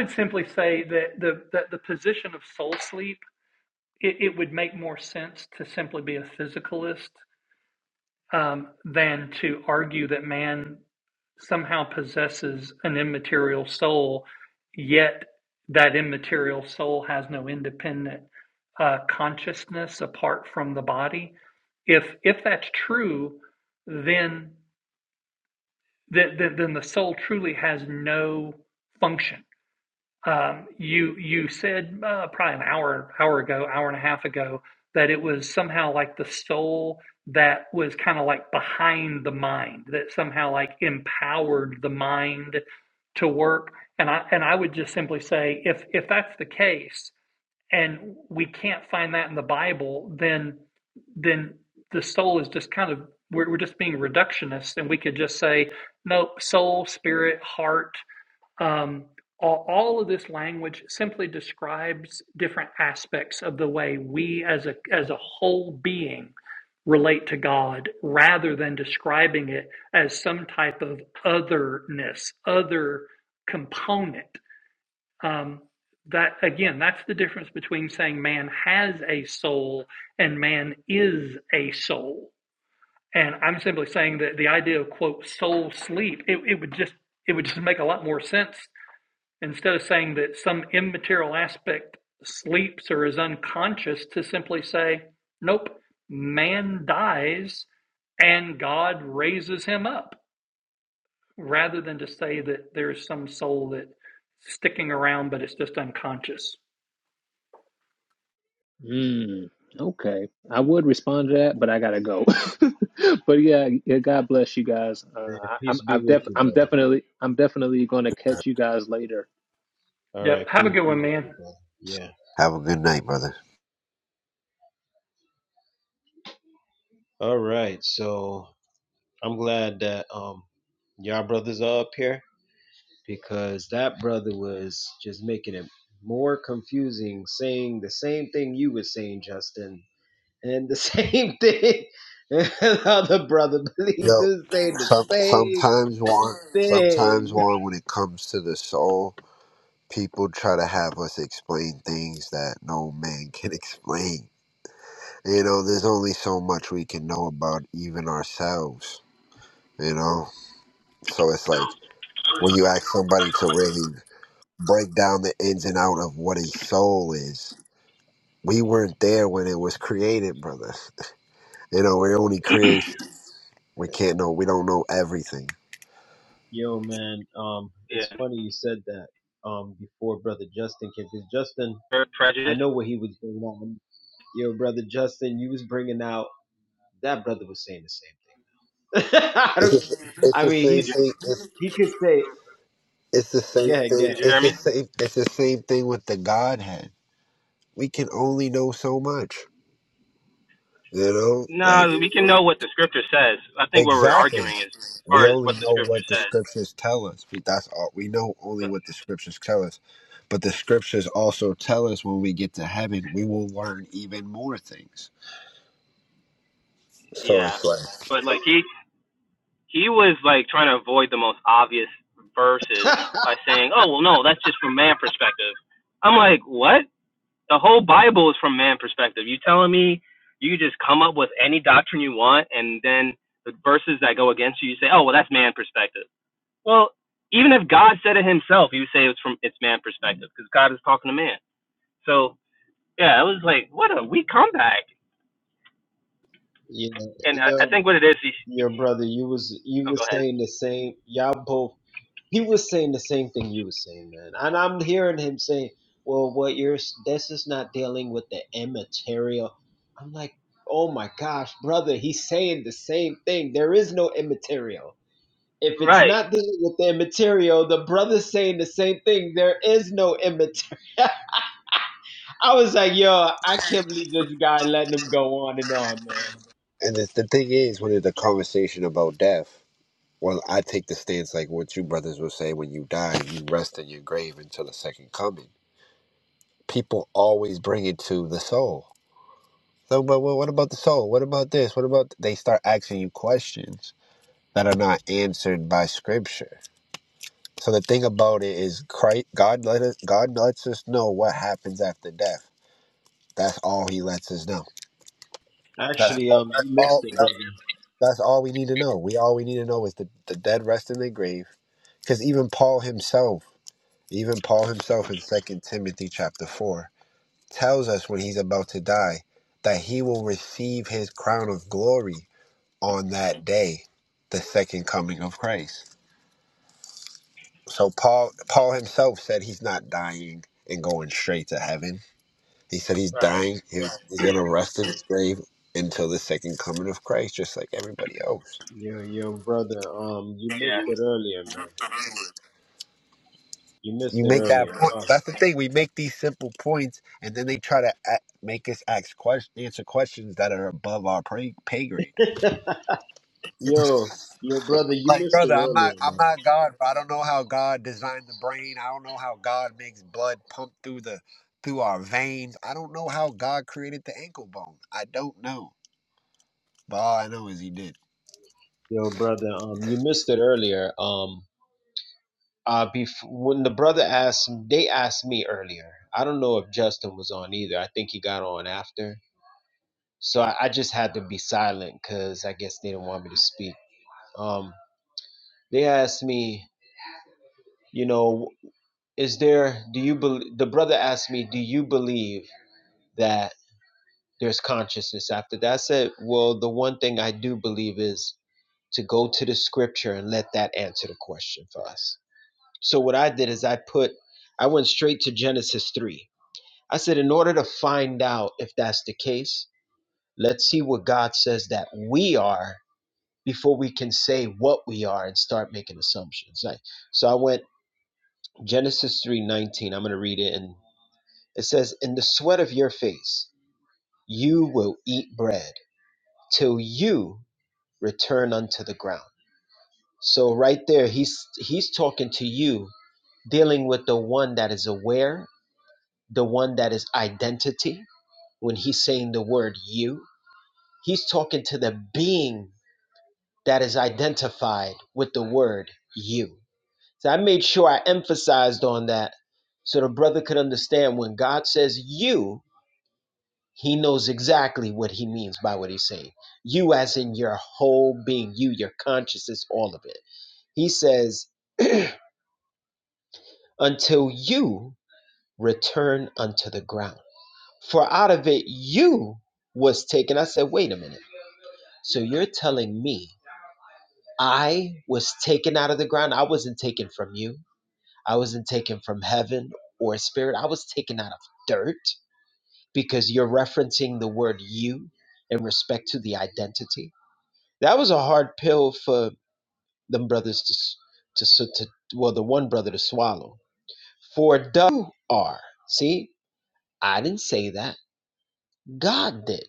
A: Mm, okay, I would respond to that, but I gotta go. but yeah, yeah, God bless you guys. Uh,
B: Yeah,
A: I, I'm
B: peace be
A: I've def-
B: with you,
A: I'm
B: brother.
A: definitely I'm definitely gonna catch you guys later
B: All right, peace be with you, brother. Yeah.
H: Have a good night, brother.
B: All right. So I'm glad that um y'all brothers are up here. because that brother was just making it more confusing, saying the same thing you were saying, Justin, and the same thing the other brother believes
H: Yo,
B: is saying the
H: some,
B: same
H: sometimes one sometimes
B: thing.
H: one when it comes to the soul, people try to have us explain things that no man can explain You know, there's only so much we can know about even ourselves, you know? So it's like when you ask somebody to really break down the ins and out of what a soul is, we weren't there when it was created, brother. You know, we're only creation. We can't know, we don't know everything.
B: Yo, man, um, it's
C: yeah
B: funny you said that um before brother Justin came because Justin,
C: pre-
B: I
C: prejudice.
B: know what he was bringing out. Yo, brother Justin, you was bringing out that brother was saying the same thing. I
H: It's
B: don't.
H: the, it's
B: I
H: the
B: mean,
H: same
C: Did you
B: he's
H: thing. It's,
B: he could say,
H: it's the
B: go
H: same
B: ahead,
H: thing.
B: go
C: did you hear
H: It's the
C: me?
H: same. It's the same thing with the Godhead. We can only know so much, you know. Like
C: No, we can know what the scripture says. I think what we're
H: Exactly.
C: arguing is as
H: We
C: far as
H: only
C: what the
H: know
C: scripture
H: what the
C: says.
H: scriptures tell us. But That's all we know only what the scriptures tell us. But the scriptures also tell us when we get to heaven, we will learn even more things. So
C: Yeah,
H: it's like,
C: but like he he was like trying to avoid the most obvious verses
B: ahead.
C: by saying, "Oh well, no, that's just from man perspective." I'm like, what? The whole Bible is from man perspective. You telling me you just come up with any doctrine you want, and then the verses that go against you, you say, "Oh well, that's man perspective." Well, even if God said it himself, you say it's from it's man perspective because God is talking to man. So yeah, it was like, what a weak comeback.
B: Yeah,
C: And
B: yo,
C: I, I think what it is, he,
B: yo, brother, you was you
C: oh, go
B: was
C: ahead.
B: saying the same. Y'all both, he was saying the same thing you was saying, man. And I'm hearing him saying, "Well, what you're s- this is not dealing with the immaterial." I'm like, "Oh my gosh, brother, he's saying the same thing. There is no immaterial. If it's
C: Right.
B: not dealing with the immaterial, the brother's saying the same thing. There is no immaterial." I was like, "Yo, I can't believe this guy letting him go on and on, man."
H: and the, the thing is, when it's a conversation about death, well, I take the stance like what you brothers will say: when you die, you rest in your grave until the second coming. People always bring it to the soul. So, but well, what about the soul? What about this? What about they start asking you questions? that are not answered by scripture. So the thing about it is Christ, God let us God lets us know what happens after death. That's all he lets us know. That's
B: Actually,
H: all
B: um,
H: that's
B: you missed
H: all
B: it,
H: that's,
B: brother.
H: that's all we need to know. We all we need to know is the, the dead rest in the grave. Because even Paul himself, even Paul himself in Second Timothy chapter four, tells us when he's about to die that he will receive his crown of glory on that day, the second coming of Christ. So Paul Paul himself said he's not dying and going straight to heaven. He said he's
C: Right.
H: dying. He he's gonna rest in his grave until the second coming of Christ, just like everybody else.
B: Yo, yo, brother. Um, you
C: Yeah.
B: missed it earlier, man. You missed
H: You
B: it
H: make that
B: earlier.
H: point.
B: Um,
H: That's the thing. We make these simple points, and then they try to a make us ask question, answer questions that are above our pay, pay grade.
B: yo, yo, brother, you
H: Like,
B: missed
H: brother,
B: it
H: I'm not,
B: earlier,
H: I'm
B: man.
H: not God. Bro. I don't know how God designed the brain. I don't know how God makes blood pump through the through our veins. I don't know how God created the ankle bone. I don't know. But all I know is he did.
B: Yo, brother. Um, you missed it earlier. Um, uh, bef- when the brother asked, they asked me earlier. I don't know if Justin was on either. I think he got on after. So I, I just had to be silent because I guess they didn't want me to speak. Um, they asked me, you know, is there? Do you believe? The brother asked me, do you believe that? there's consciousness after that. I said, well, the one thing I do believe is to go to the scripture and let that answer the question for us. So what I did is I put, I went straight to Genesis 3. I said, in order to find out if that's the case, let's see what God says that we are before we can say what we are and start making assumptions. Like, so I went Genesis 3:19. I'm going to read it and it says, "In the sweat of your face you will eat bread till you return unto the ground. So right there, he's he's talking to you, dealing with the one that is aware, the one that is identity. When he's saying the word you, he's talking to the being that is identified with the word you. So I made sure I emphasized on that so the brother could understand when God says you, he knows exactly what he means by what he's saying. You as in your whole being, you, your consciousness, all of it. He says until you return unto the ground. For out of it you was taken. I said, wait a minute. So you're telling me I was taken out of the ground? I wasn't taken from you. I wasn't taken from heaven or spirit. I was taken out of dirt because you're referencing the word you in respect to the identity. That was a hard pill for them brothers to, s- to, s- to well, the one brother to swallow. For you are. See, I didn't say that. God did.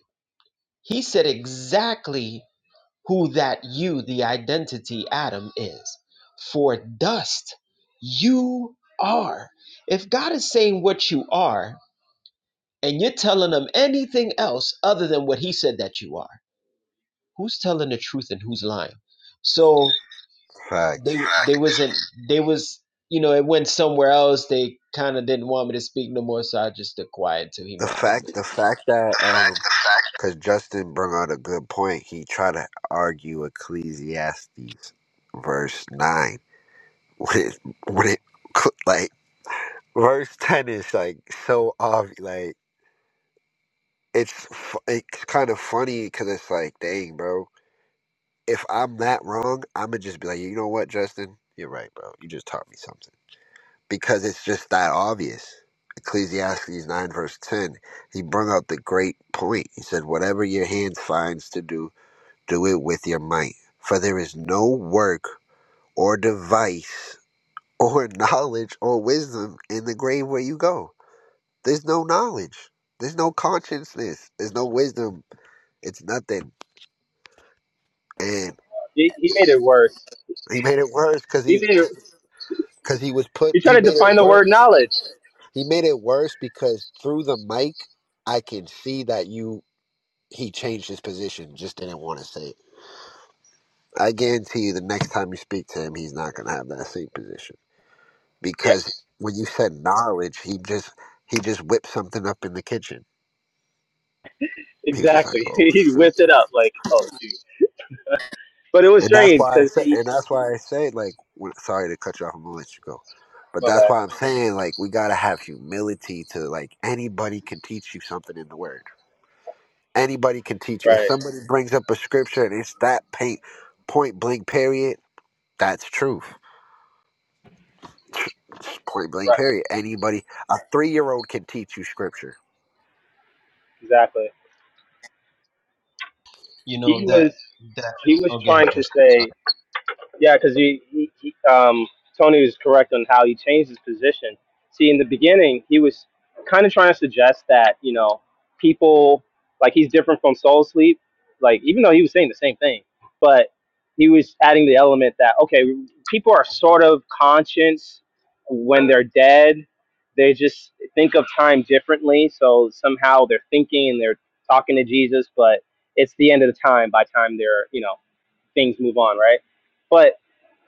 B: He said exactly who that you, the identity Adam, is. For dust you are. If God is saying what you are, and you're telling them anything else other than what He said that you are, who's telling the truth and who's lying? So they
H: Fact.
B: they wasn't they was you know it went somewhere else. They kind of didn't want me to speak no more, so I just stood quiet till he
H: The
B: modded
H: fact
B: me.
H: the fact that um cause Justin brought out a good point, he tried to argue Ecclesiastes verse nine. When it when it like verse ten is like so obvious like it's fu- it's kind of funny because it's like, dang, bro. If I'm that wrong, I'm gonna just be like, you know what, Justin, you're right, bro. You just taught me something. because it's just that obvious. Ecclesiastes 9, verse 10, he brought out the great point. He said, Whatever your hand finds to do, do it with your might. For there is no work or device or knowledge or wisdom in the grave where you go. There's no knowledge, there's no consciousness, there's no wisdom. It's nothing. And
C: He, he made it worse.
H: he made it worse because
C: He
H: he,
C: made it,
H: because he was put,
C: he tried
H: he
C: to
H: made
C: define
H: it
C: the word
H: worse.
C: knowledge,
H: He made it worse because through the mic, I can see that you he changed his position, just didn't want to say it. I guarantee you the next time you speak to him, he's not gonna have that same position. Because when you said knowledge, he just he just whipped something up in the kitchen. He was just like, Oh shoot. And that's why I said and that's why I say like when, sorry to cut you off, I'm gonna let you go. But that's why I'm saying like we gotta have humility to like anybody can teach you something in the word Anybody can teach you. If somebody brings up a scripture and it's that paint, point blank period, that's truth. Point blank period. Anybody, a three year old can teach you scripture.
C: but
B: You know
C: he
B: that
C: was
B: that.
C: he
B: Oh, go ahead, Justin. Sorry.
C: yeah um Toshin, like he's different from Soul Sleep, like even though he was saying the same thing, but he was adding the element that okay, people are sort of conscious when they're dead. They just think of time differently, so somehow they're thinking and they're talking to Jesus, but it's the end of the time by the time they're you know things move on, right? But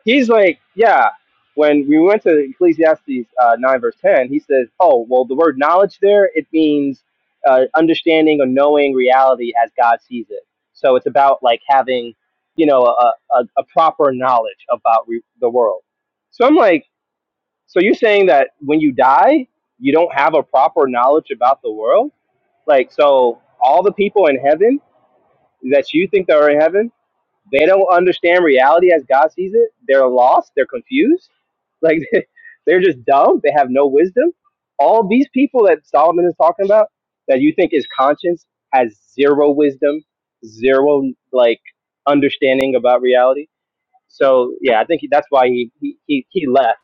C: he's like, yeah. When we went to Ecclesiastes uh, nine verse ten, he says, "Oh, well, the word knowledge there it means uh, understanding or knowing reality as God sees it. So it's about like having, you know, a a, a proper knowledge about re- the world. So I'm like, so you're saying that when you die, you don't have a proper knowledge about the world? Like, so all the people in heaven that you think that are in heaven, they don't understand reality as God sees it. They're lost. They're confused like they're just dumb. They have no wisdom. All these people that Solomon is talking about that you think is conscience has zero wisdom, zero like understanding about reality. So yeah, I think he, that's why he he, he, he left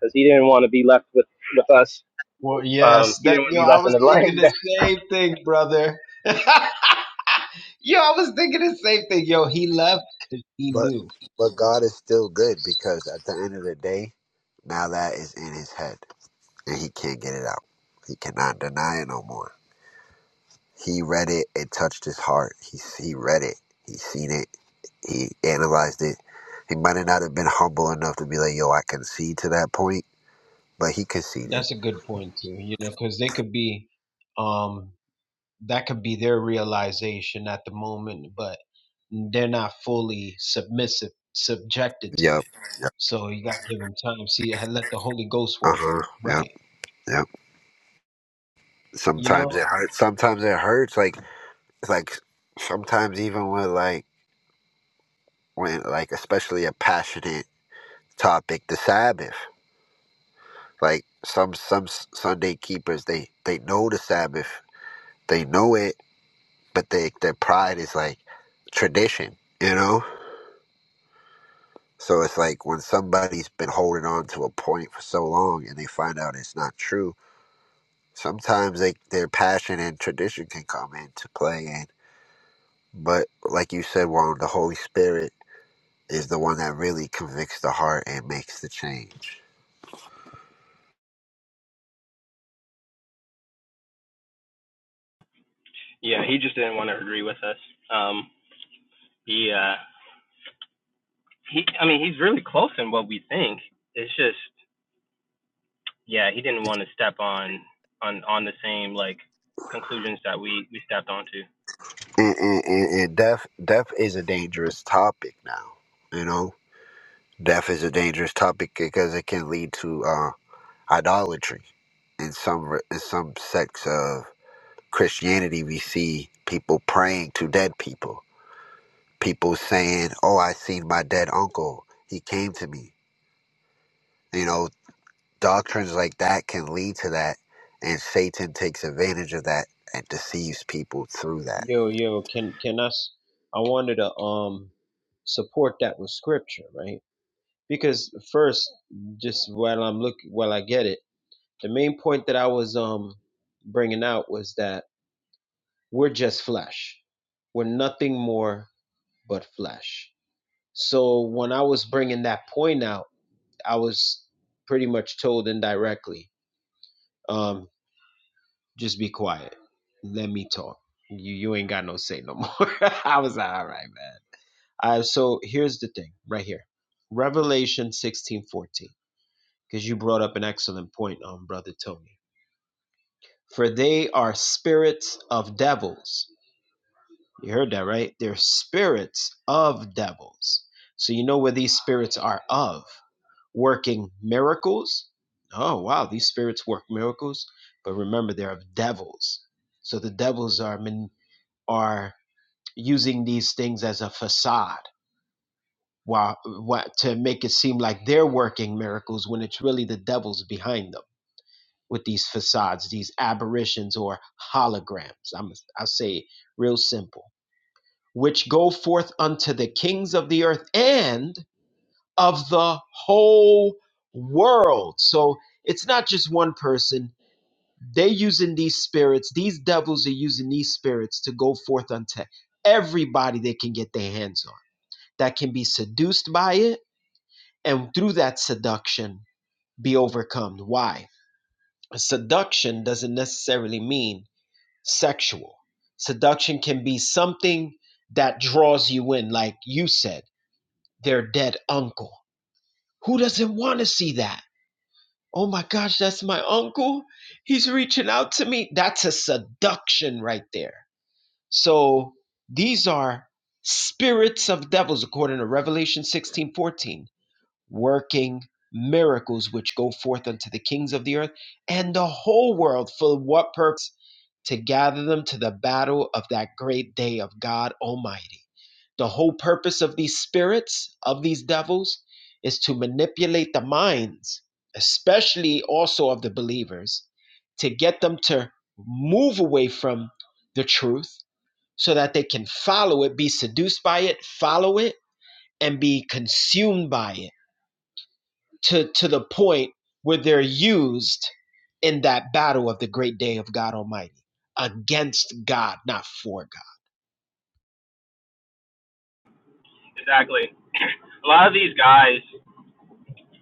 C: because he didn't want to be left with with us.
B: Well,
C: Um,
B: yes,
C: he
B: that
C: didn't want to
B: yo,
C: be left
B: I
C: in
B: was
C: the
B: thinking
C: lion's den.
B: the same thing, brother. yo, I was thinking the same thing. Yo, he left 'cause he
H: But
B: knew.
H: but God is still good because at the end of the day, now that is in his head and he can't get it out. He cannot deny it no more. He read it. It touched his heart. He he read it. He seen it. He analyzed it. He might not have been humble enough to be like, "Yo, I concede to that point," but he conceded.
B: That's a good point too. You know, because they could be, um, that could be their realization at the moment, but they're not fully submissive, subjected to
H: Yep.
B: it. So you got to give them time. See, I let the Holy Ghost
H: Uh
B: work
H: huh.
B: on. it.
H: Yep.
B: Right.
H: Yep.
B: You know,
H: Sometimes it hurts. Sometimes it hurts. Like like sometimes even when like when like especially a passionate topic, the Sabbath. Like some some S- Sunday keepers, they they know the Sabbath, they know it, but they their pride is like tradition, you know. So it's like when somebody's been holding on to a point for so long and they find out it's not true. Sometimes they, their passion and tradition can come into play and. But like you said, Juan, the Holy Spirit is the one that really convicts the heart and makes the change.
C: Yeah, he just didn't want to agree with us. Um, he uh, he. I mean, he's really close in what we think. It's just yeah, he didn't want to step on on on the same like conclusions that we we stepped onto.
H: And, and, and, and death, death is a dangerous topic now. You know, death is a dangerous topic because it can lead to uh, idolatry. In some re- in some sects of Christianity, we see people praying to dead people. People saying, "Oh, I seen my dead uncle. He came to me." You know, doctrines like that can lead to that, and Satan takes advantage of that and deceives people through that.
B: Yo, yo, can can us? I wanted to um support that with scripture, right? Because first, just while I'm looking, while I get it, the main point that I was um bringing out was that we're just flesh. We're nothing more but flesh. So when I was bringing that point out, I was pretty much told indirectly, um, just be quiet, let me talk. You you ain't got no say no more. I was like, all right, man. Uh, so here's the thing right here. Revelation 16 14, because you brought up an excellent point um, Brother Tony. For they are spirits of devils. You heard that, right? They're spirits of devils. So you know where these spirits are of. Working miracles. Oh, wow, these spirits work miracles. But remember, they're of devils. So the devils are, man- are using these things as a facade while, while, to make it seem like they're working miracles when it's really the devil's behind them with these facades, these aberrations or holograms. I'm, I'll say it real simple, which go forth unto the kings of the earth and of the whole world. So it's not just one person. They're using these spirits, these devils are using these spirits to go forth unto everybody they can get their hands on that can be seduced by it and through that seduction be overcome. Why? Seduction doesn't necessarily mean sexual. Seduction can be something that draws you in, like you said, their dead uncle. Who doesn't want to see that? Oh my gosh, that's my uncle. He's reaching out to me. That's a seduction right there. So these are spirits of devils, according to Revelation 16 14. working miracles which go forth unto the kings of the earth and the whole world for what purpose to gather them to the battle of that great day of God Almighty the whole purpose of these spirits of these devils is to manipulate the minds especially also of the believers to get them to move away from the truth so that they can follow it be seduced by it follow it and be consumed by it to to the point where they're used in that battle of the great day of God Almighty against God, not for God.
C: Exactly. A lot of these guys,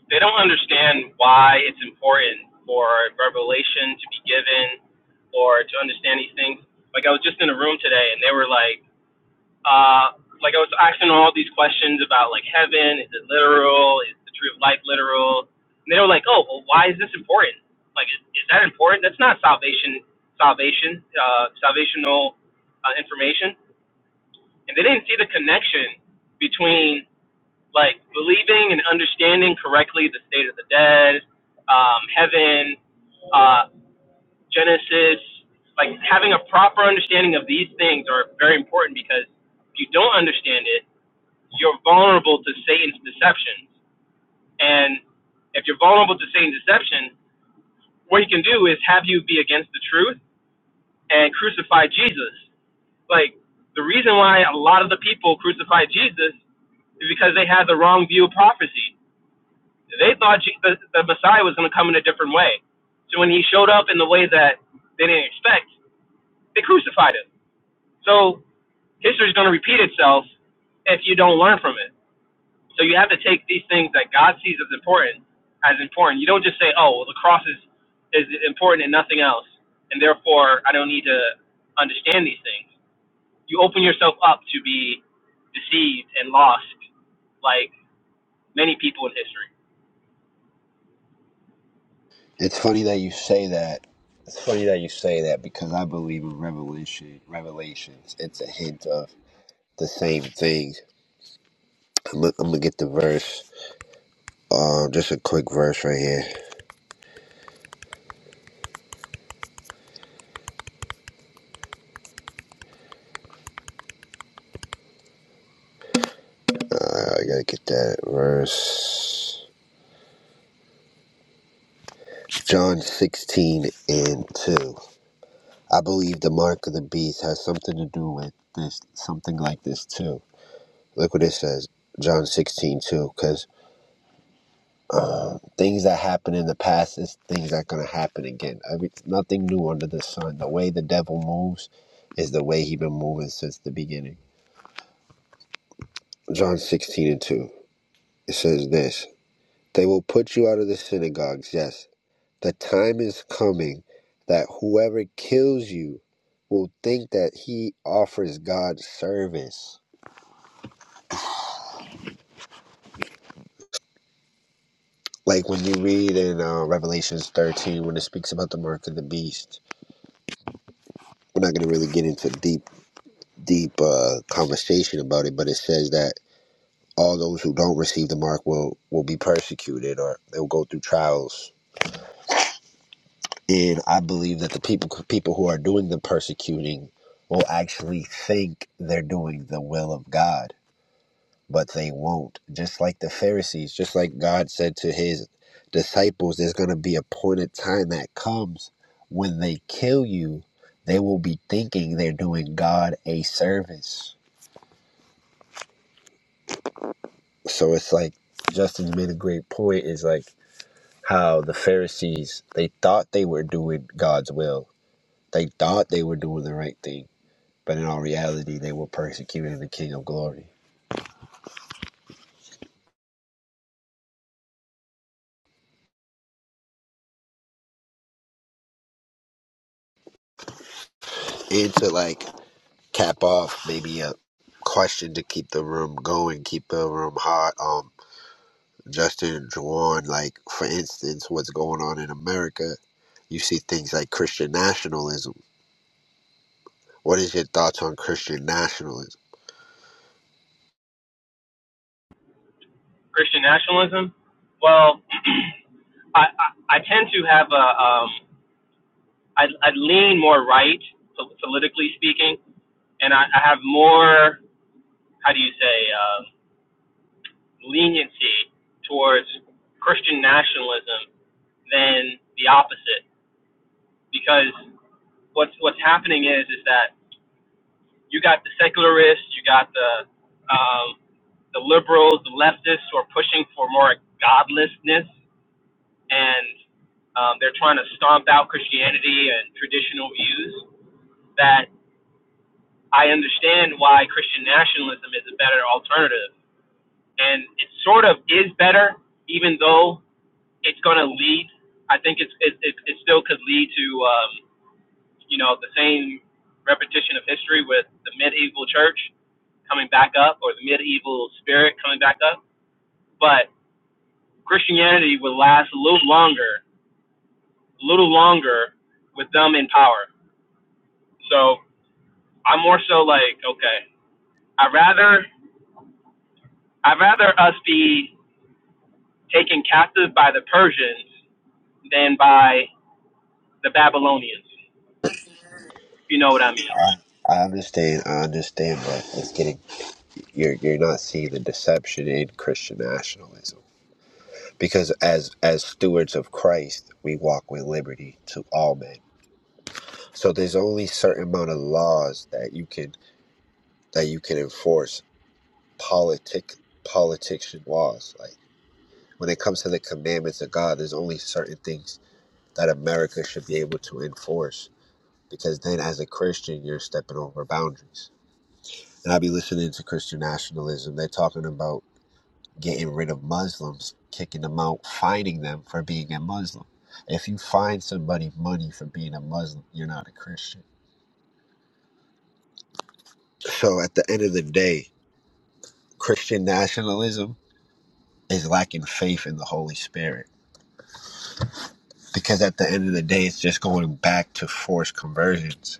C: they don't understand why it's important for revelation to be given or to understand these things. Like I was just in a room today and they were like, Uh, like I was asking all these questions about like heaven, is it literal? Is the tree of life literal? And they were like, oh, well, why is this important? Like, is, is that important? That's not salvation, salvation, uh, salvational uh, information. And they didn't see the connection between like believing and understanding correctly the state of the dead, um, heaven, uh, Genesis. Like having a proper understanding of these things are very important because if you don't understand it you're vulnerable to Satan's deceptions. And if you're vulnerable to Satan's deception, what he can do is have you be against the truth and crucify Jesus. Like, the reason why a lot of the people crucified Jesus is because they had the wrong view of prophecy. They thought Je- the, the Messiah was going to come in a different way. So when he showed up in the way that they didn't expect, they crucified him. So history is going to repeat itself if you don't learn from it. So you have to take these things that God sees as important as important. You don't just say, "Oh, well, the cross is is important and nothing else," and therefore I don't need to understand these things. You open yourself up to be deceived and lost, like many people in history.
H: It's funny that you say that. It's funny that you say that because I believe in revelation. Revelations. It's a hint of the same thing. I'm, gonna- I'm gonna get the verse. Um, just a quick verse right here. Uh, I gotta get that verse. John 16 and 2. I believe the mark of the beast has something to do with this, something like this too Look what it says, John sixteen two. because um, things that happen in the past is things that are going to happen again. I mean, nothing new under the sun. The way the devil moves is the way he been moving since the beginning. John 16 and 2, it says this They will put you out of the synagogues, yes. The time is coming that whoever kills you will think that he offers God service. Like when you read in uh, Revelations 13, when it speaks about the mark of the beast we're not going to really get into deep deep uh, conversation about it, but it says that all those who don't receive the mark will will be persecuted or they will go through trials. And I believe that the people people who are doing the persecuting will actually think they're doing the will of God, but they won't. Just like the Pharisees, just like God said to his disciples, there's going to be a point in time that comes when they kill you. They will be thinking they're doing God a service So it's like Justin made a great point is like how the Pharisees they thought they were doing God's will. They thought they were doing the right thing, but in all reality they were persecuting the King of Glory. And to like cap off maybe a question to keep the room going, keep the room hot. Um Justin and Juwan, like for instance, what's going on in America, you see things like Christian nationalism. What is your thoughts on Christian nationalism?
C: Christian nationalism. Well, I, I I tend to have a um I I lean more right po- politically speaking, and I, I have more how do you say. Um, leniency towards Christian nationalism than the opposite. Because what's what's happening is is that you got the secularists, you got the um, the liberals, the leftists who are pushing for more godlessness, and um, they're trying to stomp out Christianity and traditional views. That I understand why Christian nationalism is a better alternative, and it sort of is better, even though it's going to lead. I think it's it, it, it still could lead to um, you know the same repetition of history with the medieval church coming back up or the medieval spirit coming back up. But Christianity would last a little longer, a little longer with them in power. So I'm more so like, okay, I rather I would rather us be taken captive by the Persians than by the Babylonians. If you know what I mean?
H: I understand, I understand, but it's getting you're you're not seeing the deception in Christian nationalism because as as stewards of Christ we walk with liberty to all men so there's only a certain amount of laws that you can that you can enforce politic politician laws like when it comes to the commandments of God there's only certain things that America should be able to enforce because then as a Christian you're stepping over boundaries and I'll be listening to Christian nationalism they're talking about getting rid of Muslims, kicking them out, fining them for being a Muslim. If you fine somebody money for being a Muslim, you're not a Christian. So at the end of the day, Christian nationalism is lacking faith in the Holy Spirit because at the end of the day, it's just going back to forced conversions.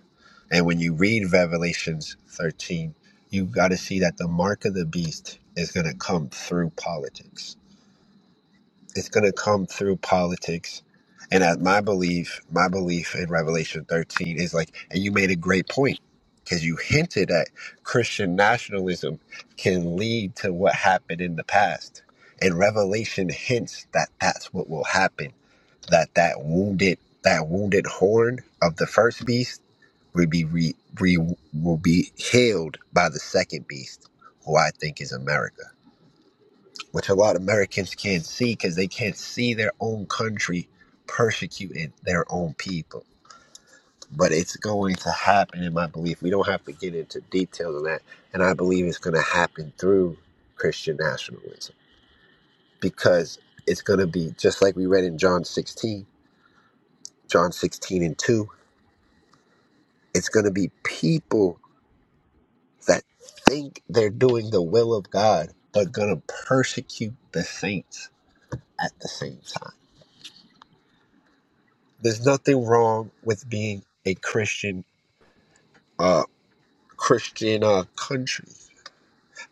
H: And when you read Revelations 13, you got to see that the mark of the beast is going to come through politics It's going to come through politics. And at my belief, my belief in Revelation 13 is like, and you made a great point because you hinted at Christian nationalism can lead to what happened in the past. And Revelation hints that that's what will happen, that that wounded, that wounded horn of the first beast will be re, re, will be healed by the second beast, who I think is America which a lot of Americans can't see because they can't see their own country persecuting their own people. But it's going to happen, in my belief. We don't have to get into details on that. And I believe it's going to happen through Christian nationalism because it's going to be just like we read in John 16, John 16 and 2. It's going to be people that think they're doing the will of God, but going to persecute the saints at the same time There's nothing wrong with being a Christian, uh, Christian uh, country,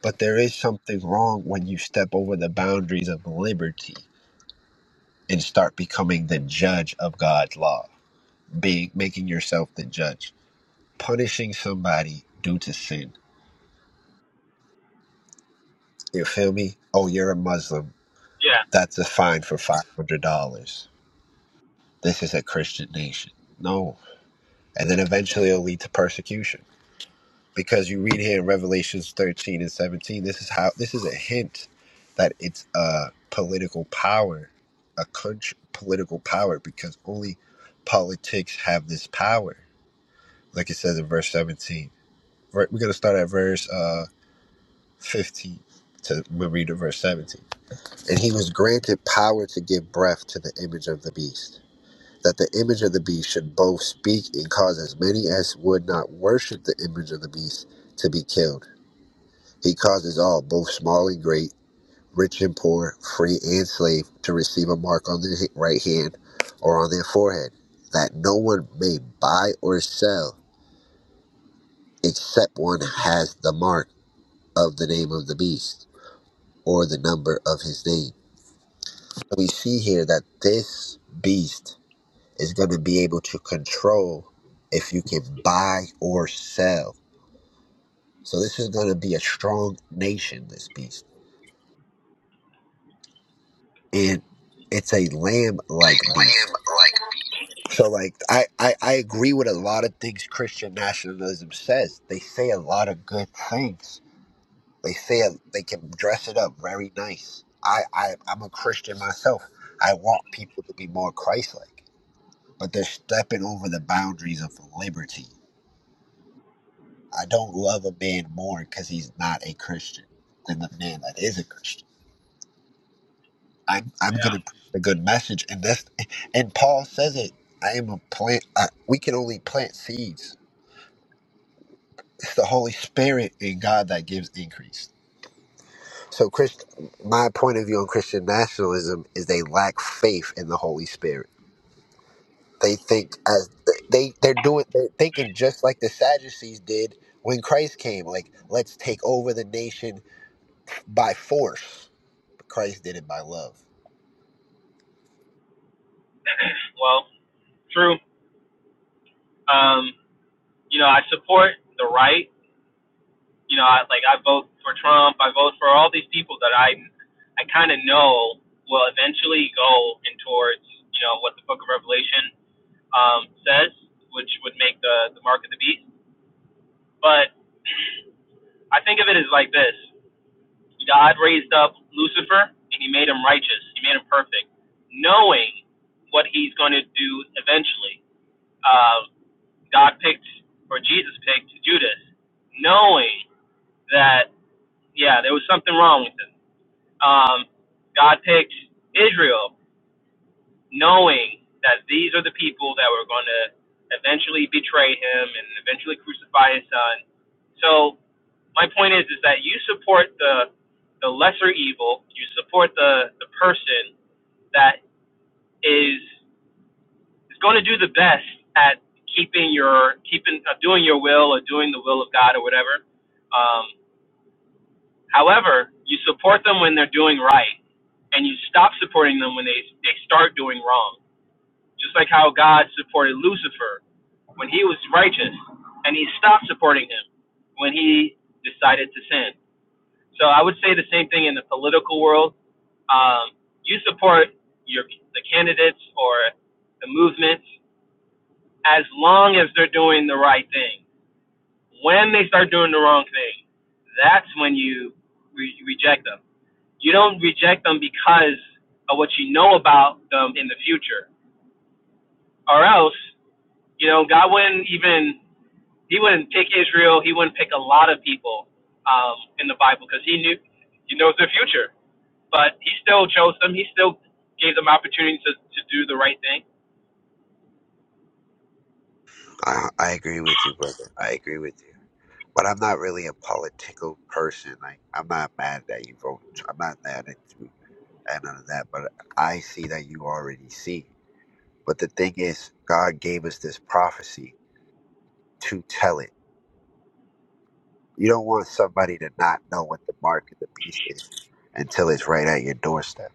H: but there is something wrong when you step over the boundaries of liberty and start becoming the judge of God's law, being making yourself the judge, punishing somebody due to sin. You feel me? Oh, you're a Muslim.
C: Yeah,
H: That's a fine for five hundred dollars. This is a Christian nation. No, and then eventually it'll lead to persecution because you read here in Revelations 13 and 17, this is how this is a hint that it's a political power, a country political power, because only politics have this power. Like it says in verse 17. Ver- We're gonna start at verse uh 15 to we'll read to verse 17. And he was granted power to give breath to the image of the beast. That the image of the beast should both speak and cause as many as would not worship the image of the beast to be killed He causes all, both small and great, rich and poor, free and slave, to receive a mark on their right hand or on their forehead, that no one may buy or sell except one has the mark of the name of the beast or the number of his name. So We see here that this beast is going to be able to control if you can buy or sell. So this is going to be a strong nation, this beast. And it's a lamb like beast So like I, I I agree with a lot of things Christian nationalism says. They say a lot of good things. They say a, they can dress it up very nice. I, I I'm a Christian myself. I want people to be more Christ-like, but they're stepping over the boundaries of liberty. I don't love a man more because he's not a Christian than the man that is a Christian. I'm I'm gonna
C: yeah.
H: preach a good message, and that's and Paul says it. I am a plant. I, we can only plant seeds It's the Holy Spirit in God that gives increase. So, Chris, my point of view on Christian nationalism is they lack faith in the Holy Spirit. They think as they they're doing they're thinking just like the Sadducees did when Christ came, like let's take over the nation by force. But Christ did it by love.
C: Well, True. Um, you know, I support the right. You know, I, like I vote for Trump. I vote for all these people that I, I kind of know will eventually go in towards you know what the Book of Revelation um, says, which would make the the mark of the beast. But I think of it as like this: God raised up Lucifer, and He made him righteous. He made him perfect, knowing what He's going to do eventually. Uh, God picked, or Jesus picked Judas, knowing that yeah, there was something wrong with them. Um, God picked Israel, knowing that these are the people that were going to eventually betray him and eventually crucify his son. So my point is, is that you support the the lesser evil. You support the the person that is is going to do the best at keeping your keeping uh, doing your will or doing the will of God or whatever. Um, However, you support them when they're doing right, and you stop supporting them when they, they start doing wrong. Just like how God supported Lucifer when he was righteous, and he stopped supporting him when he decided to sin. So I would say the same thing in the political world. Um, you support your the candidates or the movements as long as they're doing the right thing. When they start doing the wrong thing, that's when you re- reject them. You don't reject them because of what you know about them in the future, or else, you know, God wouldn't even He wouldn't pick Israel. He wouldn't pick a lot of people um, in the Bible because He knew He knows their future. But He still chose them. He still gave them opportunity to, to do the right thing.
H: I, I agree with you, brother. I agree with you. But I'm not really a political person. Like I'm not mad that you vote. I'm not mad at you and none of that. But I see that you already see. But the thing is, God gave us this prophecy to tell it. You don't want somebody to not know what the mark of the beast is until it's right at your doorstep.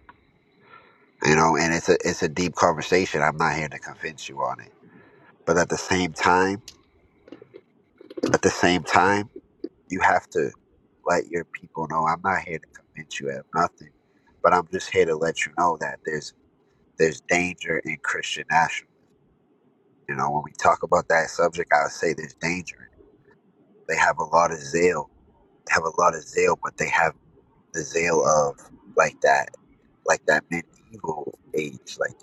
H: You know, and it's a it's a deep conversation. I'm not here to convince you on it. But at the same time, at the same time, you have to let your people know I'm not here to convince you of nothing. But I'm just here to let you know that there's there's danger in Christian nationalism. You know, when we talk about that subject, I would say there's danger in it. They have a lot of zeal have a lot of zeal, but they have the zeal of like that, like that medieval age. Like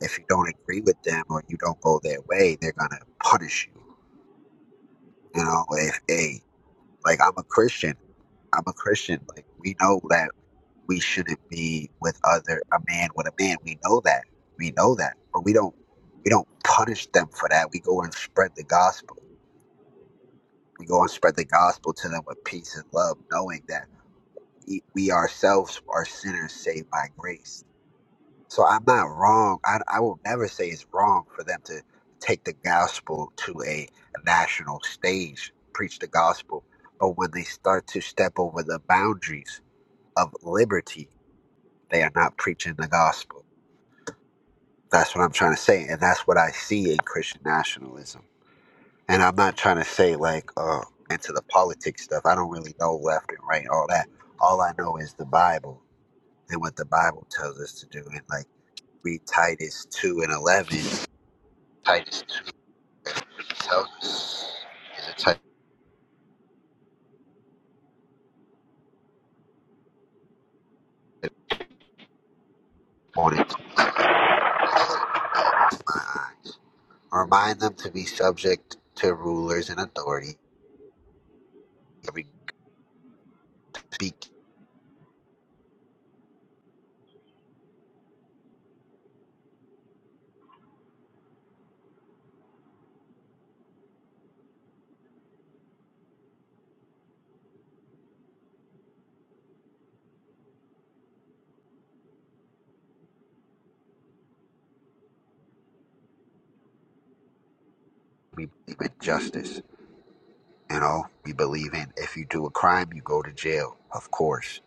H: if you don't agree with them or you don't go their way, they're gonna punish you. You know, if a like I'm a Christian, I'm a Christian. Like we know that we shouldn't be with other a man with a man. We know that. We know that. But we don't we don't punish them for that. We go and spread the gospel. We go and spread the gospel to them with peace and love, knowing that. e- we ourselves are sinners saved by grace. So I'm not wrong. I, I will never say it's wrong for them to take the gospel to a, national stage, preach the gospel. But when they start to step over the boundaries of liberty, they are not preaching the gospel. That's what I'm trying to say. And that's what I see in Christian nationalism. And I'm not trying to say, like, uh, into the politics stuff. I don't really know left and right, all that. All I know is the Bible than what the Bible tells us to do. And like read Titus two and eleven. Titus two tells us is a type morning to my eye. Remind them to be subject to rulers and authority. Every speak we believe in justice. You know, we believe in if you do a crime you go to jail, of course.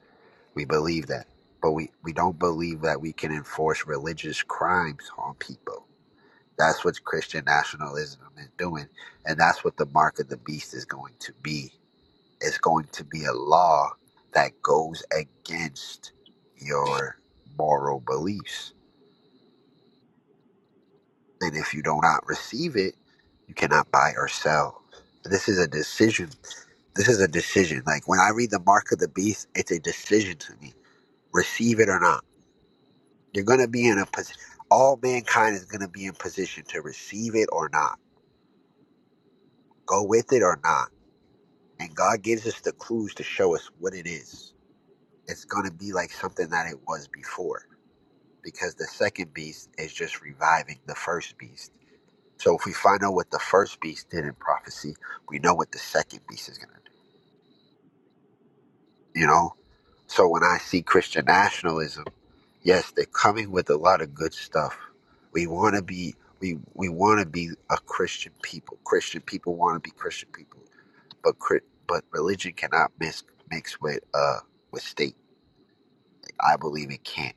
H: We believe that. But we, we don't believe that we can enforce religious crimes on people. That's what Christian nationalism is doing. And that's what the mark of the beast is going to be. It's going to be a law that goes against your moral beliefs. And if you do not receive it, you cannot buy or sell. This is a decision. This is a decision. Like when I read the mark of the beast, it's a decision to me. Receive it or not. You're going to be in a position. All mankind is going to be in position to receive it or not, go with it or not. And God gives us the clues to show us what it is. It's going to be like something that it was before. because the second beast is just reviving the first beast. So if we find out what the first beast did in prophecy, we know what the second beast is going to do. You know? So when I see Christian nationalism, yes, they're coming with a lot of good stuff. We want to be we we want to be a Christian people. Christian people want to be Christian people, but but religion cannot mix mix with uh with state. I believe it can't.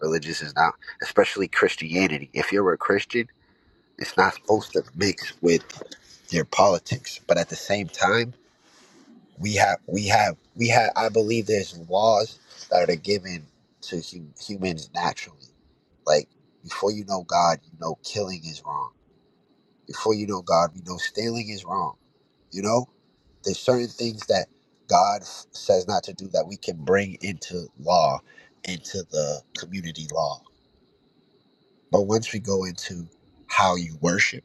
H: Religious is not, especially Christianity. If you're a Christian It's not supposed to mix with their politics. But at the same time, we have we have we have. I believe there's laws that are given to hum, humans naturally. Like before you know God, you know killing is wrong. Before you know God, we know stealing is wrong. You know, there's certain things that God f- says not to do that we can bring into law, into the community law. But once we go into how you worship,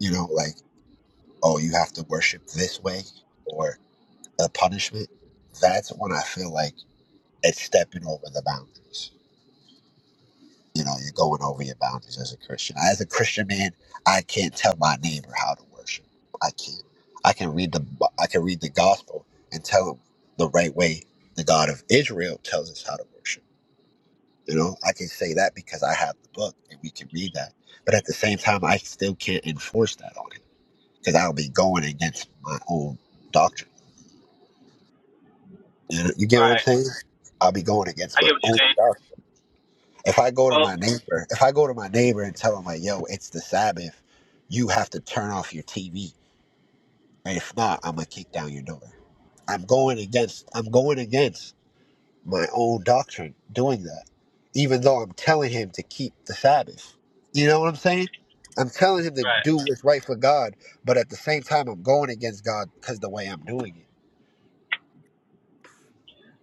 H: you know, like. oh, you have to worship this way or a punishment, that's when I feel like it's stepping over the boundaries. You know, you're going over your boundaries as a Christian. As a Christian man, I can't tell my neighbor how to worship. I can't. I can read the I can read the gospel and tell him the right way the God of Israel tells us how to worship. You know, I can say that because I have the book and we can read that. But at the same time, I still can't enforce that on him because I'll be going against my own doctrine You you get what I'm
C: Right.
H: saying? I'll be going against
C: I
H: my
C: get what
H: own
C: you're saying.
H: stuff. If I go to
C: Well,
H: my neighbor, if I go to my neighbor and tell him like, "Yo, it's the Sabbath, you have to turn off your TV, and if not, I'm gonna kick down your door." I'm going against. I'm going against my own doctrine doing that, even though I'm telling him to keep the Sabbath. You know what I'm saying? I'm telling him to
C: right.
H: do what's right for God, but at the same time, I'm going against God because the way I'm doing it.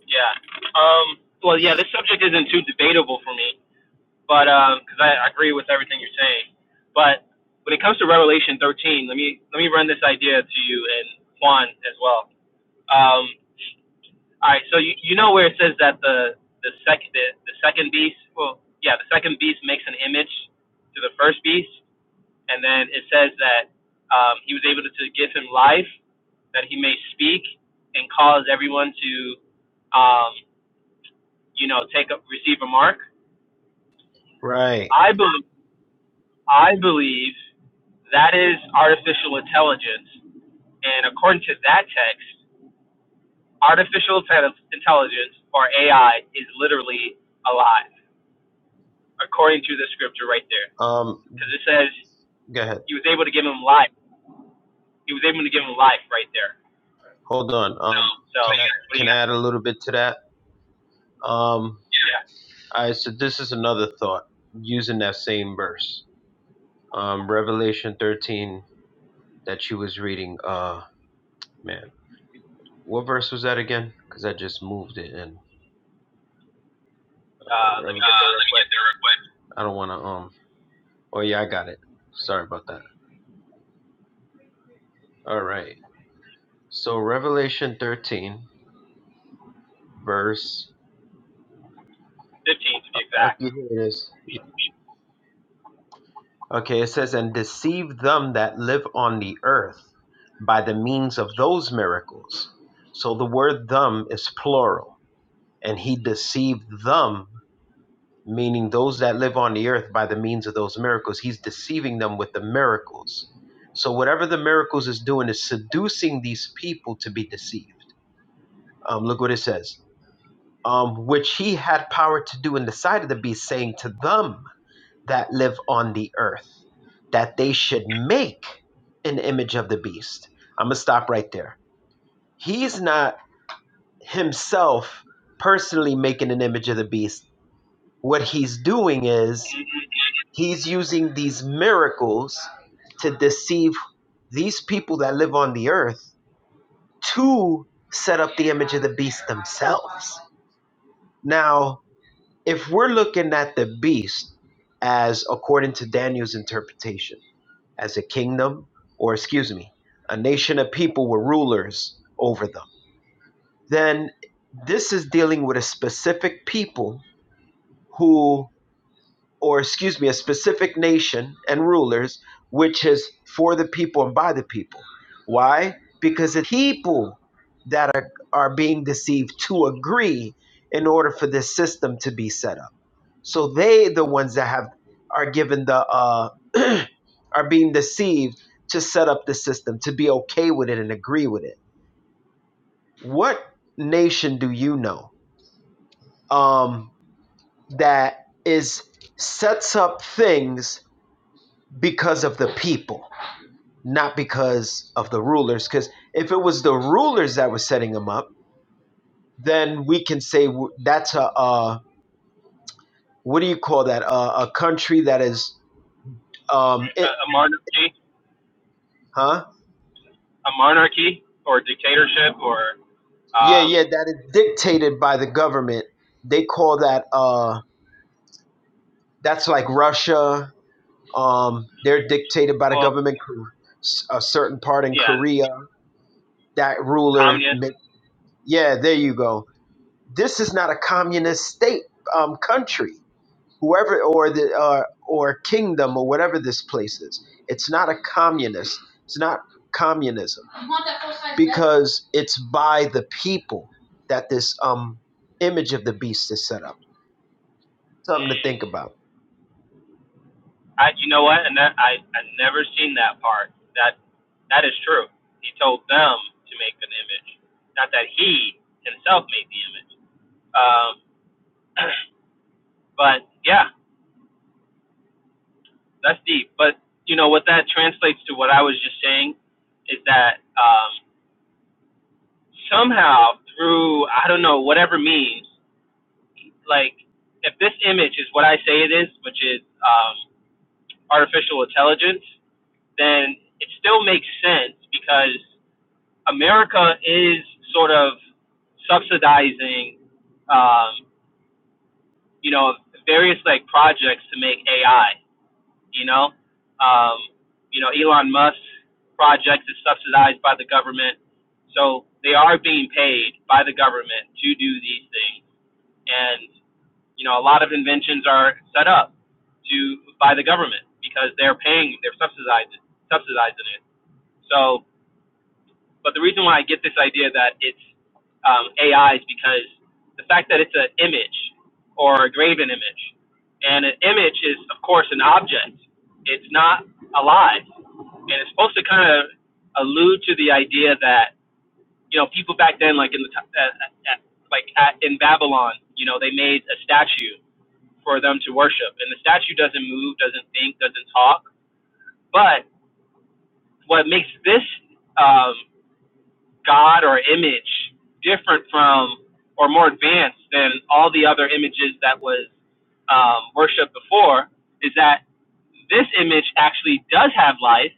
C: Yeah. Um. Well, yeah. This subject isn't too debatable for me. but because I, I agree with everything you're saying. But when it comes to Revelation 13, let me let me run this idea to you and Juan as well. Um, all right, so you, you know where it says that the the second the, the second beast, well, yeah, the second beast makes an image to the first beast, and then it says that um, he was able to, to give him life, that he may speak and cause everyone to, um, you know, take a, receive a mark.
B: Right.
C: I believe. I believe that is artificial intelligence. And according to that text, artificial inte- intelligence or AI is literally alive, according to the scripture right there.
B: Um.
C: Because it says
B: Go ahead.
C: he was able to give him life. He was able to give him life right there.
B: Hold on. Um. Can
C: So,
B: I
C: what do you
B: can I
C: got?
B: add a little bit to that? Um.
C: Yeah,
B: I so this is another thought using that same verse. Um. Revelation thirteen that you was reading. Uh. Man. What verse was that again? Because I just moved it in. Uh,
C: uh, let me
B: Revelation.
C: get there real quick.
B: I don't want to. Um. Oh yeah, I got it. Sorry about that. All right. So Revelation 13, verse.
C: 15 to be
B: Okay,
C: exact.
B: here it is. Yeah. Okay, it says, "And deceive them that live on the earth by the means of those miracles." So the word "them" is plural, and he deceived them meaning those that live on the earth by the means of those miracles. He's deceiving them with the miracles. So, whatever the miracles is doing is seducing these people to be deceived. Um, look what it says, um, which he had power to do in the sight of the beast, saying to them that live on the earth, that they should make an image of the beast. I'm going to stop right there. He's not himself personally making an image of the beast. What he's doing is He's using these miracles to deceive these people that live on the earth to set up the image of the beast themselves. Now, if we're looking at the beast as according to Daniel's interpretation, as a kingdom, or excuse me, a nation of people with rulers over them, then this is dealing with a specific people who or excuse me, a specific nation and rulers, which is for the people and by the people. Why? Because the people that are, are being deceived to agree in order for this system to be set up. So they the ones that have are given the uh are being deceived to set up the system, to be okay with it and agree with it. What nation do you know um that is sets up things because of the people, not because of the rulers. Because if it was the rulers that were setting them up, then we can say w- that's a uh, what do you call that? Uh, a country that is um, it,
C: A, a monarchy,
B: huh?
C: a monarchy or dictatorship or,
B: Yeah,
C: um,
B: yeah, that is dictated by the government. They call that uh, that's like Russia. Um, they're dictated by the
C: well,
B: government. Kor- s- A certain part in
C: yeah,
B: Korea, that ruler.
C: communist
B: ma- Yeah, there you go. This is not a communist state um, country whoever or the uh, or kingdom or whatever this place is it's not a communist it's not communism because it's by the people that this um image of the beast is set up something to think about
C: I, you know what? And that I, I never seen that part. That, that is true. He told them to make an image, not that he himself made the image. Um, but yeah, that's deep. But you know what that translates to? What I was just saying is that um, somehow through I don't know whatever means, like if this image is what I say it is, which is um, artificial intelligence, then it still makes sense because America is sort of subsidizing, um, you know, various like projects to make AI. You know, um, you know, Elon Musk project is subsidized by the government, so they are being paid by the government to do these things. And you know, a lot of inventions are set up to by the government because they're paying, they're subsidizing, subsidizing it. So But the reason why I get this idea that it's um, AI is because the fact that it's an image or a graven image, and an image is of course an object. It's not alive, and it's supposed to kind of allude to the idea that you know people back then, like in the t- uh, uh, uh, like at, in Babylon, you know they made a statue for them to worship, and the statue doesn't move, doesn't think, doesn't talk. But what makes this um, God or image different from or more advanced than all the other images that was um, worshipped before is that this image actually does have life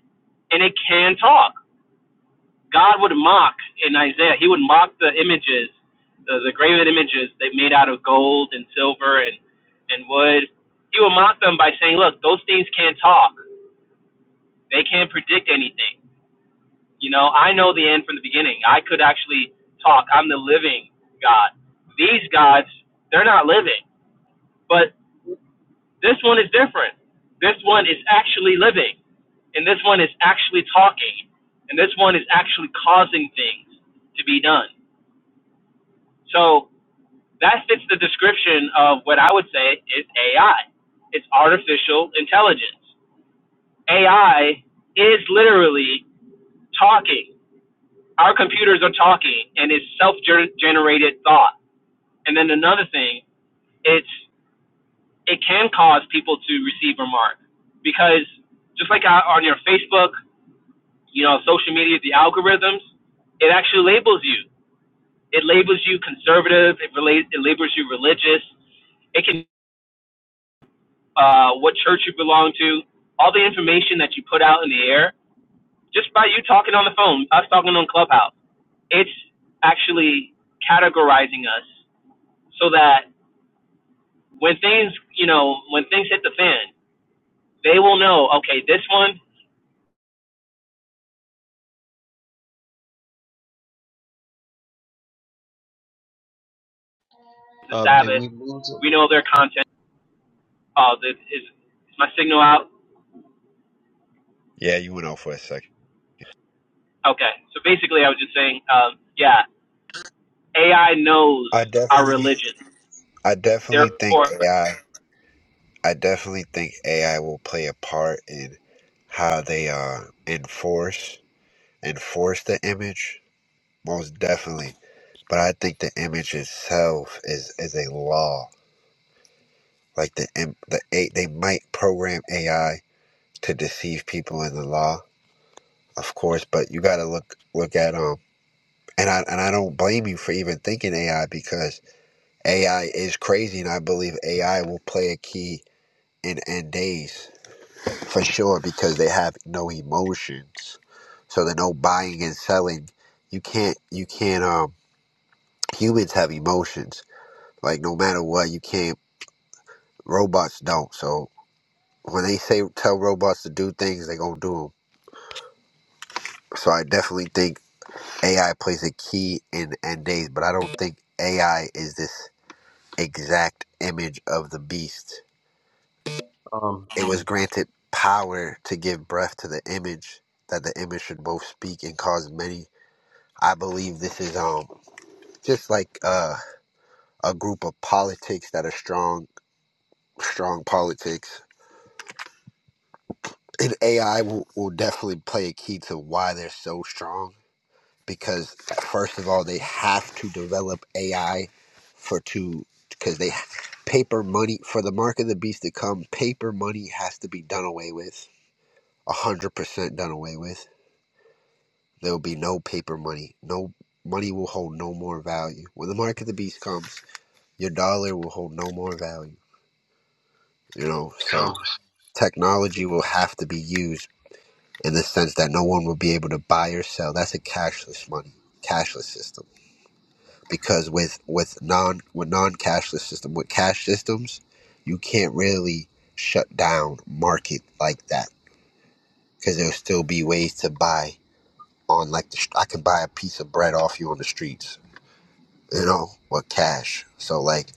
C: and it can talk. God would mock in Isaiah, he would mock the images, the, the graven images they made out of gold and silver and, and wood. He would mock them by saying, Look, those things can't talk, they can't predict anything. You know, I know the end from the beginning. I could actually talk. I'm the living God. These gods, they're not living. But this one is different. This one is actually living. And this one is actually talking. And this one is actually causing things to be done. So that fits the description of what I would say is AI. It's artificial intelligence. AI is literally talking our computers are talking and it's self-generated thought. And then another thing, it's it can cause people to receive remarks because just like on on your Facebook, you know, social media, the algorithms, it actually labels you. It labels you conservative. It relates. It labels you religious. It can uh, what church you belong to. All the information that you put out in the air, just by you talking on the phone, us talking on Clubhouse, it's actually categorizing us so that when things, you know, when things hit the fan, they will know. Okay, this one is the
B: uh do-
C: Sabbath. We know their content. Oh, this is is my signal out?
H: Yeah, you went off for a second.
C: Okay. So basically, I was just saying, um, yeah, AI knows
H: I
C: our
H: definitely
C: religion.
H: I definitely think
C: Therefore,
H: AI. I I definitely think AI will play a part in how they uh enforce enforce the image. Most definitely, but I think the image itself is is a law. Like the im- the a, they might program AI to deceive people in the law, of course. But you got to look look at um and I and I don't blame you for even thinking AI because AI is crazy, and I believe AI will play a key in end days. for sure because they have no emotions so they're no buying and selling you can't you can't um humans have emotions like no matter what you can't robots don't so when they say tell robots to do things they gonna do them so i definitely think ai plays a key in end days but i don't think ai is this exact image of the beast
B: um
H: it was granted power to give breath to the image that the image should both speak and cause many I believe this is um just like uh, a group of politics that are strong, strong politics. And AI will, will definitely play a key to why they're so strong because first of all, they have to develop AI for to because they paper money for the mark of the beast to come. Paper money has to be done away with, a hundred percent done away with. There will be no paper money. No money will hold no more value when the mark of the beast comes. Your dollar will hold no more value. You know, so
B: um
H: technology will have to be used in the sense that no one will be able to buy or sell. That's a cashless money, cashless system. Because with with non with non cashless system, with cash systems, you can't really shut down market like that. Because there'll still be ways to buy on like the str- I can buy a piece of bread off you on the streets, you know, with cash. So like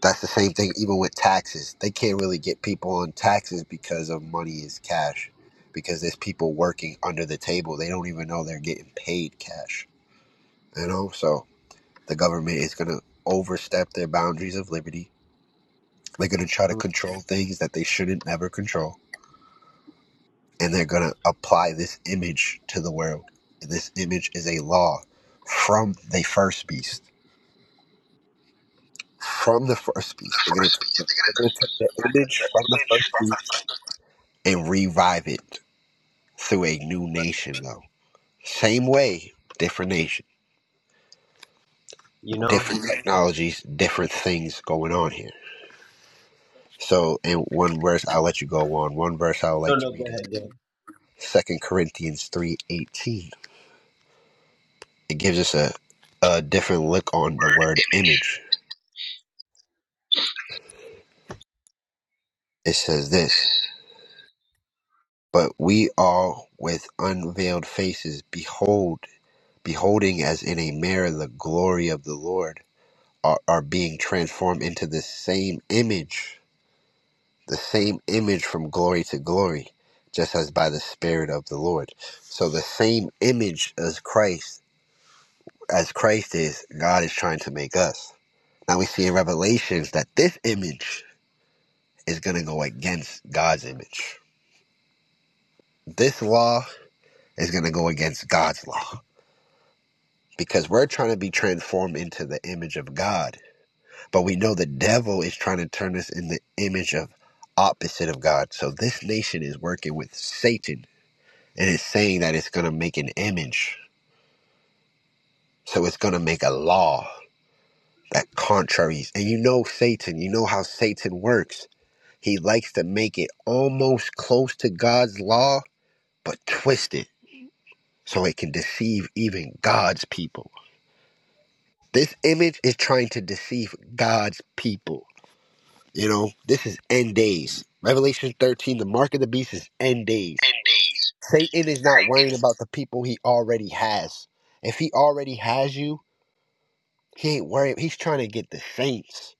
H: That's the same thing even with taxes. They can't really get people on taxes because of money is cash. Because there's people working under the table. They don't even know they're getting paid cash. You know? So the government is gonna overstep their boundaries of liberty. They're gonna try to control things that they shouldn't never control. And they're gonna apply this image to the world. This image is a law from the first beast. From the first beast. They're gonna take the, they're gonna take the image from the first beast and revive it through a new nation though. Same way, different nation,
B: you know
H: different technologies, different things going on here. So in one verse I'll let you go on. One verse I would
B: no
H: like to
B: no go
H: read is
B: ahead go ahead.
H: Second Corinthians three eighteen. It gives us a, a different look on the word image. It says this But we all with unveiled faces behold beholding as in a mirror the glory of the Lord are, are being transformed into the same image the same image from glory to glory, just as by the Spirit of the Lord. So the same image as Christ, as Christ is, God is trying to make us. Now we see in Revelations that this image is going to go against God's image. This law is going to go against God's law because we're trying to be transformed into the image of God, but we know the devil is trying to turn us in the image of opposite of God. So this nation is working with Satan and it's saying that it's going to make an image so it's going to make a law that contraries and you know satan you know how satan works he likes to make it almost close to god's law but twist it so it can deceive even god's people this image is trying to deceive god's people you know this is end days revelation 13 the mark of the beast is end days satan is not worrying about the people he already has if he already has you He ain't worried. He's trying to get the saints.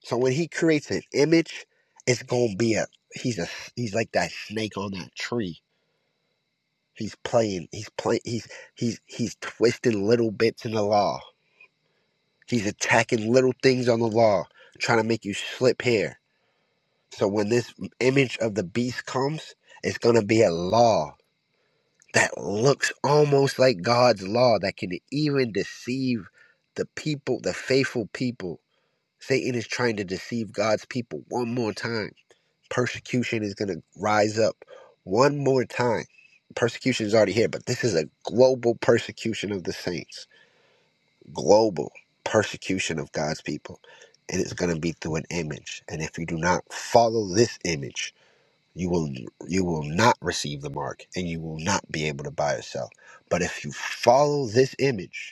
H: So when he creates an image, it's gonna be a he's a he's like that snake on that tree. He's playing. He's playing. He's he's he's twisting little bits in the law. He's attacking little things on the law, trying to make you slip here. So when this image of the beast comes, it's gonna be a law that looks almost like God's law that can even deceive the people, the faithful people Satan is trying to deceive God's people one more time. Persecution is going to rise up one more time. Persecution is already here, but this is a global persecution of the saints, global persecution of God's people. And it's going to be through an image. And if you do not follow this image, you will you will not receive the mark and you will not be able to buy or sell. But if you follow this image,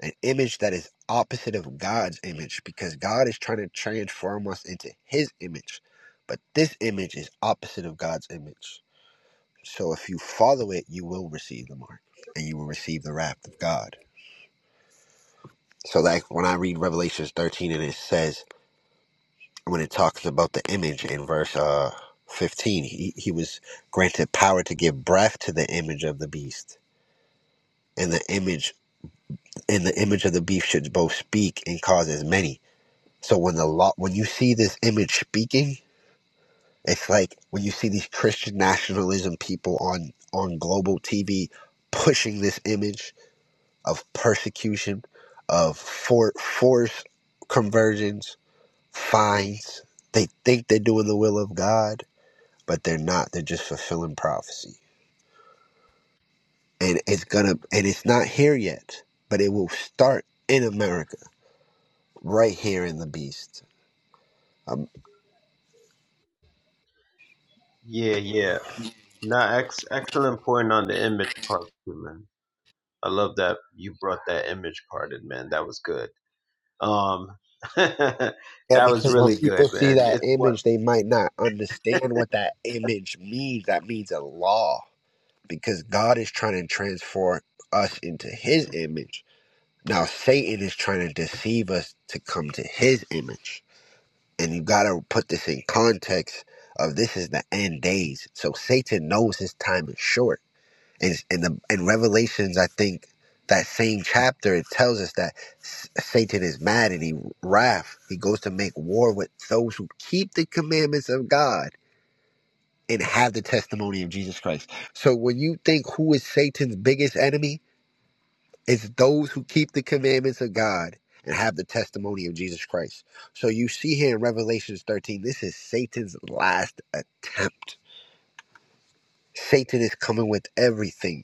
H: an image that is opposite of God's image because God is trying to transform us into his image. But this image is opposite of God's image. So if you follow it, you will receive the mark and you will receive the wrath of God. So like when I read Revelations 13 and it says when it talks about the image in verse uh 15, he, he was granted power to give breath to the image of the beast. And the image and the image of the beast should both speak and cause as many. So when the law, when you see this image speaking, it's like when you see these Christian nationalism people on on global TV pushing this image of persecution, of for force conversions, fines. They think they're doing the will of God, but they're not. They're just fulfilling prophecy, and it's gonna and it's not here yet, but it will start in America, right here in the beast.
B: yeah yeah no ex- excellent point on the image part too man i love that you brought that image part in man that was good um that
H: Yeah,
B: was
H: because when
B: really
H: people
B: good
H: see
B: man
H: that
B: it's what
H: image, they might not understand what that image means. That means a law, because God is trying to transform us into His image. Now, Satan is trying to deceive us to come to His image. And you got to put this in context of this is the end days. So Satan knows his time is short. And in, the, in Revelations, I think that same chapter it tells us that S- Satan is mad and he wrath. He goes to make war with those who keep the commandments of God and have the testimony of Jesus Christ. So when you think who is Satan's biggest enemy, it's those who keep the commandments of God and have the testimony of Jesus Christ. So you see here in Revelations 13, this is Satan's last attempt. Satan is coming with everything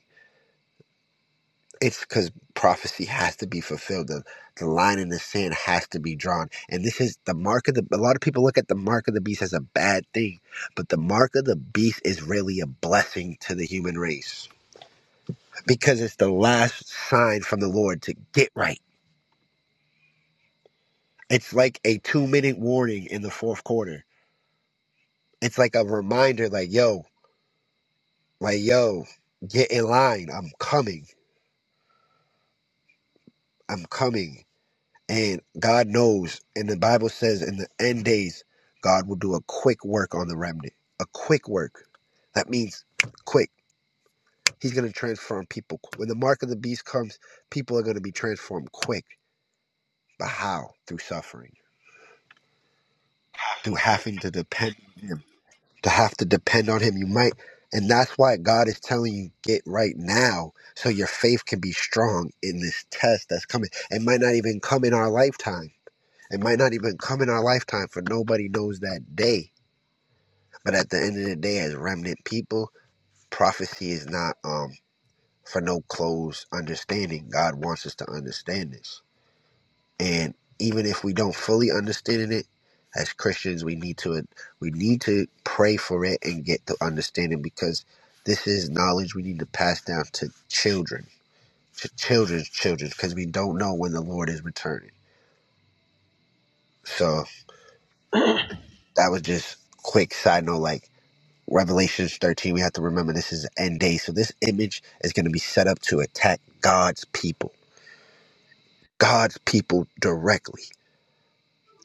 H: It's because prophecy has to be fulfilled. The, the line in the sand has to be drawn. And this is the mark of the. A lot of people look at the mark of the beast as a bad thing, but the mark of the beast is really a blessing to the human race because it's the last sign from the Lord to get right. It's like a two minute warning in the fourth quarter. It's like a reminder, like, yo, like, yo, get in line. I'm coming. I'm coming And God knows, and the Bible says in the end days, God will do a quick work on the remnant. A quick work. That means quick. He's going to transform people. When the mark of the beast comes, people are going to be transformed quick. But how? Through suffering, through having to depend on Him. To have to depend on Him. You might, and that's why God is telling you get right now so your faith can be strong in this test that's coming. It might not even come in our lifetime It might not even come in our lifetime, for nobody knows that day. But at the end of the day, as remnant people, prophecy is not um for no closed understanding. God wants us to understand this, and even if we don't fully understand it, as Christians, we need to we need to pray for it and get to understanding because this is knowledge we need to pass down to children, to children's children, because we don't know when the Lord is returning. So that was just quick side note, like Revelations 13, we have to remember this is the end day. So this image is going to be set up to attack God's people, God's people directly.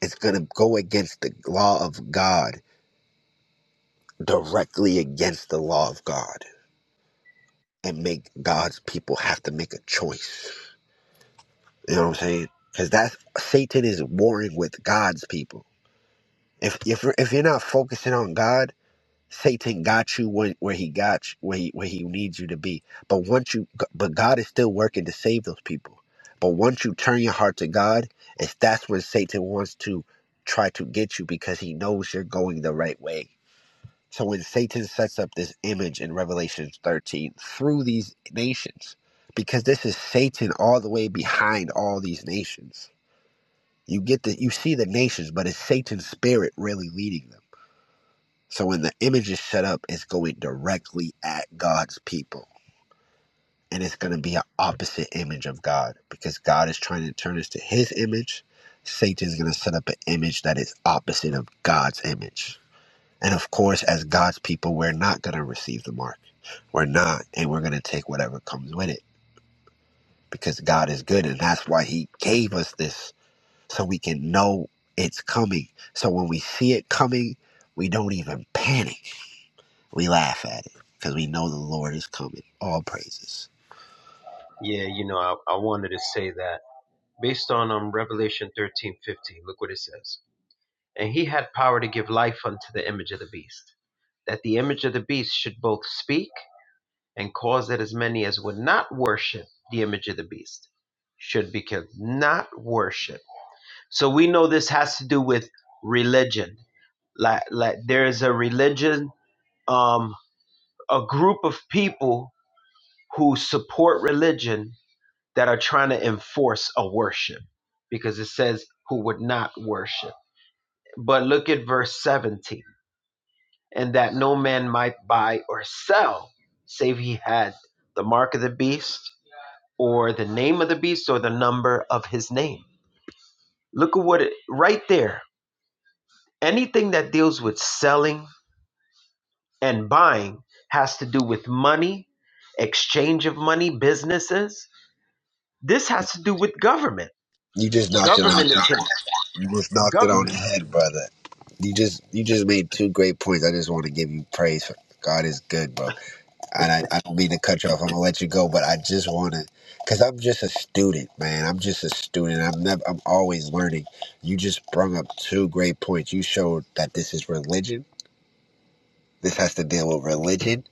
H: It's going to go against the law of God, directly against the law of God, and make God's people have to make a choice. You know what I'm saying? Because that's Satan is warring with God's people. If, if, you're- if you're not focusing on God, Satan got you when, where he got you, where he where he needs you to be. But once you, but God is still working to save those people. But once you turn your heart to God, it's that's when Satan wants to try to get you because he knows you're going the right way. So when Satan sets up this image in Revelation 13 through these nations, because this is Satan all the way behind all these nations. You get the you see the nations, but it's Satan's spirit really leading them so when the image is set up, it's going directly at God's people. And it's going to be an opposite image of God because God is trying to turn us to his image. Satan is going to set up an image that is opposite of God's image. And of course, as God's people, we're not going to receive the mark. We're not. And we're going to take whatever comes with it because God is good. And that's why he gave us this so we can know it's coming. So when we see it coming, we don't even panic We laugh at it because we know the Lord is coming. All praises.
B: Yeah, you know, I, I wanted to say that based on um, Revelation thirteen fifteen. look what it says. And he had power to give life unto the image of the beast, that the image of the beast should both speak and cause that as many as would not worship the image of the beast should be killed. Not worship. So we know this has to do with religion. Like, like there is a religion, um, a group of people who support religion that are trying to enforce a worship because it says who would not worship. But look at verse 17 and that no man might buy or sell save he had the mark of the beast or the name of the beast or the number of his name. Look at what it right there. Anything that deals with selling and buying has to do with money, exchange of money, businesses. This has to do with government.
H: You just knocked it on
B: Government
H: the head.
B: is
H: You just knocked it on
B: government.
H: the head, brother. You just you just made two great points. I just want to give you praise for God is good, bro. And I, I don't mean to cut you off. I'm gonna let you go, but I just want to, cause I'm just a student, man. I'm just a student. I'm never. I'm always learning. You just brung up two great points. You showed that this is religion. This has to deal with religion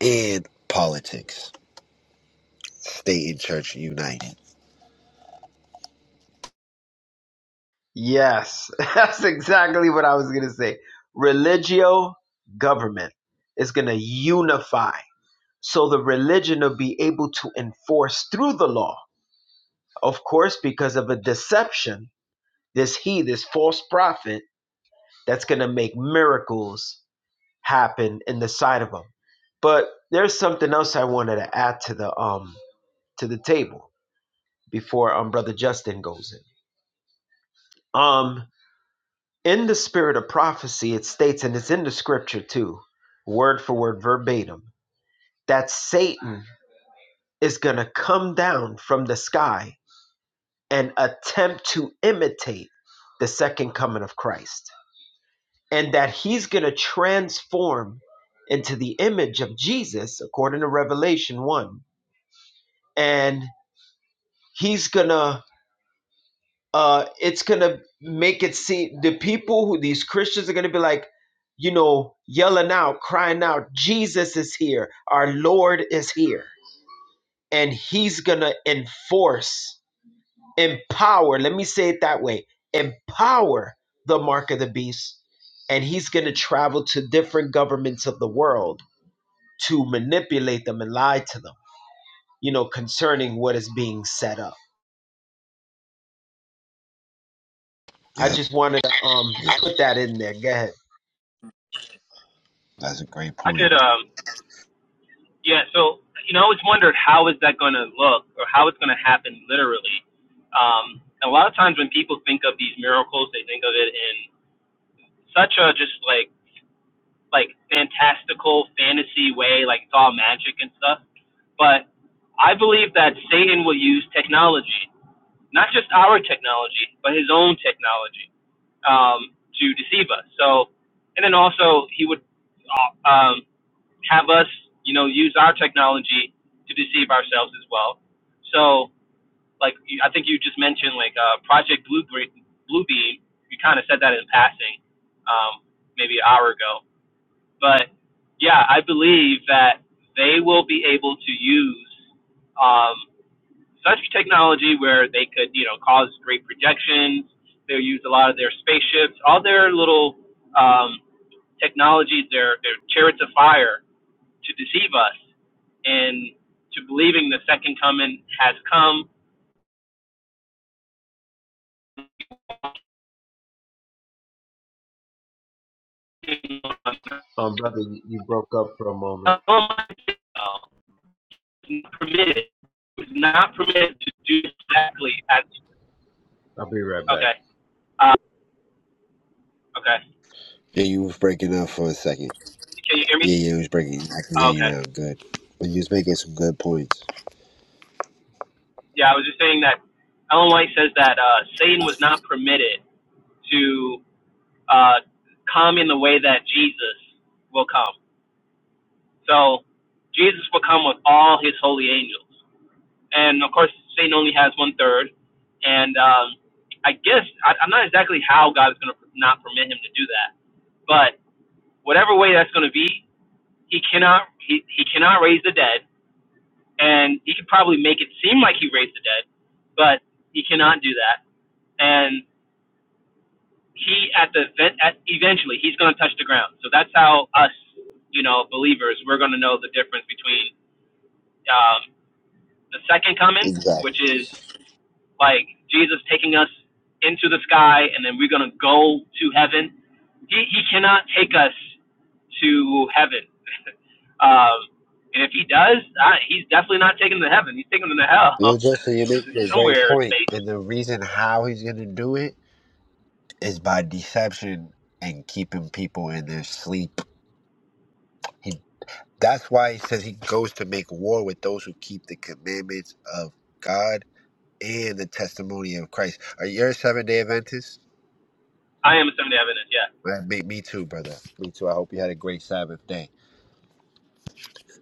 H: and politics. State and church united.
B: Yes, that's exactly what I was going to say. Religio government is going to unify. So the religion will be able to enforce through the law. Of course, because of a deception, this he, this false prophet, that's going to make miracles happen in the sight of them. But there's something else I wanted to add to the um to the table before um brother Justin goes in. Um in the spirit of prophecy, it states, and it's in the scripture too, word for word, verbatim, that Satan is going to come down from the sky and attempt to imitate the second coming of Christ. And that he's going to transform into the image of Jesus, according to Revelation 1. And he's going to uh, it's gonna make it seem the people who these Christians are gonna be like, you know, yelling out, crying out, Jesus is here, our Lord is here, and He's gonna enforce, empower. Let me say it that way: empower the mark of the beast, and He's gonna travel to different governments of the world to manipulate them and lie to them, you know, concerning what is being set up. I
H: Yeah.
B: just wanted to um
H: Yeah,
B: put that in there. Go ahead.
H: that's a great
C: I
H: point.
C: could, um, yeah. So you know, I always wondered how is that going to look or how it's going to happen literally. Um, a lot of times when people think of these miracles, they think of it in such a just like like fantastical fantasy way, like it's all magic and stuff. But I believe that Satan will use technology, not just our technology, but his own technology, um, to deceive us. So, and then also he would uh, um, have us, you know, use our technology to deceive ourselves as well. So, like you- I think you just mentioned, like uh, Project Blue Bluebeam, you kind of said that in passing, um, maybe an hour ago but yeah, I believe that they will be able to use um, such technology where they could, you know, cause great projections. They'll use a lot of their spaceships, all their little um, technologies, their their chariots of fire, to deceive us and to believing the second coming has come. It's
B: Um, brother, you you broke up for a moment.
C: not permitted. It's not permitted to do exactly as
B: I'll be right back.
C: okay. Uh, Okay.
H: Yeah, you was breaking up for a second.
C: Can you hear me?
H: Yeah, yeah, you was breaking. I can hear
C: Oh,
H: you
C: okay.
H: now. Good. But you was making some good points.
C: Yeah, I was just saying that Ellen White says that uh, Satan was not permitted to uh, come in the way that Jesus will come. So Jesus will come with all his holy angels. And of course, Satan only has one third. And um, I guess, I, I'm not exactly how God is going to not permit him to do that. But whatever way that's going to be, he cannot, he, he cannot raise the dead and he could probably make it seem like he raised the dead, but he cannot do that. And he at the event at eventually he's going to touch the ground. So that's how us, you know, believers, we're going to know the difference between um, the second coming, which
H: Exactly.
C: is like Jesus taking us into the sky and then we're going to go to heaven. He, he cannot take us to heaven. um, and if he does, I, he's definitely not taking them to heaven. He's taking them to hell
H: Yeah, Justin, you're making a great
C: somewhere in
H: point.
C: space.
H: And the reason how he's going to do it is by deception and keeping people in their sleep. He, that's why he says he goes to make war with those who keep the commandments of God and the testimony of Christ. Are you a seven day Adventist?
C: I am a Seventh-day Adventist, yeah.
H: Right, Me, me too, brother. Me too. I hope you had a great Sabbath day.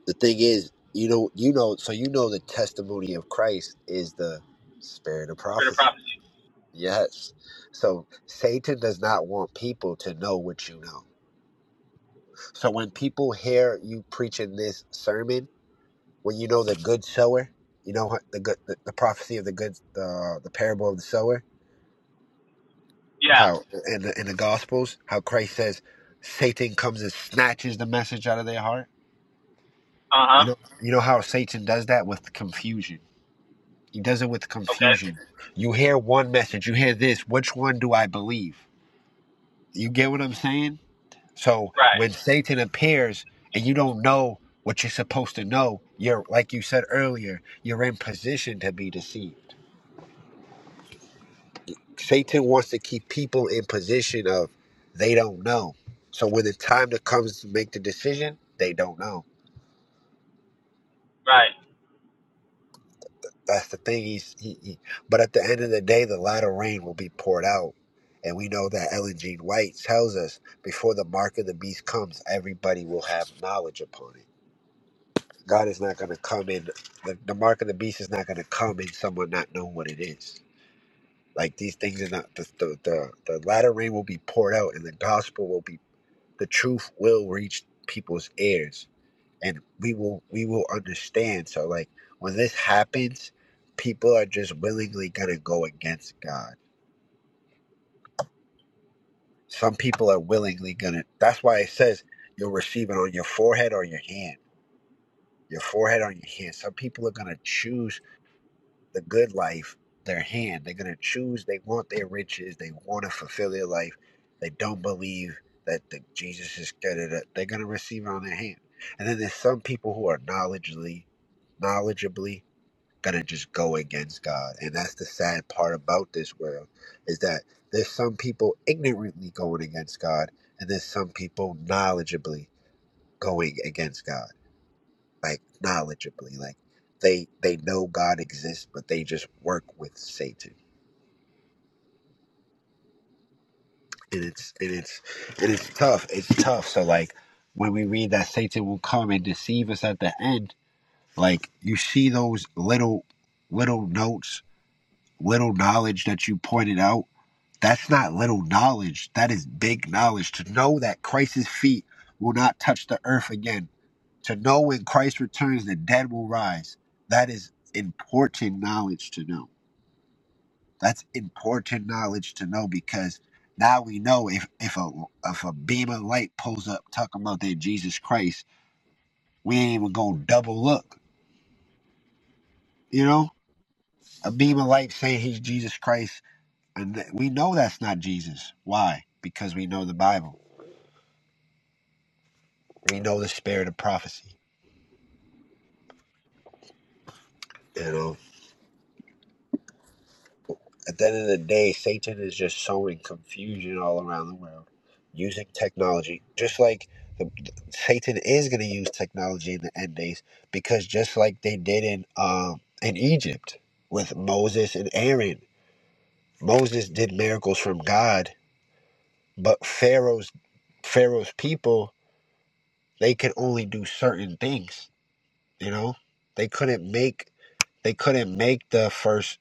H: the thing is, you know, you know, so you know, the testimony of Christ is the spirit of
C: Spirit of
H: prophecy.
C: prophecy.
H: Yes. So Satan does not want people to know what you know. So when people hear you preaching this sermon, when you know the good sower, you know what- the good, the, the prophecy of the good, the the parable of the sower,
C: Yeah.
H: how in the in the Gospels, how Christ says Satan comes and snatches the message out of their heart.
C: Uh-huh.
H: You know, you know how Satan does that with confusion He does it with
C: Okay.
H: confusion. You hear one message, you hear this. Which one do I believe? You get what I'm saying? So
C: Right.
H: when Satan appears and you don't know what you're supposed to know, you're, like you said earlier, you're in position to be deceived. Satan wants to keep people in position of they don't know. So when the time that comes to make the decision, they don't know.
C: Right.
H: That's the thing. He's, he, he, but at the end of the day, the latter rain will be poured out. And we know that Ellen G. White tells us before the mark of the beast comes, everybody will have knowledge upon it. God is not going to come in, the, the mark of the beast is not going to come in someone not knowing what it is. Like these things are not, the, the, the, the latter rain will be poured out and the gospel will be, the truth will reach people's ears and we will we will understand so like when this happens people are just willingly gonna go against god some people are willingly gonna that's why it says you'll receive it on your forehead or your hand your forehead on your hand some people are gonna choose the good life their hand they're gonna choose they want their riches they want to fulfill their life they don't believe that the, jesus is gonna they're gonna receive it on their hand and then there's some people who are knowledgeably knowledgeably gonna just go against God. And that's the sad part about this world is that there's some people ignorantly going against God and there's some people knowledgeably going against God. Like knowledgeably. Like they they know God exists but they just work with Satan. And it's and it's and it's tough. It's tough. So like when we read that Satan will come and deceive us at the end, like you see those little little notes, little knowledge that you pointed out That's not little knowledge. That is big knowledge. To know that Christ's feet will not touch the earth again. To know when Christ returns, the dead will rise. That is important knowledge to know. That's important knowledge to know because now we know if, if a if a beam of light pulls up talking about that Jesus Christ, we ain't even gonna double look. You know? A beam of light saying he's Jesus Christ, and th- we know that's not Jesus. Why? Because we know the Bible We know the spirit of prophecy. You know, at the end of the day, Satan is just sowing confusion all around the world using technology. Just like the, Satan is going to use technology in the end days, because just like they did in um, in Egypt with Moses and Aaron, Moses did miracles from God, but Pharaoh's Pharaoh's people they could only do certain things. You know, they couldn't make they couldn't make the first.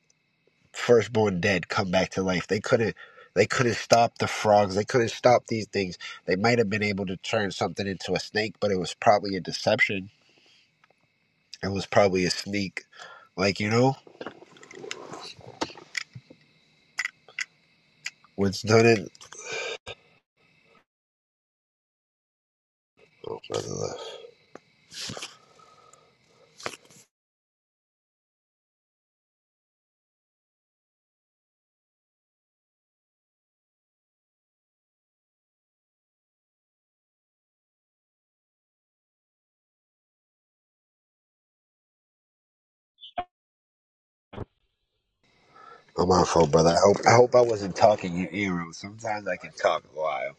H: firstborn dead come back to life. They couldn't they couldn't stop the frogs. They couldn't stop these things. They might have been able to turn something into a snake, but it was probably a deception. It was probably a sneak. Like, you know, what's done in I'm on phone, brother. I hope I hope I wasn't talking your ear out. Sometimes I can talk a while.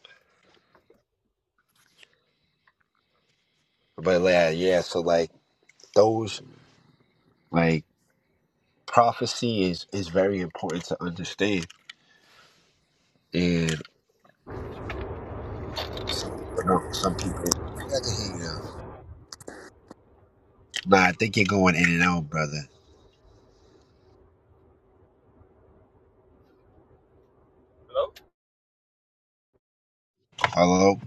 H: But yeah, yeah, so like those like prophecy is is very important to understand. And some people don't some people I think I can hear you now. Nah, I think you're going in and out, brother. Hello.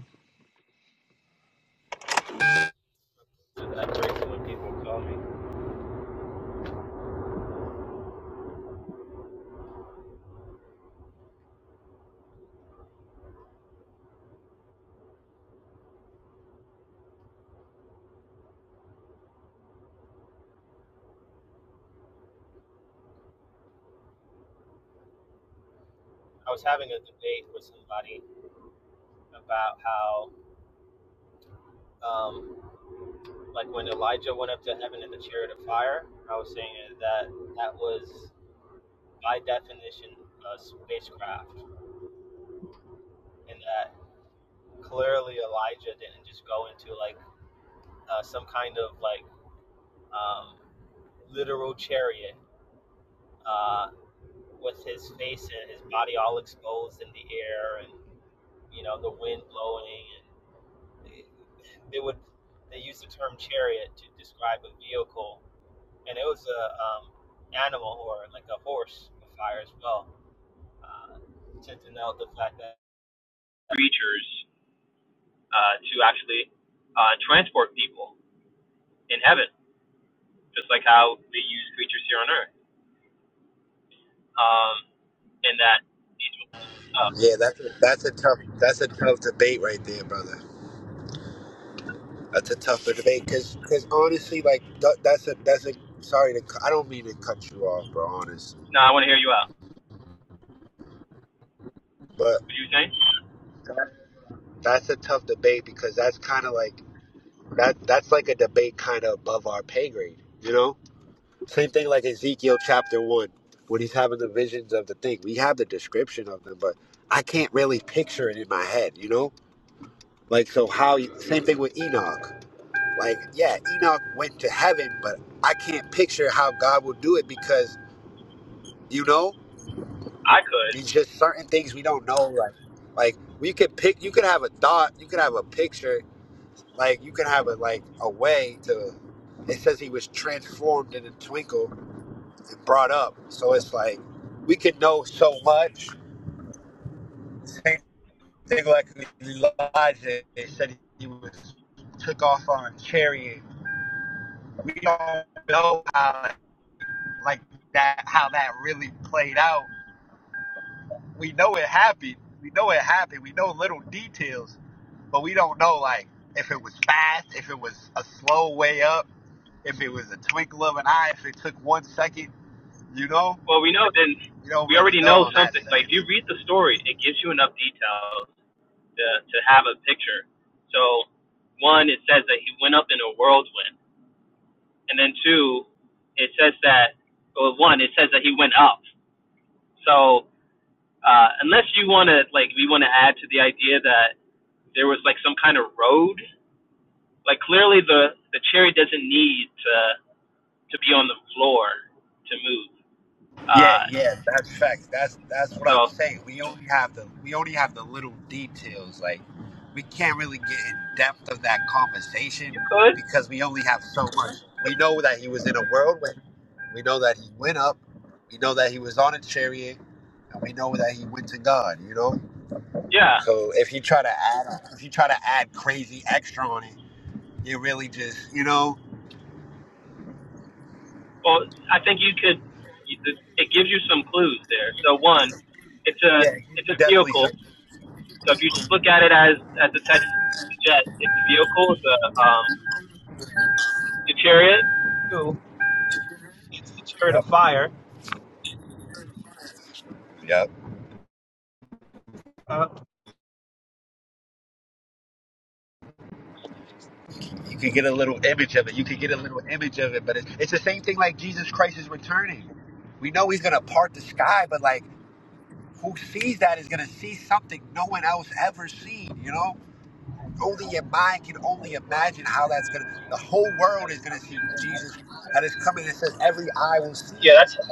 C: I was having a debate with somebody about how, um, like when Elijah went up to heaven in the chariot of fire, I was saying that that was by definition, a spacecraft, and that clearly Elijah didn't just go into like uh, some kind of like um, literal chariot uh, with his face and his body all exposed in the air, and you know the wind blowing, and it- they would they use the term chariot to describe a vehicle, and it was a um, animal or like a horse of fire as well uh, to denote the fact that creatures uh, to actually uh, transport people in heaven, just like how they use creatures here on earth. Um, and that angels. Uh,
H: Yeah, that's a, that's a tough that's a tough debate right there, brother. That's a tougher debate because honestly, like tha- that's a that's a sorry to cu- I don't mean to cut you off, bro. Honest,
C: now I want to hear you out.
H: but
C: What are you saying?
H: that- that's a tough debate because that's kind of like that that's like a debate kind of above our pay grade, you know. Same thing like Ezekiel chapter one when he's having the visions of the thing. We have the description of them, but I can't really picture it in my head, you know. Like so, how? you- Same thing with Enoch. Like, yeah, Enoch went to heaven, but I can't picture how God will do it because you know,
C: I could.
H: it's just certain things we don't know. Like, like we could pick, you could have a thought, you could have a picture, like you could have a like a way to. It says he was transformed in a twinkle and brought up. So it's like we could know so much. Same thing like Elijah. They said he was took off on a chariot. We don't know how like that how that really played out. We know it happened. We know it happened. We know little details, but we don't know like if it was fast, if it was a slow way up, if it was a twinkle of an eye, if it took one second, you know?
C: Well, we know then.
H: We don't
C: We
H: really
C: already
H: know
C: know
H: on that
C: something.
H: sense.
C: Like if you read the story, it gives you enough details to to have a picture. So, one, it says that he went up in a whirlwind, and then two, it says that. Well, one, it says that he went up. So Uh, unless you want to like, we want to add to the idea that there was like some kind of road. Like clearly the the cherry doesn't need to to be on the floor to move.
H: Yeah,
C: Uh,
H: yeah, that's facts. That's that's what
C: so
H: I'm saying. We only have the we only have the little details. Like we can't really get in depth of that conversation
C: you could,
H: because we only have so much. We know that he was in a whirlwind. We know that he went up. We know that he was on a chariot, and we know that he went to God. You know.
C: yeah.
H: So if you try to add if you try to add crazy extra on it, you really just you know
C: Well, I think you could. It gives you some clues there. So one, it's a
H: yeah,
C: it's
H: you
C: a
H: definitely some.
C: vehicle. So if you look at it as as the text suggests, it's a vehicle. It's a um, it's a chariot. Two, it's a chariot of
H: Yep.
C: fire.
H: Yep.
C: Uh,
H: You could get a little image of it. You could get a little image of it, but it's, it's the same thing like Jesus Christ is returning. We know he's going to part the sky, but like who sees that is going to see something no one else ever seen, you know? Only your mind can only imagine how that's going to, the whole world is going to see Jesus that is coming. It says every eye will see.
C: Yeah, that's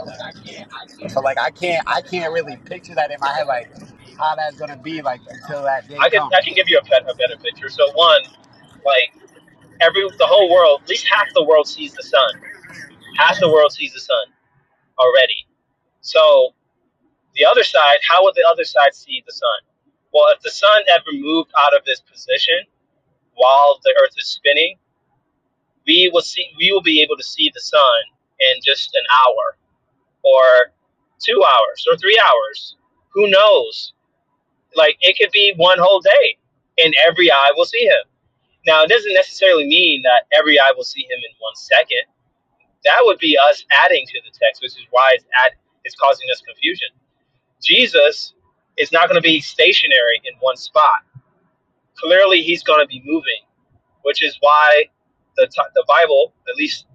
H: So like I can't, I can't really picture that in my head, like how that's going to be like until that day
C: I can
H: comes.
C: I can give you a, bet, a better picture. So one, like every the whole world, at least half the world sees the sun. Half the world sees the sun already. So the other side, how would the other side see the sun? Well, if the sun ever moved out of this position while the Earth is spinning, we will see we will be able to see the sun in just an hour or two hours or three hours. Who knows? Like it could be one whole day, and every eye will see him. Now it doesn't necessarily that every eye will see him in one second. That would be us adding to that. It's, add, it's causing us confusion. Jesus is not going to be stationary in one spot. Clearly, he's going to be moving, which is why the, t- the Bible, at least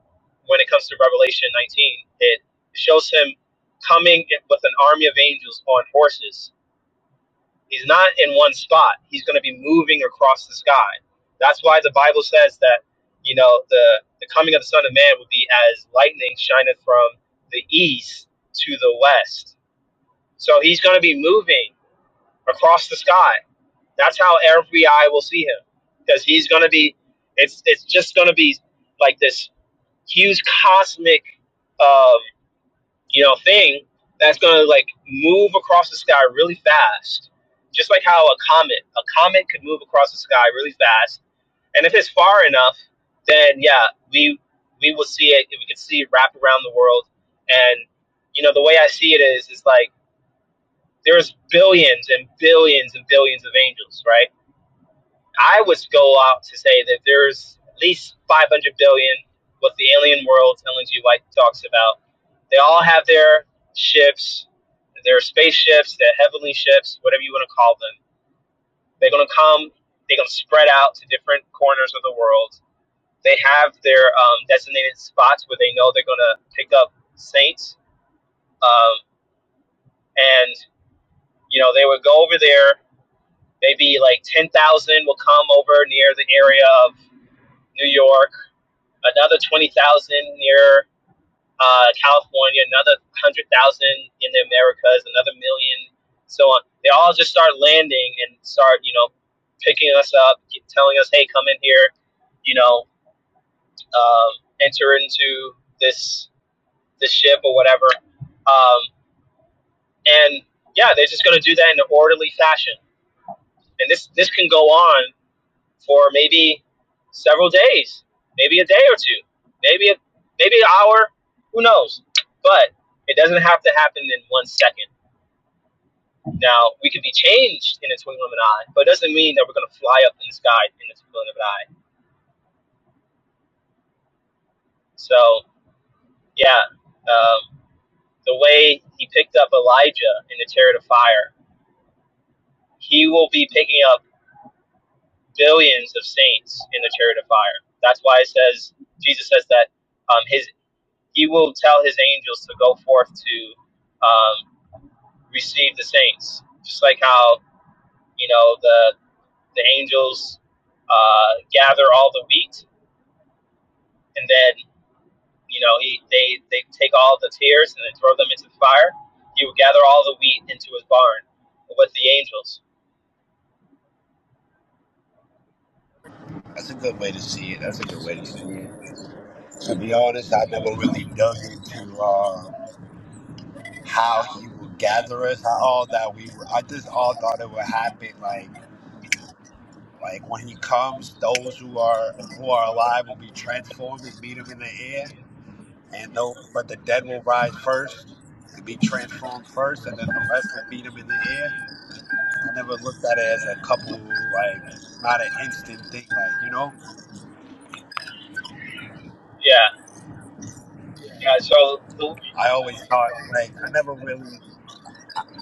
C: when it comes to Revelation 19, it shows him coming with an army of angels on horses He's not in one spot. He's going to be moving across the sky. That's why the Bible says that, you know, the, the coming of the Son of Man will be as lightning shineth from the east to the west. So he's going to be moving across the sky. That's how every eye will see him because he's going to be, it's, it's just going to be like this huge cosmic uh, you know, thing that's gonna like move across the sky really fast, just like how a comet, a comet could move across the sky really fast. And if it's far enough, then yeah, we we will see it. We can see it wrap around the world. And you know, the way I see it is, is like there's billions and billions and billions of angels, right? I would go out to say that there's at least 500 billion what the alien worlds, LNG White talks about they all have their ships, their space ships, their heavenly ships, whatever you want to call them. They're going to come, they're going to spread out to different corners of the world. They have their um, designated spots where they're going to pick up saints. Um, and, you know, they would go over there. Maybe like 10,000 will come over near the area of New York, another 20,000 near, uh, another in the Americas, another million, so on. They all just start landing and start, you know, picking us up, telling us, "Hey, come in here," you know, um, enter into this this ship or whatever. Um, and yeah, they're just going to do that in an orderly fashion. And this this can go on for maybe several days, maybe a day or two, maybe a, maybe an hour, who knows? But it doesn't have to happen in one second. Now, we can be changed in a twinkling of an eye, but it doesn't mean that we're going to fly up in the sky in a twinkling of an eye. So, yeah, um, the way he picked up Elijah in the chariot of fire, he will be picking up billions of saints in the chariot of fire. That's why it says, Jesus says that um, his he will tell his angels to go forth to um, receive the saints, just like how, you know, the, the angels uh, gather all the wheat and then You know, he they they take all the tears and then throw them into the fire. He would gather all the wheat into his barn with the angels.
H: That's a good way to see it. That's a good way to see it. To be honest, I never really dug into uh, how he would gather us. How all that we were, I just all thought it would happen. Like, like when he comes, those who are who are alive will be transformed and meet him in the air, and no, but the dead will rise first and be transformed first, and then the rest will meet him in the air. I never looked at it as a couple, like not an instant thing. Like you know,
C: Yeah, yeah. So the,
H: I always thought like I never really,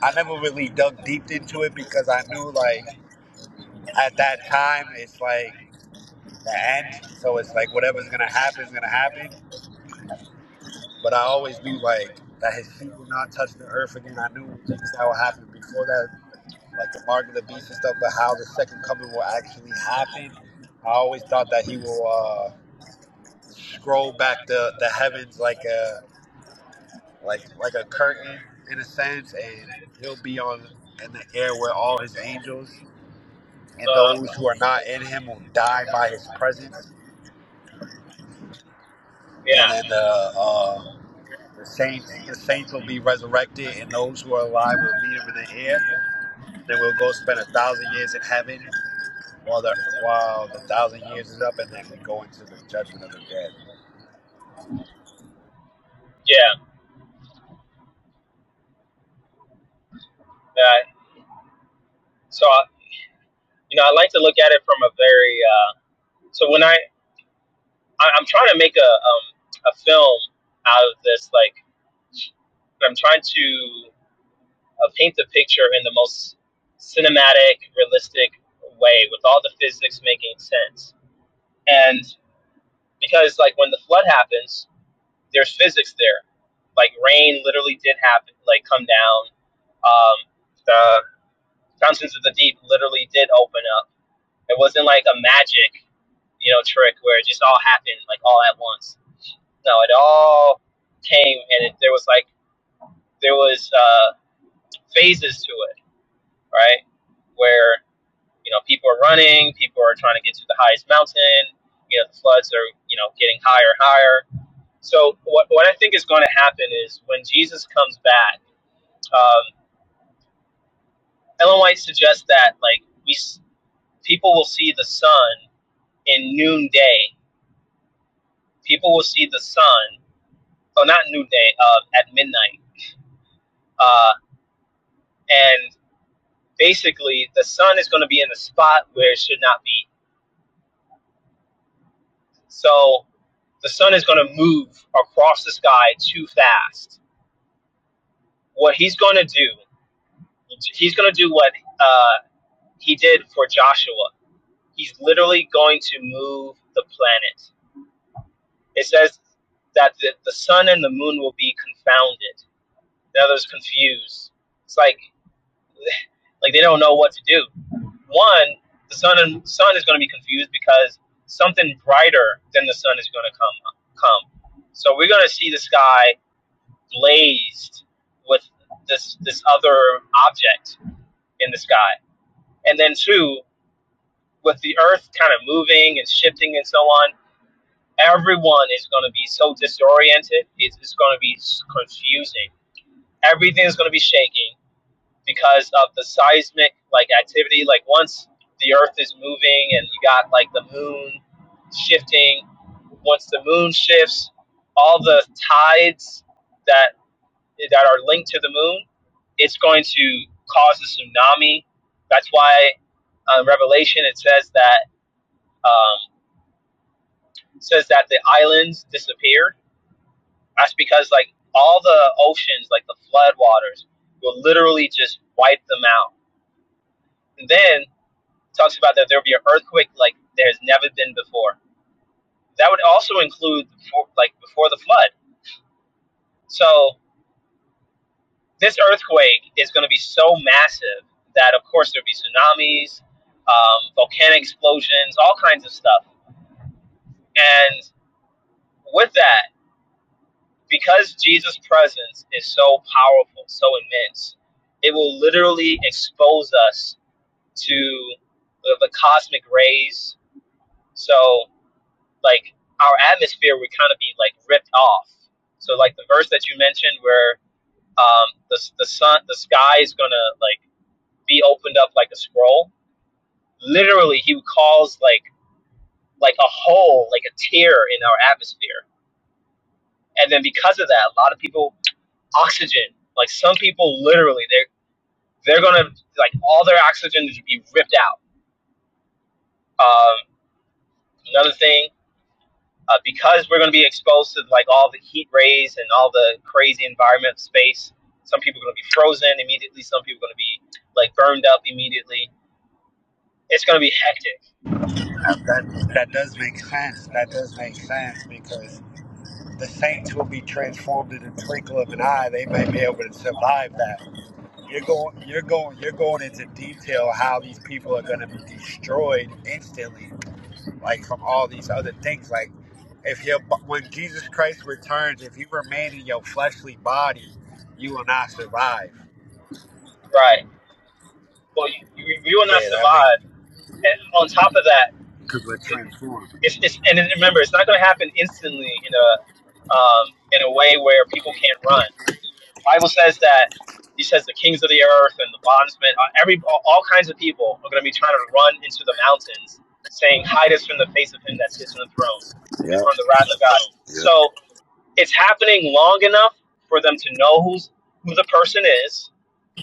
H: I never really dug deep into it because I knew like at that time it's like the end so it's like whatever's gonna happen is gonna happen but i always knew like that his feet will not touch the earth again i knew things that would happen before that like the mark of the beast and stuff but how the second coming will actually happen i always thought that he will uh scroll back the the heavens like a like like a curtain in a sense and he'll be on in the air with all his angels and those who are not in him will die by his presence and then the uh, the saints the saints will be resurrected, and those who are alive will meet him in the air. Then we'll go spend a thousand years in heaven while the while the thousand years is up, and then we go into the judgment of the dead.
C: yeah, that, so I, you know, I like to look at it from a very. Uh, so when I, I I'm trying to make a um, a film out of this, like I'm trying to. uh, paint the picture in the most cinematic, realistic way with all the physics making sense. And because like when the flood happens, there's physics there. Like rain literally did happen, like come down. Um, the fountains of the deep literally did open up. It wasn't like a magic, you know, trick where it just all happened like all at once. No, it all came and it, there was like there was uh, phases to it, right? Where You know, people are running, people are trying to get to the highest mountain. You know, the floods are, you know, getting higher and higher. So, what, what I think is going to happen is when Jesus comes back, um, Ellen White suggests that, like, we people will see the sun in noonday. People will see the sun, oh, not noonday, uh, at midnight. Uh, and basically, the sun is going to be in the spot where it should not be. So, the sun is going to move across the sky too fast what he's going to do, he's going to do what uh, he did for Joshua. He's literally going to move the planet. It says that the, the sun and the moon will be confounded. The others confused. It's like like they don't know what to do. One, the sun and sun is going to be confused because something brighter than the sun is going to come come. So we're going to see the sky blazed with this this other object in the sky. And then two, with the earth kind of moving and shifting and so on, everyone is going to be so disoriented. It's, going to be confusing. Everything is going to be shaking because of the seismic like activity. Like once the earth is moving and you got like the moon shifting, once the moon shifts, all the tides that that are linked to the moon, it's going to cause a tsunami. That's why uh, Revelation it says that um, says that the islands disappeared. That's because like all the oceans, like the floodwaters, will literally just wipe them out. And then it talks about that there'll be an earthquake like there's never been before. That would also include before, like before the flood. This is uh, stuff because it was our atmosphere would kind of be like ripped off. So like the verse that you mentioned where um, the the sun the sky is gonna like be opened up like a scroll. Literally, he would cause like like a hole, like a tear in our atmosphere. And then because of that, a lot of people oxygen. Like some people literally they're they're gonna like all their oxygen is be ripped out. Um, another thing, uh, because we're gonna be exposed to like all the heat rays and all the crazy environment space. Some people are gonna be frozen immediately. Some people are gonna be like burned up immediately. It's gonna be hectic.
H: Now, that that does make sense. That does make sense because the saints will be transformed in the twinkle of an eye. They may be able to survive that. You're going, you're going, you're going into detail how these people are going to be destroyed instantly like from all these other things. Like if you when Jesus Christ returns, if you remain in your fleshly body, you will not survive.
C: Right. well, you, you, will not
H: Yeah, that makes
C: survive. And on top of that,
H: because we're transformed.
C: it's, it's and remember, it's not going to happen instantly in a um, in a way where people can't run. The Bible says that he says the kings of the earth and the bondsmen, uh, every all all kinds of people are going to be trying to run into the mountains, saying, "Hide us from the face of him that sits on the throne and
H: Yep,
C: from the wrath of God."
H: yep,
C: So it's happening long enough for them to know who's who the person is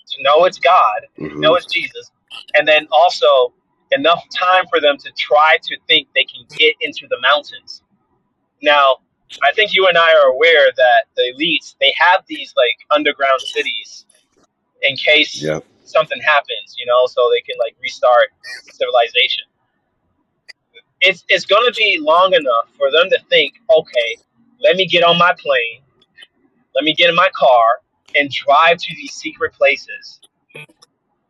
C: to know it's God,
H: hmm
C: know it's Jesus, and then also enough time for them to try to think they can get into the mountains. Now, I think you and I are aware that the elites they have these like underground cities in case
H: yep.
C: something happens, you know, so they can like restart civilization. It's it's going to be long enough for them to think, okay, let me get on my plane, let me get in my car and drive to these secret places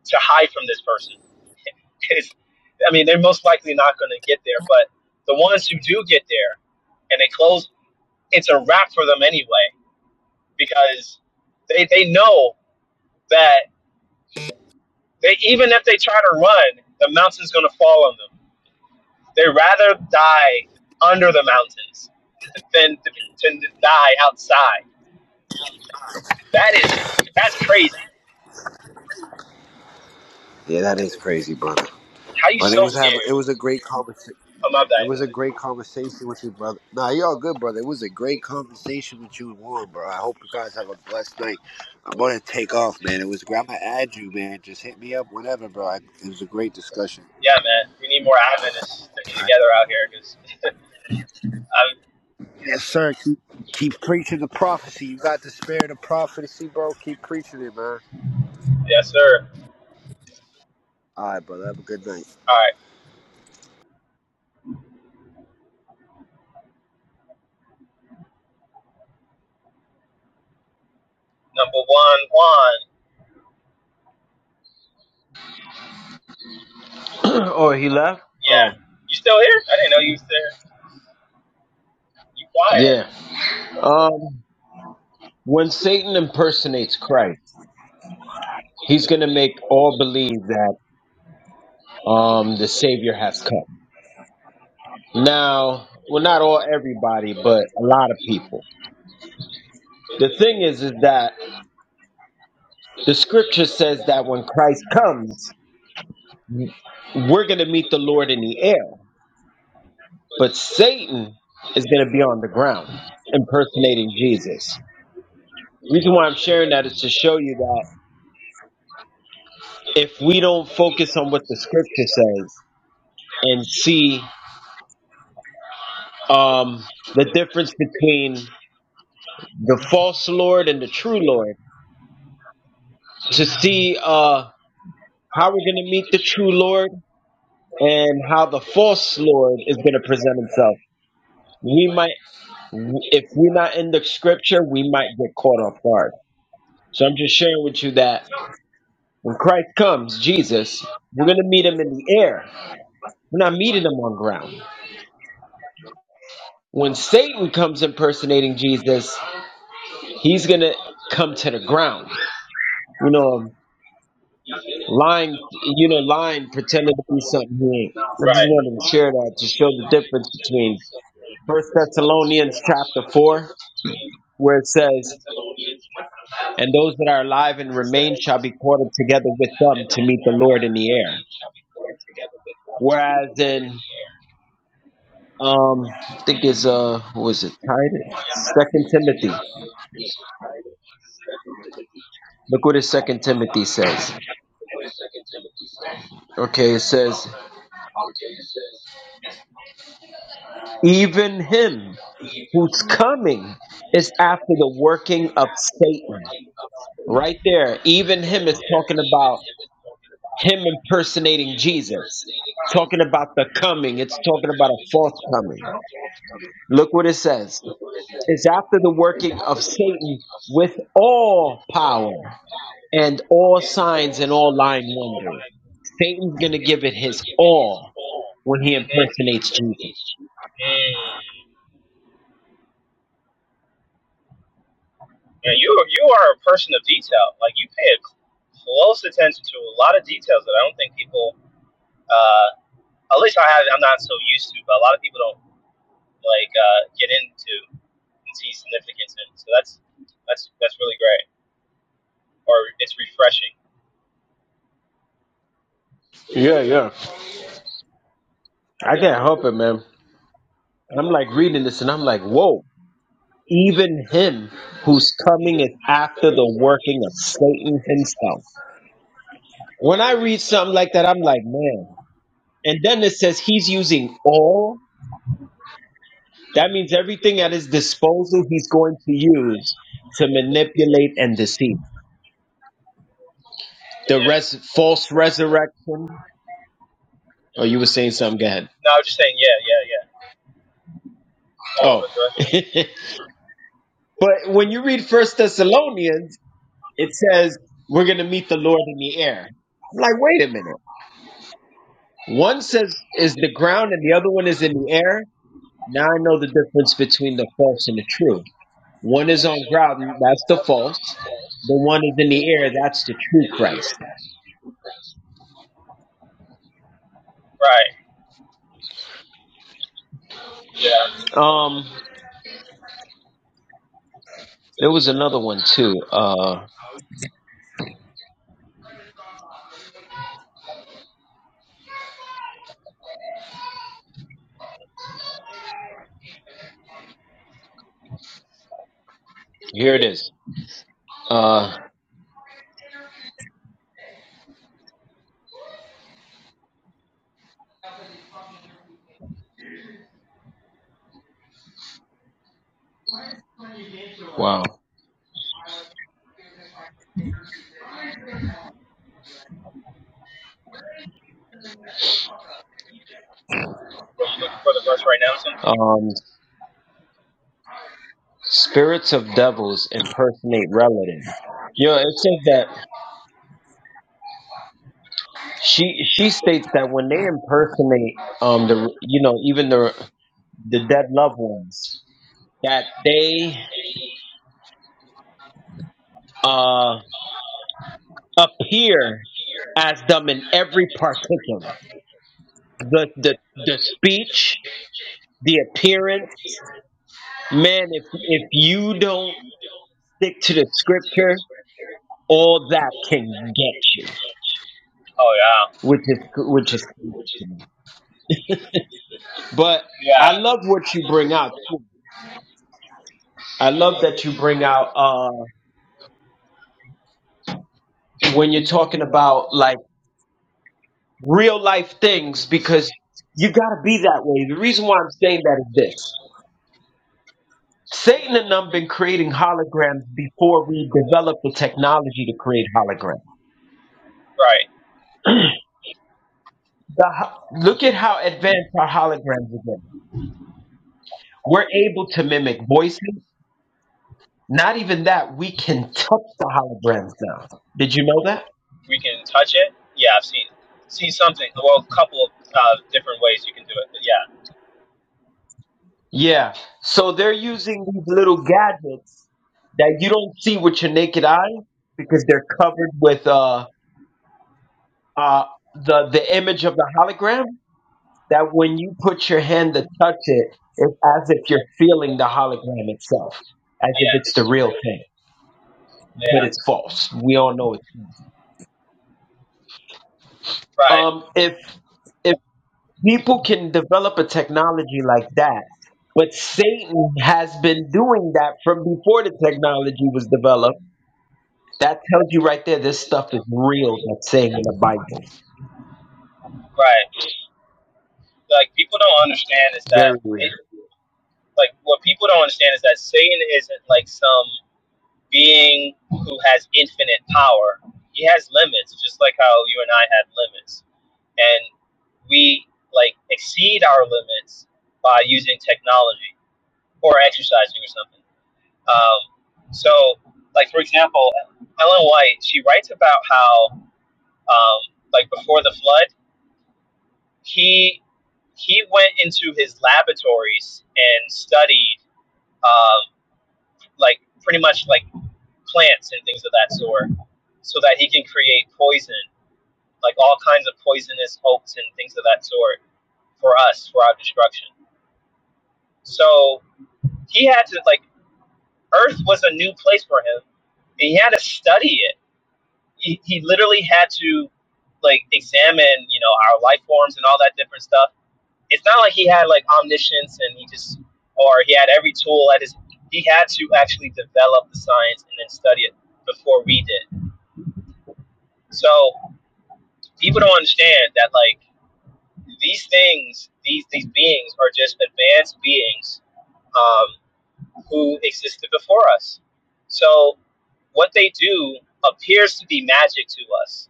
C: to hide from this person It's, I mean, they're most likely not going to get there, but the ones who do get there and they close, it's a wrap for them anyway because they, they know that they even if they try to run, the mountain's going to fall on them. They'd rather die under the mountains than to, than to die outside. That is, that's crazy.
H: Yeah,
C: Yeah,
H: that
C: that
H: is
C: is
H: crazy,
C: crazy.
H: brother.
C: How you
H: But it
C: so
H: was having
C: scared?
H: it was a great conversation.
C: Oh, my bad.
H: It was a great conversation with you, brother. Nah, you all good, brother. It was a great conversation with you and Warren, bro. I hope you guys have a blessed night. I'm gonna take off, man. It was great. I'm gonna add you, man. Just hit me up whenever, bro. I, it was a great discussion.
C: Yeah, man. We need more Adventists sticking
H: All
C: together
H: right?
C: out here because I'm.
H: Yes,
C: Yes, sir.
H: sir. Keep, keep preaching the prophecy. You got the spirit of prophecy, bro. Keep preaching it, man.
C: Yes, sir.
H: All right, brother. Have a good night.
C: All right. Number one, Juan.
B: oh, he left?
C: Yeah.
B: Oh.
C: You still here? I didn't know you was there. You quiet.
B: Yeah. Um, when Satan impersonates Christ, he's going to make all believe that um, the Savior has come. Now, well, not all everybody, but a lot of people. The thing is, is that the Scripture says that when Christ comes, we're going to meet the Lord in the air, but Satan is going to be on the ground impersonating Jesus. reason why I'm sharing that is to show you that. if we don't focus on what the scripture says and see um, the difference between the false Lord and the true Lord, to see uh, how we're going to meet the Lord and how the false Lord is going to present himself, we might, if in the scripture, we might get caught off guard. So I'm just sharing with you that when Christ comes, Jesus, we're going to meet him in the air. We're not meeting him on ground. When Satan comes impersonating Jesus, he's going to come to the ground You know, lying, you know, lying, pretending to be something he ain't. I just wanted to share that to show the difference between First Thessalonians chapter four, where it says, "And those that are alive and remain shall be caught up together with them to meet the Lord in the air." Whereas in, um, I think it's uh, what was it? Titus, Second Timothy. Look what his Second Timothy says. Okay, it says, "Even him whose coming is after the working of Satan." Right there, even him is talking about him impersonating Jesus. Talking about the coming, it's talking about a fourth coming. Look what it says. It's after the working of Satan with all power and all signs and all lying wonders. Satan's going to give it his all when he
C: Mm-hmm.
B: impersonates Jesus.
C: Yeah, you you are a person of detail. Like you pay a close attention to a lot of details that I don't think people, uh, at least I have, I'm not so used to, but a lot of people don't like uh, get into. and see significance in. it. So that's that's that's really great, or it's refreshing.
B: Yeah, yeah. I can't help it, man. I'm like reading this and I'm like, whoa. even him whose coming is after the working of Satan himself. When I read something like that, I'm like, man. And then it says he's using all. That means everything at his disposal, he's going to use to manipulate and deceive. The res- false resurrection. Oh, you were saying something. Go ahead. Oh, but when you read First Thessalonians, it says we're going to meet the Lord in the air. I'm like, wait a minute. One says is the ground and the other one is in the air. Now I know the difference between the false and the true. One is on ground, that's the false. The one is in the air, that's the true Christ. Um there was another one too. Uh here it is. Uh um spirits of devils impersonate relatives. You know, it says that she she states that when they impersonate um the you know, even the the dead loved ones, that they uh appear as them in every particular the the, the speech the appearance man if if you don't stick to the scripture all that can get you which is which is but i love what you bring out i love that you bring out uh when you're talking about like real life things because you gotta be that way the reason why i'm saying that is this Satan and them been creating holograms before we developed the technology to create holograms. The ho- look at how advanced our holograms are getting. We're able to mimic voices. Not even that, we can touch the holograms now. Did you know that? Yeah. So they're using these little gadgets that you don't see with your naked eye because they're covered with uh uh the the image of the hologram that when you put your hand to touch it, it's as if you're feeling the hologram itself, as if it's the real thing, but it's false. We all know it. Um, if if people can develop a technology like that, but Satan has been doing that from before the technology was developed, that tells you right there this stuff is real. That's saying in the Bible,
C: Right. Like people don't understand is
B: very
C: that
B: real.
C: it, like what people don't understand is that Satan isn't like some being who has infinite power. He has limits, just like how you and I had limits, and we like exceed our limits by using technology or exercising or something. Um, so, like for example, Ellen White, she writes about how um, like before the flood, he he went into his laboratories and studied um, like pretty much like plants and things of that sort, so that he can create poison, like all kinds of poisonous oaks and things of that sort for us for our destruction. So he had to like Earth was a new place for him, and he had to study it. He, he literally had to like examine you know our life forms and all that different stuff it's not like he had like omniscience and he just or he had every tool at his he had to actually develop the science and then study it before we did so people don't understand that like these things these these beings are just advanced beings um, who existed before us so what they do appears to be magic to us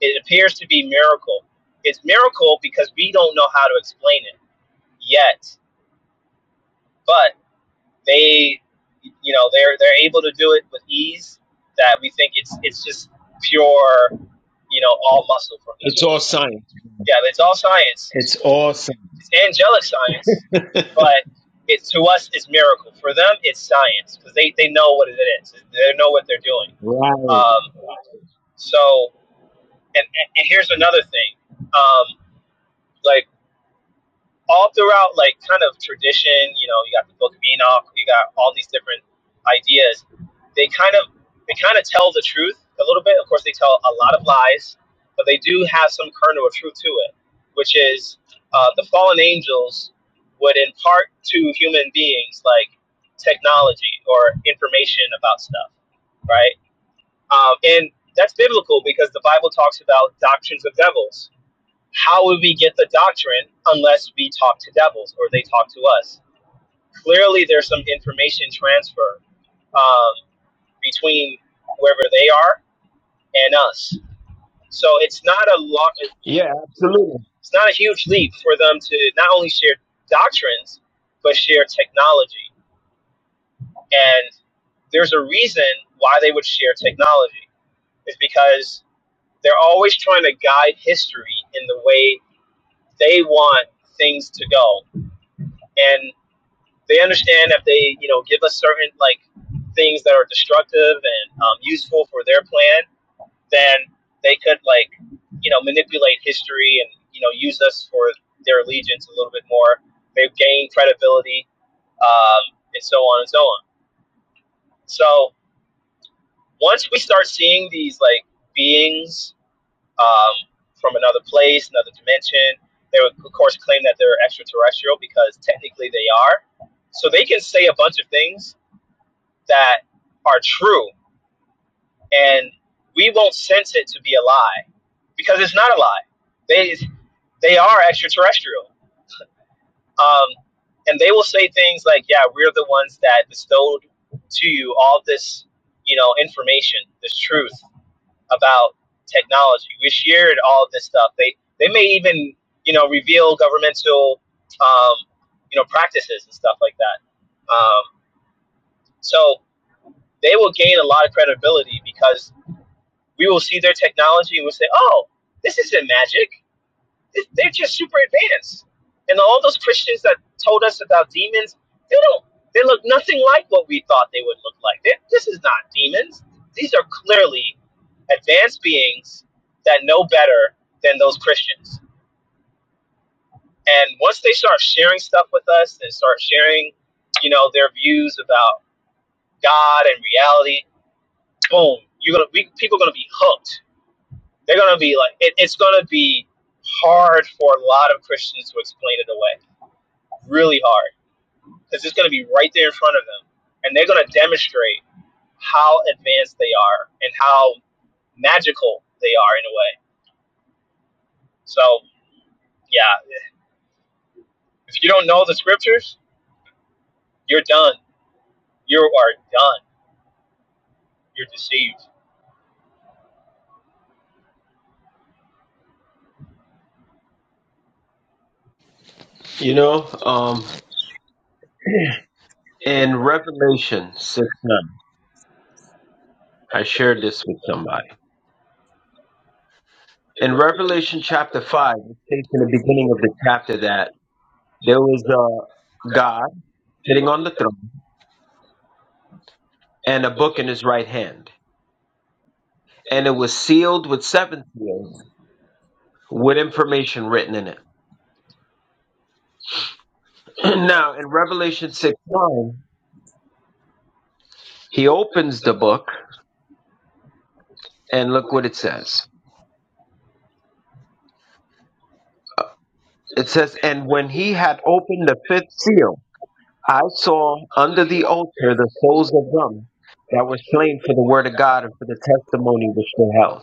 C: it appears to be miracle it's miracle because we don't know how to explain it yet But they you know they're they're able to do it with ease that we think it's it's just pure you know all muscle from the
B: It's
C: team.
B: all science.
C: Yeah, it's all science. It's
B: It's all science.
C: angelic science, but it's to us it's miracle. For them, it's science because they they know what it is. They know what they're doing. Um, so and and and here's another thing. Um, like all throughout like kind of tradition, you know, you got the Book of Enoch, you got all these different ideas they kind of they kind of tell the truth a little bit. Of course, they tell a lot of lies, but they have some kernel of truth to it, which is uh, the fallen angels would impart to human beings like technology or information about stuff, right? Um, and that's biblical because the Bible talks about doctrines of devils. How would we get the doctrine unless we talk to devils or they talk to us? Clearly, there's some information transfer um, between whoever they are and us So it's not a lot. You
B: Yeah,
C: know,
B: absolutely.
C: It's not a huge leap for them to not only share doctrines but share technology. And there's a reason why they would share technology is because they're always trying to guide history in the way they want things to go. And they understand if they, you know, give us certain like things that are destructive and um, useful for their plan, then they could like you know manipulate history and you know use us for their allegiance a little bit more. They've gained credibility um, and so on and so on. So once we start seeing these like beings um, from another place, another dimension, they would of course claim that they're extraterrestrial because technically they are. So they can say a bunch of things that are true and we won't sense it to be a lie because it's not a lie. They they are extraterrestrial, um, and they will say things like, "Yeah, we're the ones that bestowed to you all this, you know, information, this truth about technology. We shared all of this stuff." They they may even you know reveal governmental um, you know practices and stuff like that. Um, so they will gain a lot of credibility because we will see their technology and we'll say, oh, this isn't magic. They're just super advanced. And all those Christians that told us about demons, they don't, they look nothing like what we thought they would look like. They, this is not demons. These are clearly advanced beings that know better than those Christians. And once they start sharing stuff with us and start sharing, you know, their views about God and reality, boom, you're gonna, we, people are going to be hooked They're gonna be like, it, it's gonna be hard for a lot of Christians to explain it away. Really hard, because it's gonna be right there in front of them, and they're gonna demonstrate how advanced they are and how magical they are in a way. So yeah, if you don't know the scriptures, you're done. You are done. You're deceived.
B: You know, um, in Revelation six nine. I shared this with somebody. In Revelation chapter 5, it states in the beginning of the chapter that there was a God sitting on the throne and a book in his right hand. And it was sealed with seven seals with information written in it. now, in Revelation 6 9, he opens the book and look what it says. It says, And when he had opened the fifth seal, I saw under the altar the souls of them that were slain for the word of God and for the testimony which they held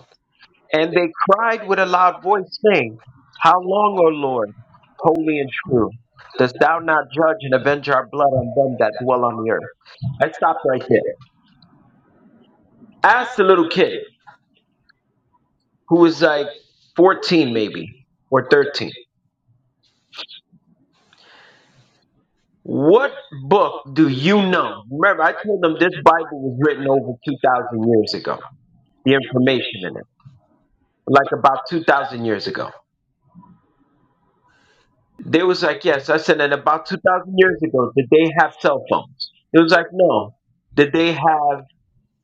B: And they cried with a loud voice, saying, How long, O Lord, holy and true, dost thou not judge and avenge our blood on them that dwell on the earth? I stopped right there. Asked the little kid, who was like 14 maybe, or 13, what book do you know? Remember, I told them this Bible was written over 2,000 years ago, the information in it, like about 2,000 years ago. They was like, yes. I said, and about 2,000 years ago, did they have cell phones? It was like, no. Did they have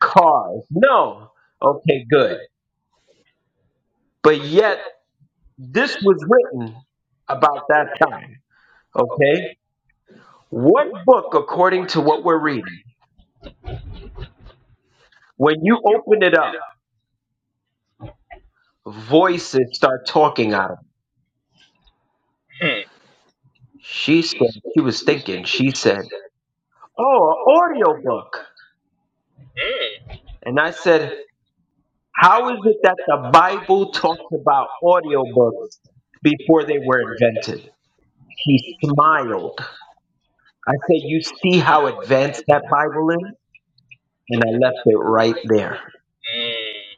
B: cars? No. Okay, good. But yet, this was written about that time. Okay? What book, according to what we're reading, when you open it up, voices start talking out of it?
C: Hmm.
B: She said, she was thinking, she said, oh, an audio book.
C: Hmm.
B: And I said, How is it that the Bible talks about audiobooks before they were invented? He smiled. I said, You see how advanced that Bible is? And I left it right there.
C: Hmm.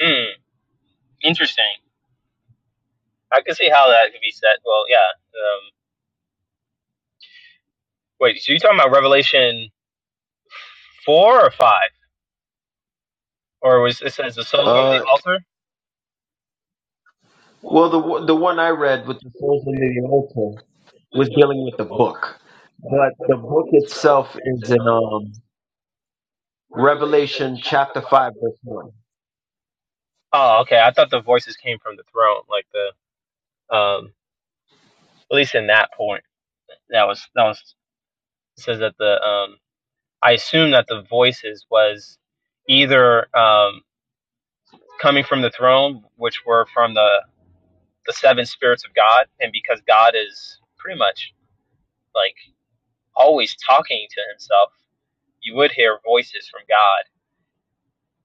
C: Hmm. Interesting. I can see how that could be said. Well, yeah. Um, wait, so you're talking about Revelation 4 or 5? Or was it says the souls on the
B: Uh,
C: altar?
B: well, the, one- the one I read with the souls under the altar was dealing with the book. But the book itself is in um, Revelation chapter 5, verse 1.
C: Oh, okay. I thought the voices came from the throne, like the um at least in that point. That was that was it says that the um I assume that the voices was either um coming from the throne, which were from the the seven spirits of God, and because God is pretty much like always talking to himself, you would hear voices from God.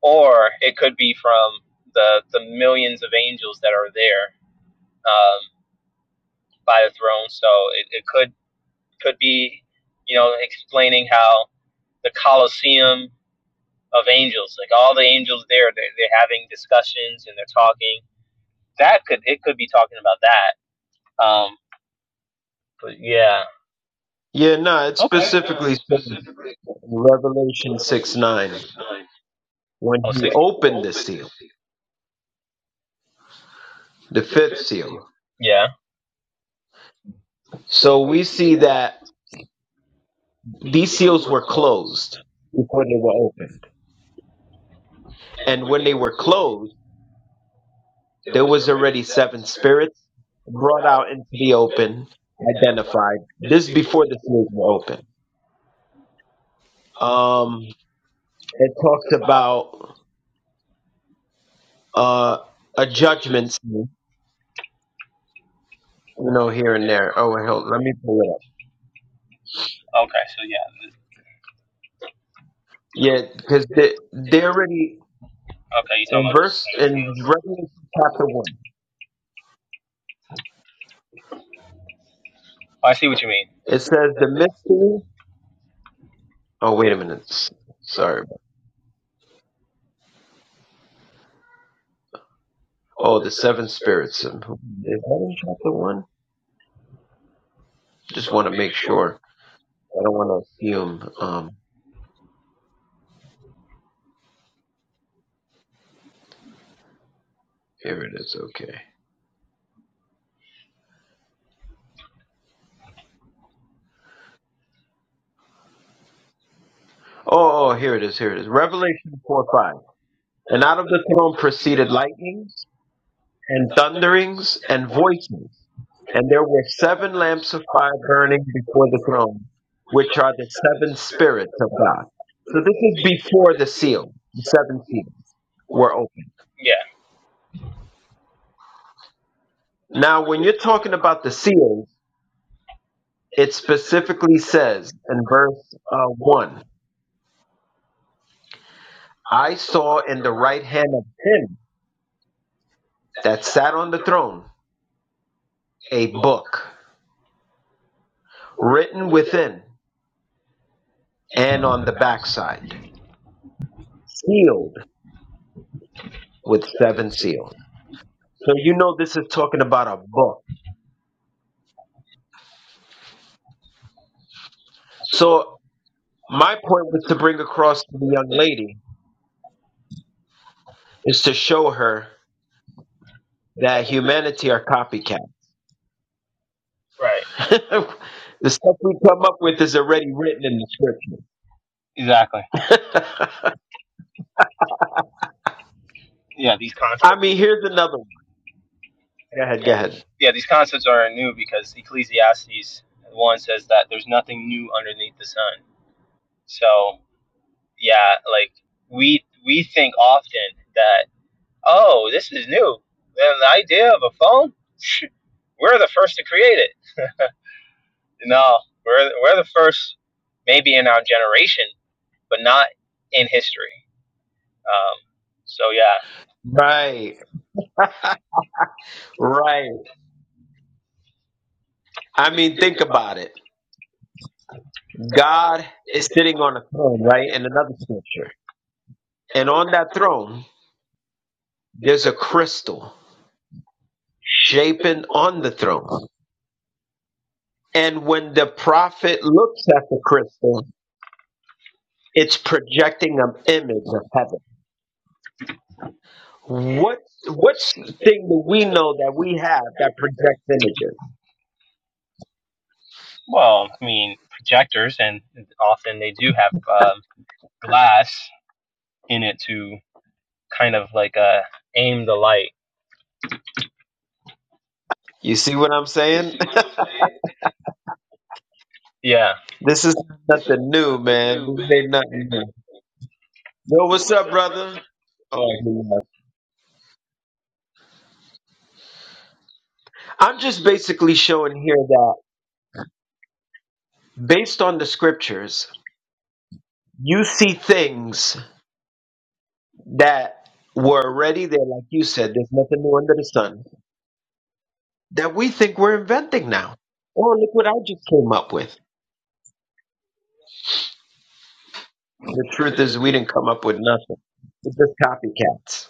C: Or it could be from the the millions of angels that are there. Um by the throne. So it, it could could be, you know, explaining how the Colosseum of angels, like all the angels there, they're, they're having discussions and they're talking. That could it could be talking about that. Um, but yeah,
B: Yeah, no, it specifically says in Revelation 6 9, when he opened the seal. The fifth seal.
C: yeah,
B: So we see that these seals were closed before they were opened. And when they were closed, there was already seven spirits brought out into the open, identified. This before the seals were open. Um, it talks about uh, a judgment, scene, you know, here and there. Oh, wait, hold, on. let me pull it up.
C: okay,
B: Yeah, because they, they already
C: okay.
B: in verse in Revelation chapter one,
C: I see what you mean.
B: it says the mystery Oh, wait a minute. S- Sorry. Oh, the seven spirits. Um, Is that in chapter one? Just want to make sure. I don't want to assume. Um, here it is. Okay. Oh, oh, oh, here it is. Here it is. Revelation 4 5. And out of the throne proceeded lightnings and thunderings and voices. And there were seven lamps of fire burning before the throne, which are the seven spirits of God. So this is before the seal, the seven seals were opened.
C: Yeah,
B: Now, when you're talking about the seals, It specifically says in verse uh, 1 I saw in the right hand of him that sat on the throne a book written within and on the backside, sealed with seven seals. So you know this is talking about a book. So my point was to bring across to the young lady is to show her that humanity are copycat.
C: right,
B: the stuff we come up with is already written in the
C: exactly.
B: scripture.
C: Yeah, these
B: I
C: concepts.
B: mean, here's another one. Go ahead, go ahead.
C: Yeah, these concepts are new because Ecclesiastes one says that there's nothing new underneath the sun. So yeah, like we we think often that oh, this is new. And the idea of a phone, we're the first to create it. No, we're, we're the first, maybe in our generation, but not in history. Um, so, yeah.
B: Right, right. I mean, think about it. God is sitting on a throne, right? In another scripture. And on that throne, there's a crystal shaping on the throne. And when the prophet looks at the crystal, it's projecting an image of heaven. What what's the thing that we know that we have that projects images?
C: Well, I mean, projectors, and often they do have um, glass in it to kind of like uh, aim the light.
B: You see what I'm saying?
C: Yeah.
B: This is nothing new, man. This ain't nothing new. Yo, what's up, brother? Oh, I'm just basically showing here that based on the scriptures, you see things that were already there, like you said, there's nothing new under the sun, that we think we're inventing now. Oh, look what I just came up with. The truth is, we didn't come up with nothing. It's just copycats.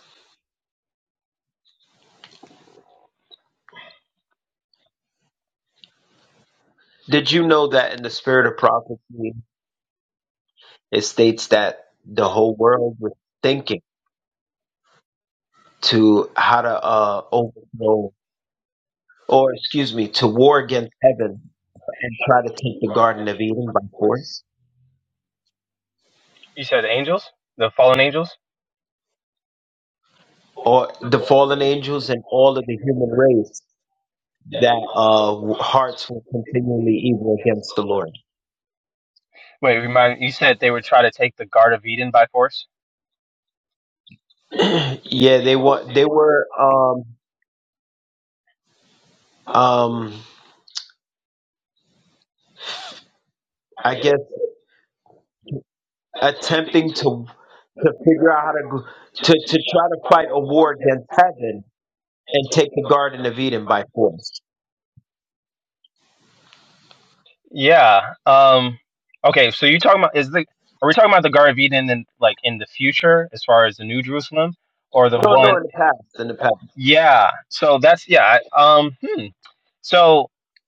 B: Did you know that in the spirit of prophecy, it states that the whole world was thinking to how to uh, overthrow, or excuse me, to war against heaven and try to take the Garden of Eden by force,
C: You said angels? The fallen angels?
B: or the fallen angels and all of the human race that uh, w- hearts were continually evil against the Lord.
C: Wait, remind you said they would try to take the Guard of Eden by force?
B: yeah, they were they were um, um, I guess attempting to to figure out how to go- to to try to fight a war against heaven and take the Garden of Eden by force.
C: Yeah. Um. Okay. So you talking about is the are we talking about the Garden of Eden in like in the future as far as the New Jerusalem or the
B: No,
C: one?
B: no, in the past, in the past.
C: Yeah. So that's yeah. I- Um. Hmm. So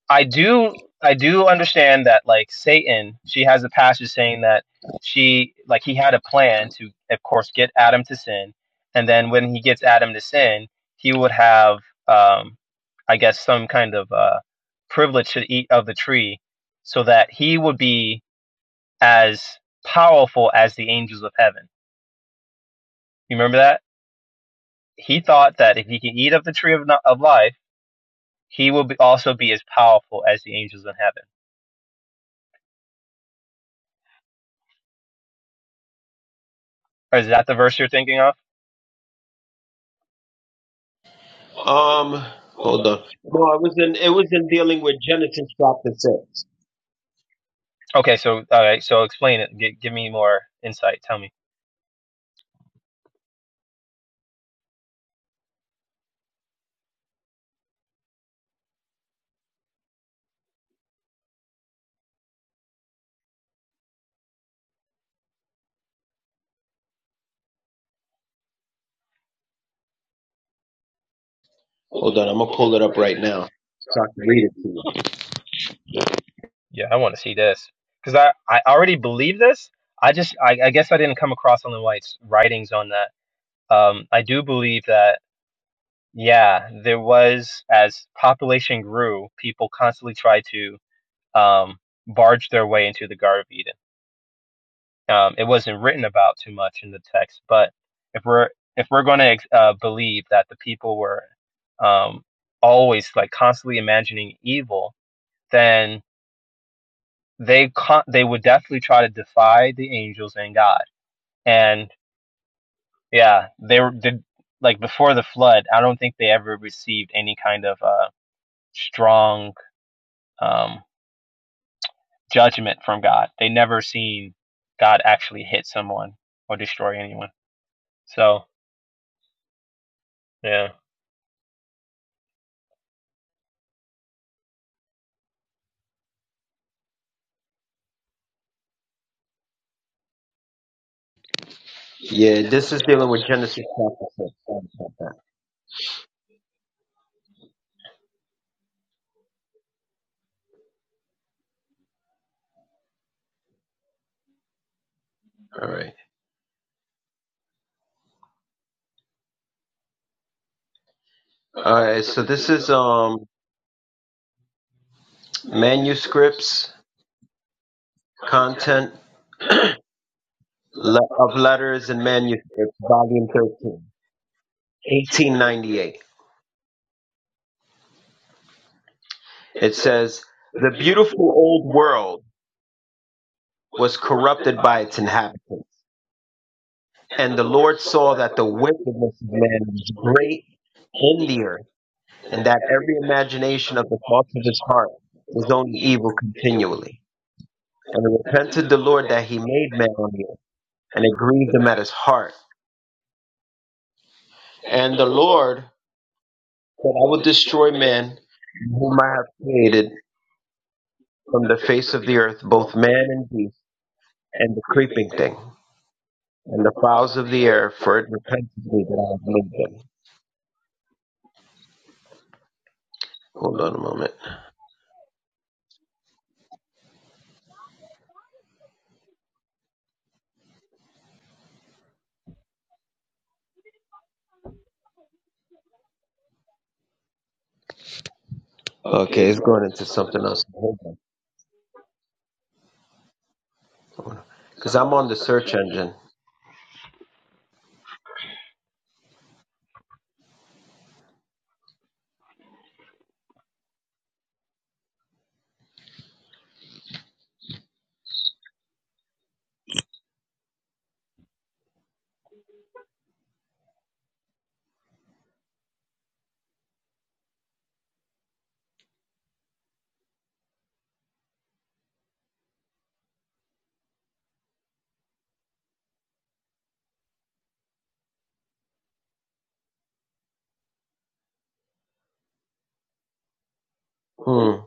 C: I do I do understand that like Satan, she has a passage saying that she like he had a plan to of course get Adam to sin, and then when he gets Adam to sin, he would have um I guess some kind of uh privilege to eat of the tree, so that he would be as powerful as the angels of heaven. You remember that? He thought that if he could eat of the tree of, kno- of life he will be also be as powerful as the angels in heaven. Or is that the verse you're thinking of?
B: Um, hold on. No, it was in it was in dealing with Genesis chapter six.
C: Okay, so all right, so explain it. G- give me more insight. Tell me.
B: Hold on, I'm gonna pull it up right now so I can read it to you.
C: Yeah, I want to see this because I I already believe this. I just I, I guess I didn't come across Ellen White's writings on that. Um, I do believe that yeah, there was as population grew, people constantly tried to um barge their way into the Garden of Eden Um, it wasn't written about too much in the text, but if we're if we're going to uh, believe that the people were um, always like constantly imagining evil, then they con- they would definitely try to defy the angels and God. And yeah, they were the, like before the flood. I don't think they ever received any kind of uh, strong um, judgment from God. They never seen God actually hit someone or destroy anyone. So yeah.
B: Yeah, this is dealing with Genesis chapter six. Sorry about that. All right, all right. So this is um manuscripts, content le- of letters and manuscripts, volume 13, 1898. It says the beautiful old world was corrupted by its inhabitants, and the Lord saw that the wickedness of man was great in the earth and that every imagination of the thoughts of his heart was only evil continually. And it repented the Lord that he made man on the earth, and it grieved him at his heart. And the Lord said, I will destroy man whom I have created from the face of the earth, both man and beast, and the creeping thing, and the fowls of the air, for it repented me that I have made them. Hold on a moment. Okay, it's going into something else. Hold on. Because I'm on the search engine. Hmm. Oh,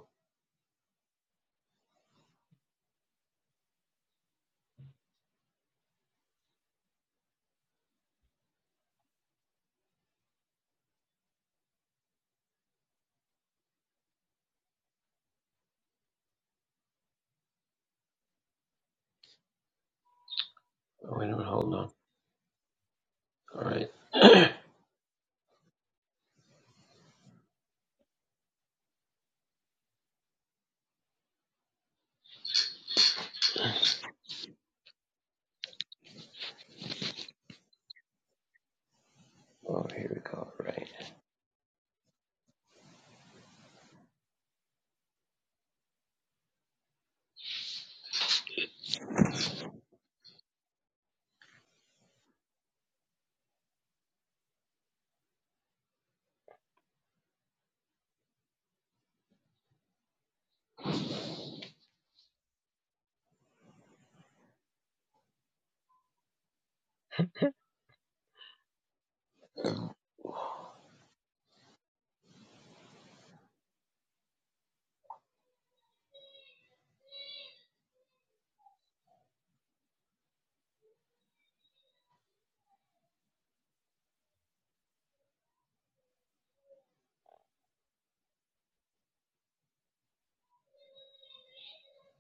B: Wait a minute, hold on. All right. Oh, here we go. Right.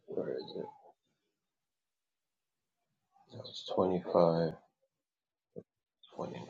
B: Where is it? That was twenty-five, twenty-nine.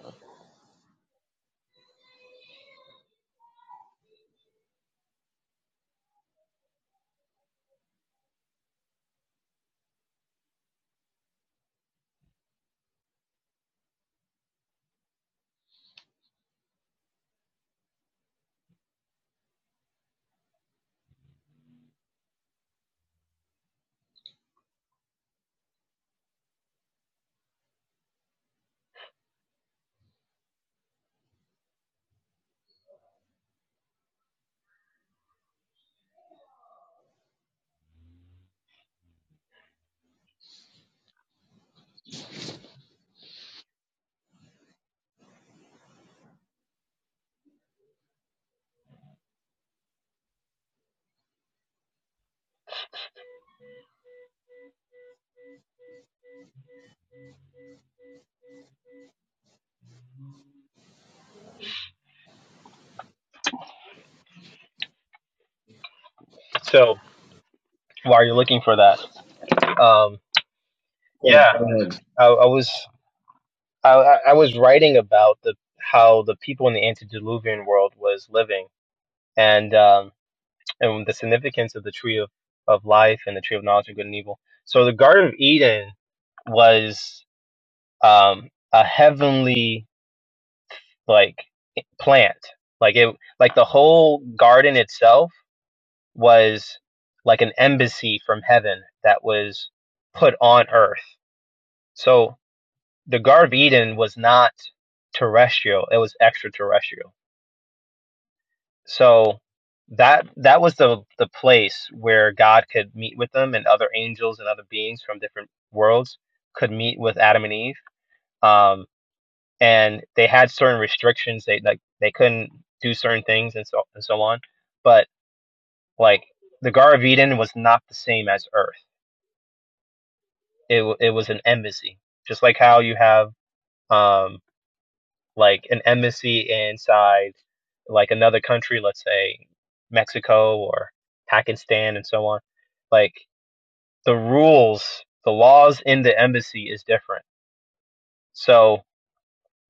C: So while you're looking for that. Um, yeah, I, I was I, I was writing about the how the people in the antediluvian world was living and um, and the significance of the tree of, of life and the tree of knowledge of good and evil. So the Garden of Eden was um, a heavenly like plant, like it like the whole garden itself was like an embassy from heaven that was put on earth. So the Garden of Eden was not terrestrial; it was extraterrestrial. So that that was the the place where God could meet with them and other angels and other beings from different worlds could meet with Adam and Eve. Um, and they had certain restrictions; they like they couldn't do certain things and so and so on. But like the Garden of Eden was not the same as Earth. It it was an embassy, just like how you have um, like an embassy inside like another country, let's say Mexico or Pakistan and so on, like the rules, the laws in the embassy is different. So,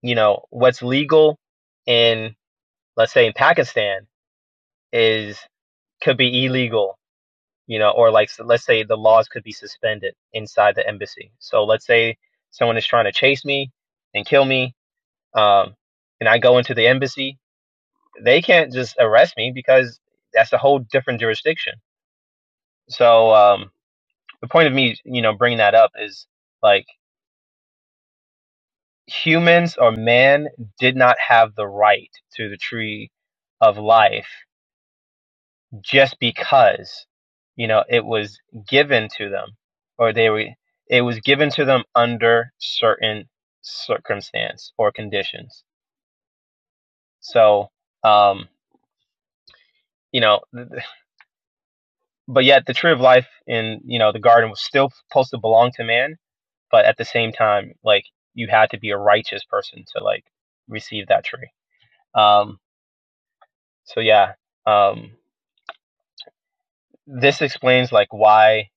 C: you know, what's legal in let's say in Pakistan is could be illegal, you know, or like let's say the laws could be suspended inside the embassy. So let's say someone is trying to chase me and kill me, um, and I go into the embassy they can't just arrest me because that's a whole different jurisdiction. So um, the point of me, you know, bringing that up is like humans or man did not have the right to the tree of life just because you know it was given to them or they were it was given to them under certain circumstance or conditions. So um, you know th but yet the tree of life in you know the garden was still supposed to belong to man but at the same time like you had to be a righteous person to like receive that tree um so yeah um this explains like why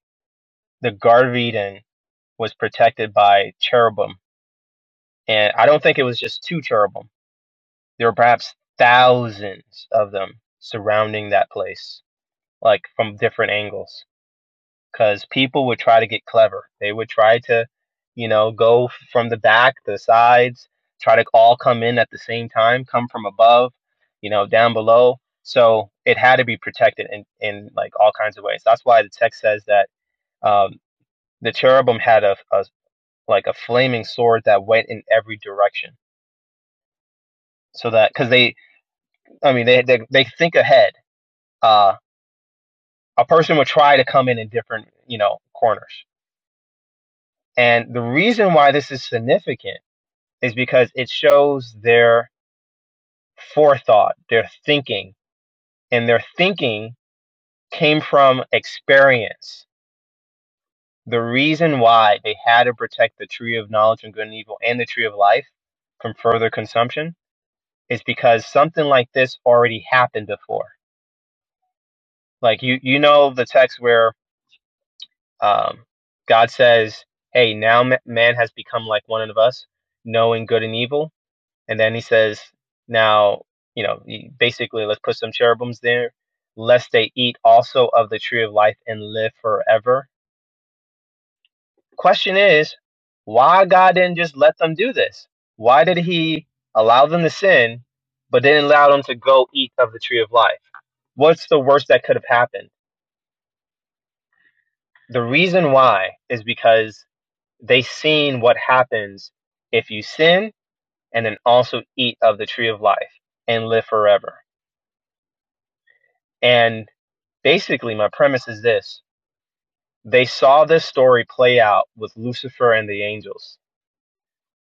C: the garden of eden was protected by cherubim and i don't think it was just two cherubim there were perhaps thousands of them surrounding that place like from different angles because people would try to get clever. They would try to, you know, go from the back, the sides, try to all come in at the same time, come from above, you know, down below. So it had to be protected in, in like all kinds of ways. That's why the text says that um, the cherubim had a, a like a flaming sword that went in every direction. So that because they, I mean, they they, they think ahead. Uh, a person would try to come in in different, you know, corners. And the reason why this is significant is because it shows their forethought, their thinking, and their thinking came from experience. The reason why they had to protect the tree of knowledge and good and evil and the tree of life from further consumption is because something like this already happened before. Like you, you know the text where um, God says, "Hey, now man has become like one of us, knowing good and evil." And then he says, now, you know, basically, let's put some cherubims there, lest they eat also of the tree of life and live forever. Question is, why God didn't just let them do this? Why did he allow them to sin, but didn't allow them to go eat of the tree of life? What's the worst that could have happened? The reason why is because they seen what happens if you sin and then also eat of the tree of life and live forever. And basically my premise is this they saw this story play out with lucifer and the angels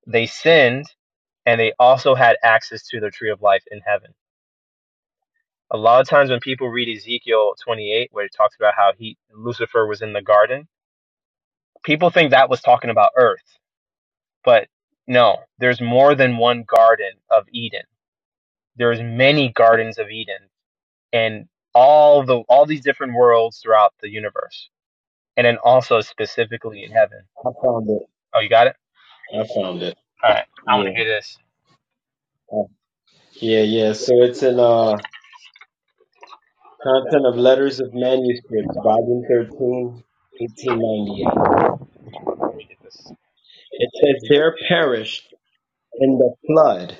C: they sinned and they also had access to the tree of life in heaven a lot of times when people read ezekiel 28 where it talks about how he lucifer was in the garden people think that was talking about earth but no there's more than one garden of eden there's many gardens of eden and all the all these different worlds throughout the universe and then also specifically in heaven
B: I found it.
C: oh you got it
B: I found it.
C: All right, I want to
B: Yeah.
C: hear this.
B: Uh, Yeah, yeah. So it's in uh Content of Letters of Manuscripts, Volume 13, 1898. It says, There perished in the flood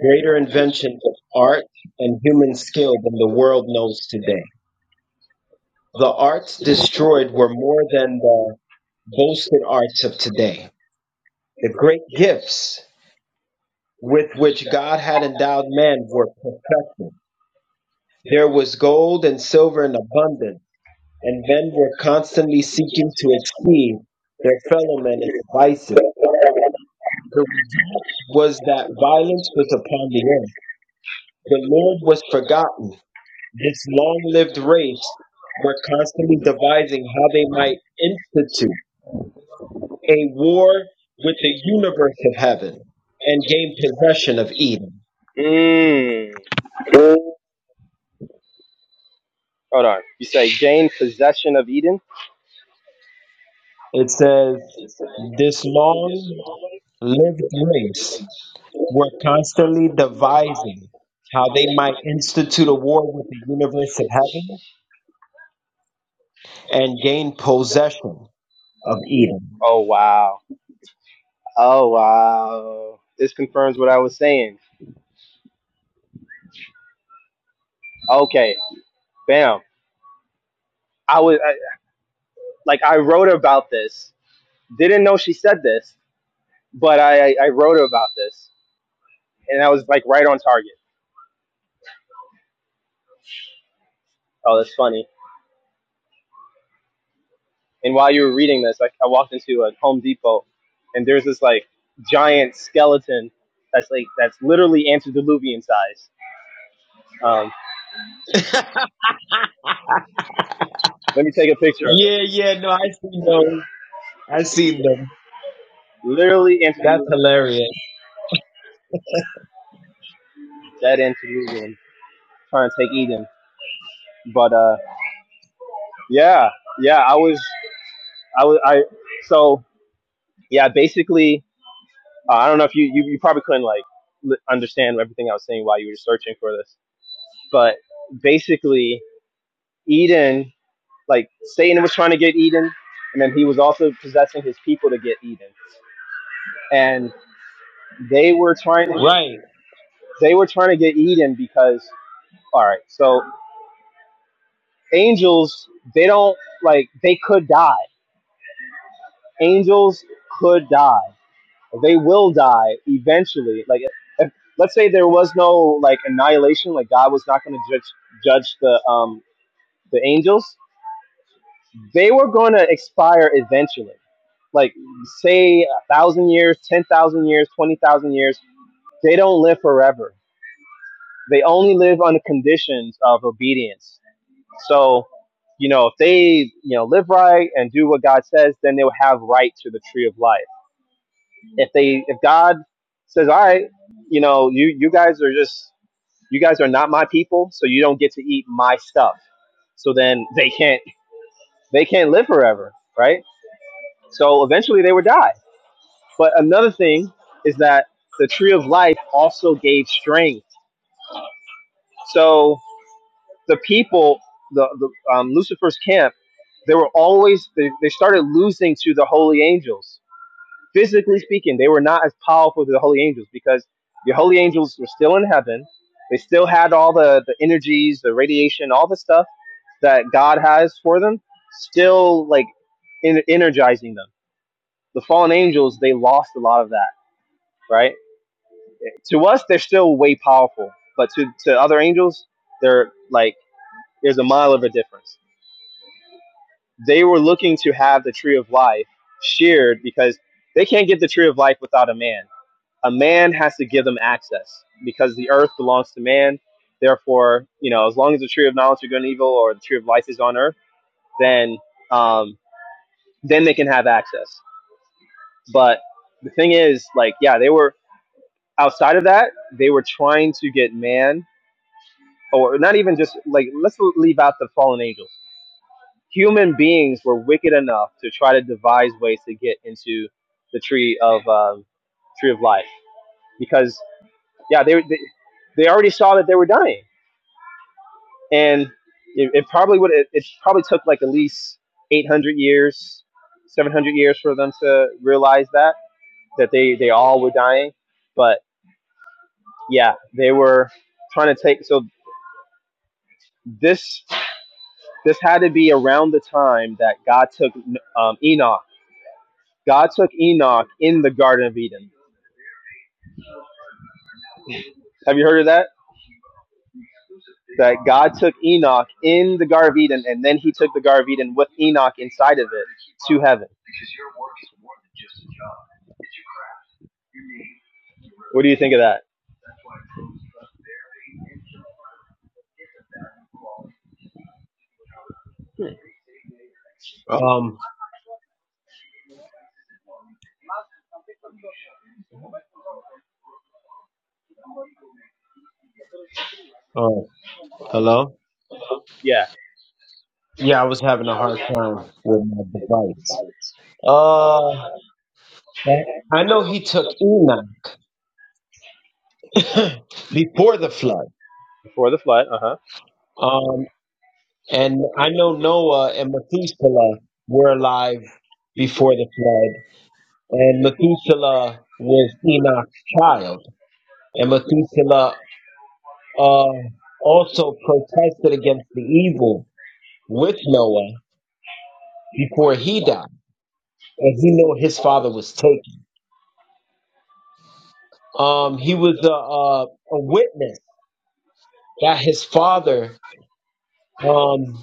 B: greater inventions of art and human skill than the world knows today. The arts destroyed were more than the boasted arts of today. The great gifts with which God had endowed man were perfected. There was gold and silver in abundance, and he, their complement There was that violence, the was forgotten. This long lived race were constantly devising how they might institute a war with the universe of heaven and gain possession of Eden.
C: Mmm. Like Jane.
B: It says, This long lived race were constantly devising how they might institute a war with the universe of heaven and gain possession of Eden.
C: Oh wow. Okay. Bam. I was I, like I wrote about this. Didn't know she said this, but I I wrote about this, and I was like right on target. Oh, that's funny. And while you were reading this, like I walked into a Home Depot, and there's this like giant skeleton that's like that's literally antediluvian size. Um, let me take a picture of
B: Yeah,
C: it.
B: yeah, no, I seen those. I seen them.
C: Literally
B: That's
C: antediluvian.
B: hilarious.
C: Dead antediluvian. Trying to take Eden, but uh. Yeah, yeah. I was, I was, I. So yeah, basically, uh, I don't know if you, you you probably couldn't like li- understand everything I was saying while you were searching for this, but basically, Eden, like Satan was trying to get Eden, and then he was also possessing his people to get Eden, and they were trying to get
B: Right.
C: they were trying to get Eden because all right, so angels they don't like they could die. Angels could die. They will die eventually. Like, if, let's say there was no like annihilation, like God was not going to judge judge the um the angels. They were going to expire eventually. Like, say a thousand years, ten thousand years, twenty thousand years. They don't live forever. They only live under conditions of obedience. So, you know, if they you know live right and do what God says, then they'll have right to the tree of life if they if God says, "All right, you know, you you guys are just you guys are not my people, so you don't get to eat my stuff." So then they can't they can't live forever, right? So eventually they would die. But another thing is that the tree of life also gave strength. So the people, the, the um, Lucifer's camp, they were always they, they started losing to the holy angels physically speaking, they were not as powerful as the holy angels because the holy angels were still in heaven. They still had all the, the energies, the radiation, all the stuff that God has for them, still like en- energizing them. The fallen angels, they lost a lot of that, right? To us, they're still way powerful, but to, to other angels, they're like, there's a mile of a difference. They were looking to have the tree of life sheared because they can't get the tree of life without a man a man has to give them access because the earth belongs to man. Therefore, you know, as long as the tree of knowledge of good and evil or the tree of life is on earth, then um, then they can have access. But the thing is, like, yeah, they were outside of that. They were trying to get man, or not even just like let's leave out the fallen angels. Human beings were wicked enough to try to devise ways to get into the tree of um, tree of life because yeah, they, they they already saw that they were dying and it, it probably would. It, it probably took like at least 800 years, 700 years for them to realize that that they they all were dying. But yeah, they were trying to take. So this this had to be around the time that God took um, Enoch. God took Enoch in the Garden of Eden. Have you heard of that? That God took Enoch in the Garden of Eden, and then He took the Garden of Eden with Enoch inside of it to heaven. What do you think of that?
B: Um. Oh, hello.
C: Yeah,
B: Yeah, I was having a hard time with my device. Uh, that- I know he took Enoch before the flood.
C: before the flood. Uh huh.
B: Um, And I know Noah and Methuselah were alive before the flood. And Methuselah was Enoch's child. And Methuselah uh, also protested against the evil with Noah before he died. But he knew his father was taken. Um, he was a, a, a witness that his father, um,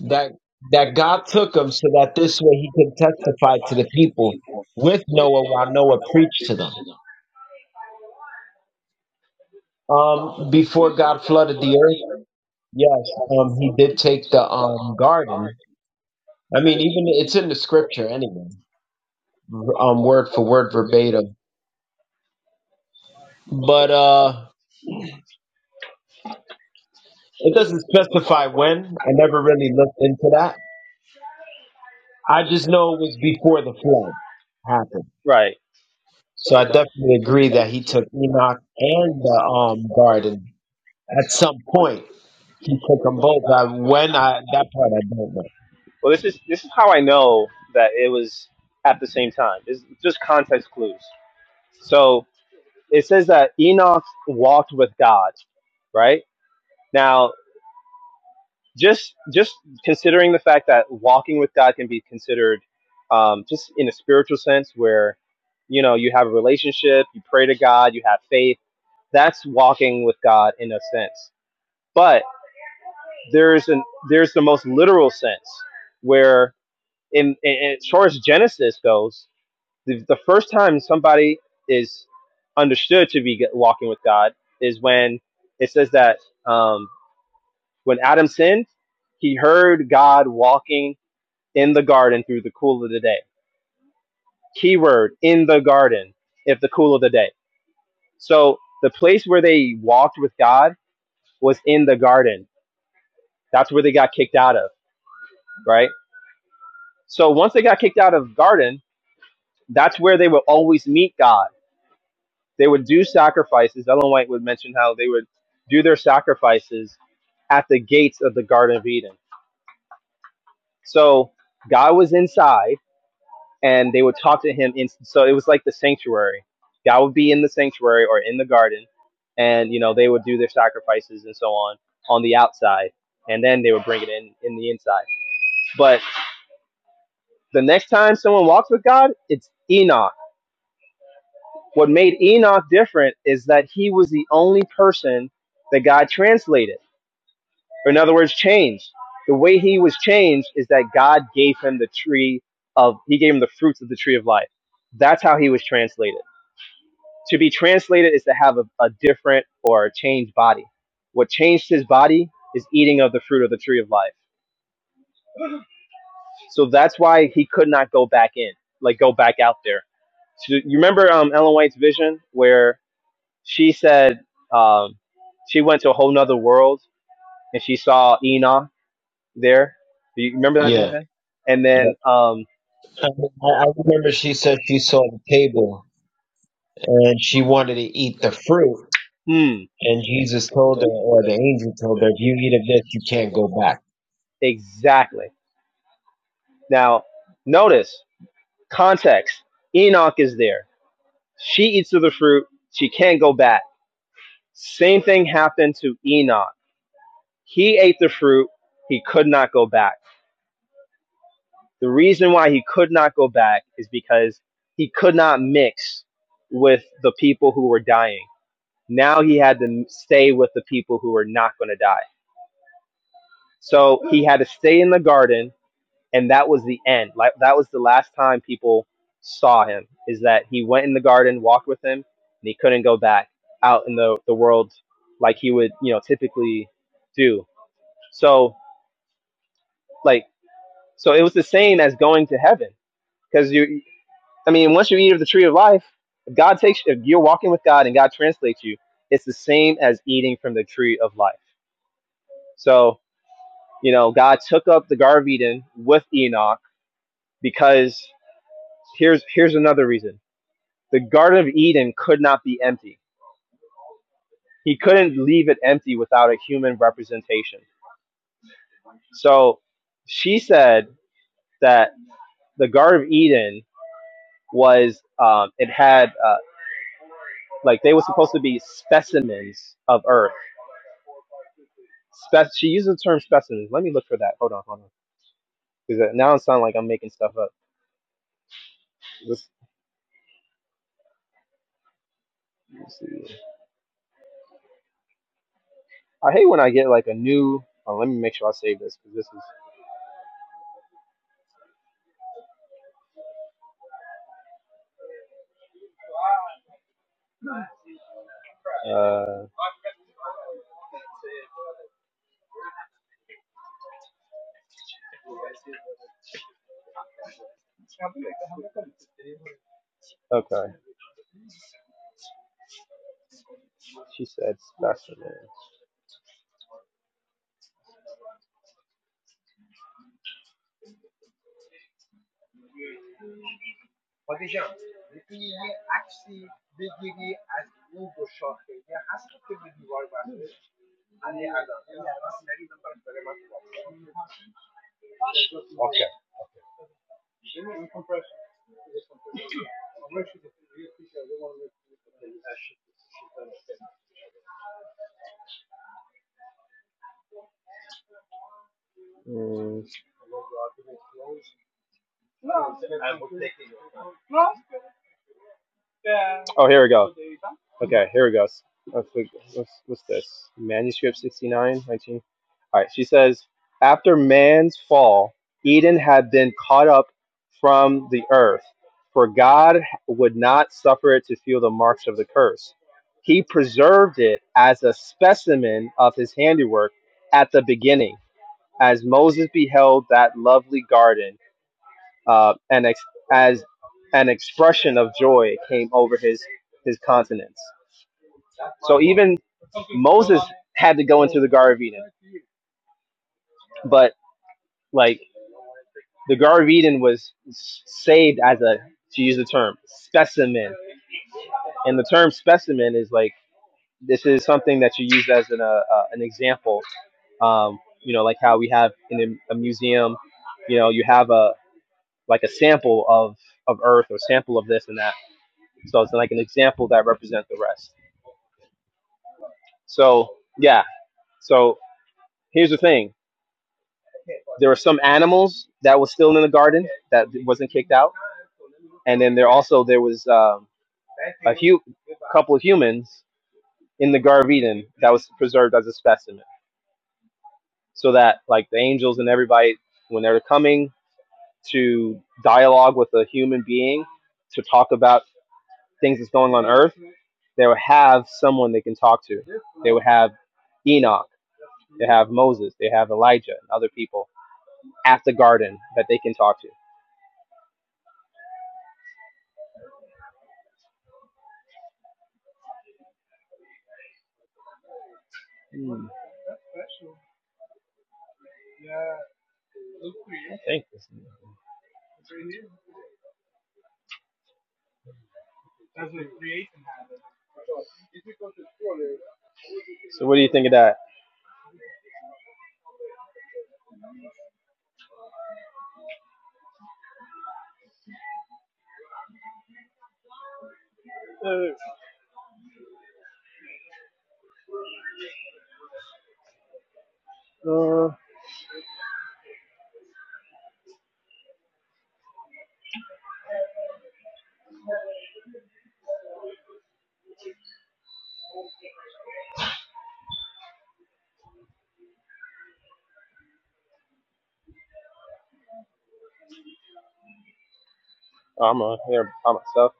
B: that, that God took him so that this way he could testify to the people with Noah while Noah preached to them. Um, before God flooded the earth, yes, um, He did take the um garden. I mean, even it's in the scripture anyway, v- um, word for word, verbatim. But uh, it doesn't specify when. I never really looked into that. I just know it was before the flood happened.
C: Right.
B: So I definitely agree that He took Enoch and the um garden at some point. He took them both. I, when I that part I don't know.
C: Well, this is this is how I know that it was at the same time. It's just context clues. So it says that Enoch walked with God, right? Now, just just considering the fact that walking with God can be considered um, just in a spiritual sense, where you know you have a relationship, you pray to God, you have faith. That's walking with God in a sense. But there's an there's the most literal sense where in, in, in- as far as Genesis goes, the, the first time somebody is understood to be walking with God is when it says that um, when Adam sinned, he heard God walking in the garden through the cool of the day. Keyword in the garden, if the cool of the day. So the place where they walked with God was in the garden. That's where they got kicked out of, right? So once they got kicked out of the garden, that's where they would always meet God they would do sacrifices. Ellen White would mention how they would do their sacrifices at the gates of the Garden of Eden. So God was inside, and they would talk to Him. In, so it was like the sanctuary. God would be in the sanctuary or in the garden, and you know they would do their sacrifices and so on on the outside, and then they would bring it in in the inside. But the next time someone walks with God, it's Enoch. What made Enoch different is that he was the only person that God translated Or in other words, changed. The way he was changed is that God gave him the tree of, he gave him the fruits of the tree of life. That's how he was translated. To be translated is to have a, a different or a changed body. What changed his body is eating of the fruit of the tree of life. So that's why he could not go back in, like go back out there. So you remember um, Ellen White's vision where she said um, she went to a whole nother world and she saw Enoch there. Do you remember
B: Yeah.
C: and
B: yeah.
C: then um
B: I, mean, I I remember she said she saw the table and she wanted to eat the fruit.
C: hmm
B: And Jesus told her, or the angel told her, if you eat of this, you can't go back.
C: exactly now notice context enoch is there she eats of the fruit she can't go back same thing happened to enoch he ate the fruit he could not go back the reason why he could not go back is because he could not mix with the people who were dying now he had to stay with the people who were not going to die so he had to stay in the garden and that was the end. Like that was the last time people saw him. Is that he went in the garden, walked with him, and he couldn't go back out in the the world like he would, you know, typically do. So like so it was the same as going to heaven because you. I mean, once you eat of the tree of life, if God takes if you're walking with God and God translates you, it's the same as eating from the tree of life. So you know, God took up the Garden of Eden with Enoch because here's here's another reason The Garden of Eden could not be empty. He couldn't leave it empty without a human representation. So she said that the Garden of Eden was, um, it had, uh, like, they were supposed to be specimens of earth. Spec- she used the term specimens. Let me look for that. Hold on, hold on. Because now it sounds like I'm making stuff up. Let's, let's see. I hate when I get, like, a new. Oh, let me make sure I save this because this is. Uh, okay. She said specimens. Oh, here we go. Okay, here we go. Let's, what's, what's this? Manuscript 6919. All right, she says, After man's fall, Eden had been caught up from the earth, for God would not suffer it to feel the marks of the curse. He preserved it as a specimen of his handiwork at the beginning, as Moses beheld that lovely garden uh, and ex- as an expression of joy came over his his countenance. So even Moses had to go into the Garden of Eden, but like the Garden of Eden was saved as a to use the term specimen, and the term specimen is like this is something that you use as an uh, uh, an example. Um, you know, like how we have in a, a museum, you know, you have a like a sample of of Earth or sample of this and that. So it's like an example that represents the rest. So yeah. So here's the thing. There were some animals that was still in the garden that wasn't kicked out, and then there also there was um, a hu- couple of humans in the Garden of Eden that was preserved as a specimen, so that like the angels and everybody when they're coming to dialogue with a human being to talk about things that's going on Earth, they would have someone they can talk to. They would have Enoch, they have Moses, they have Elijah, and other people at the garden that they can talk to. Hmm. Thank you. So what do you think of that? I'm a, I'm a sub.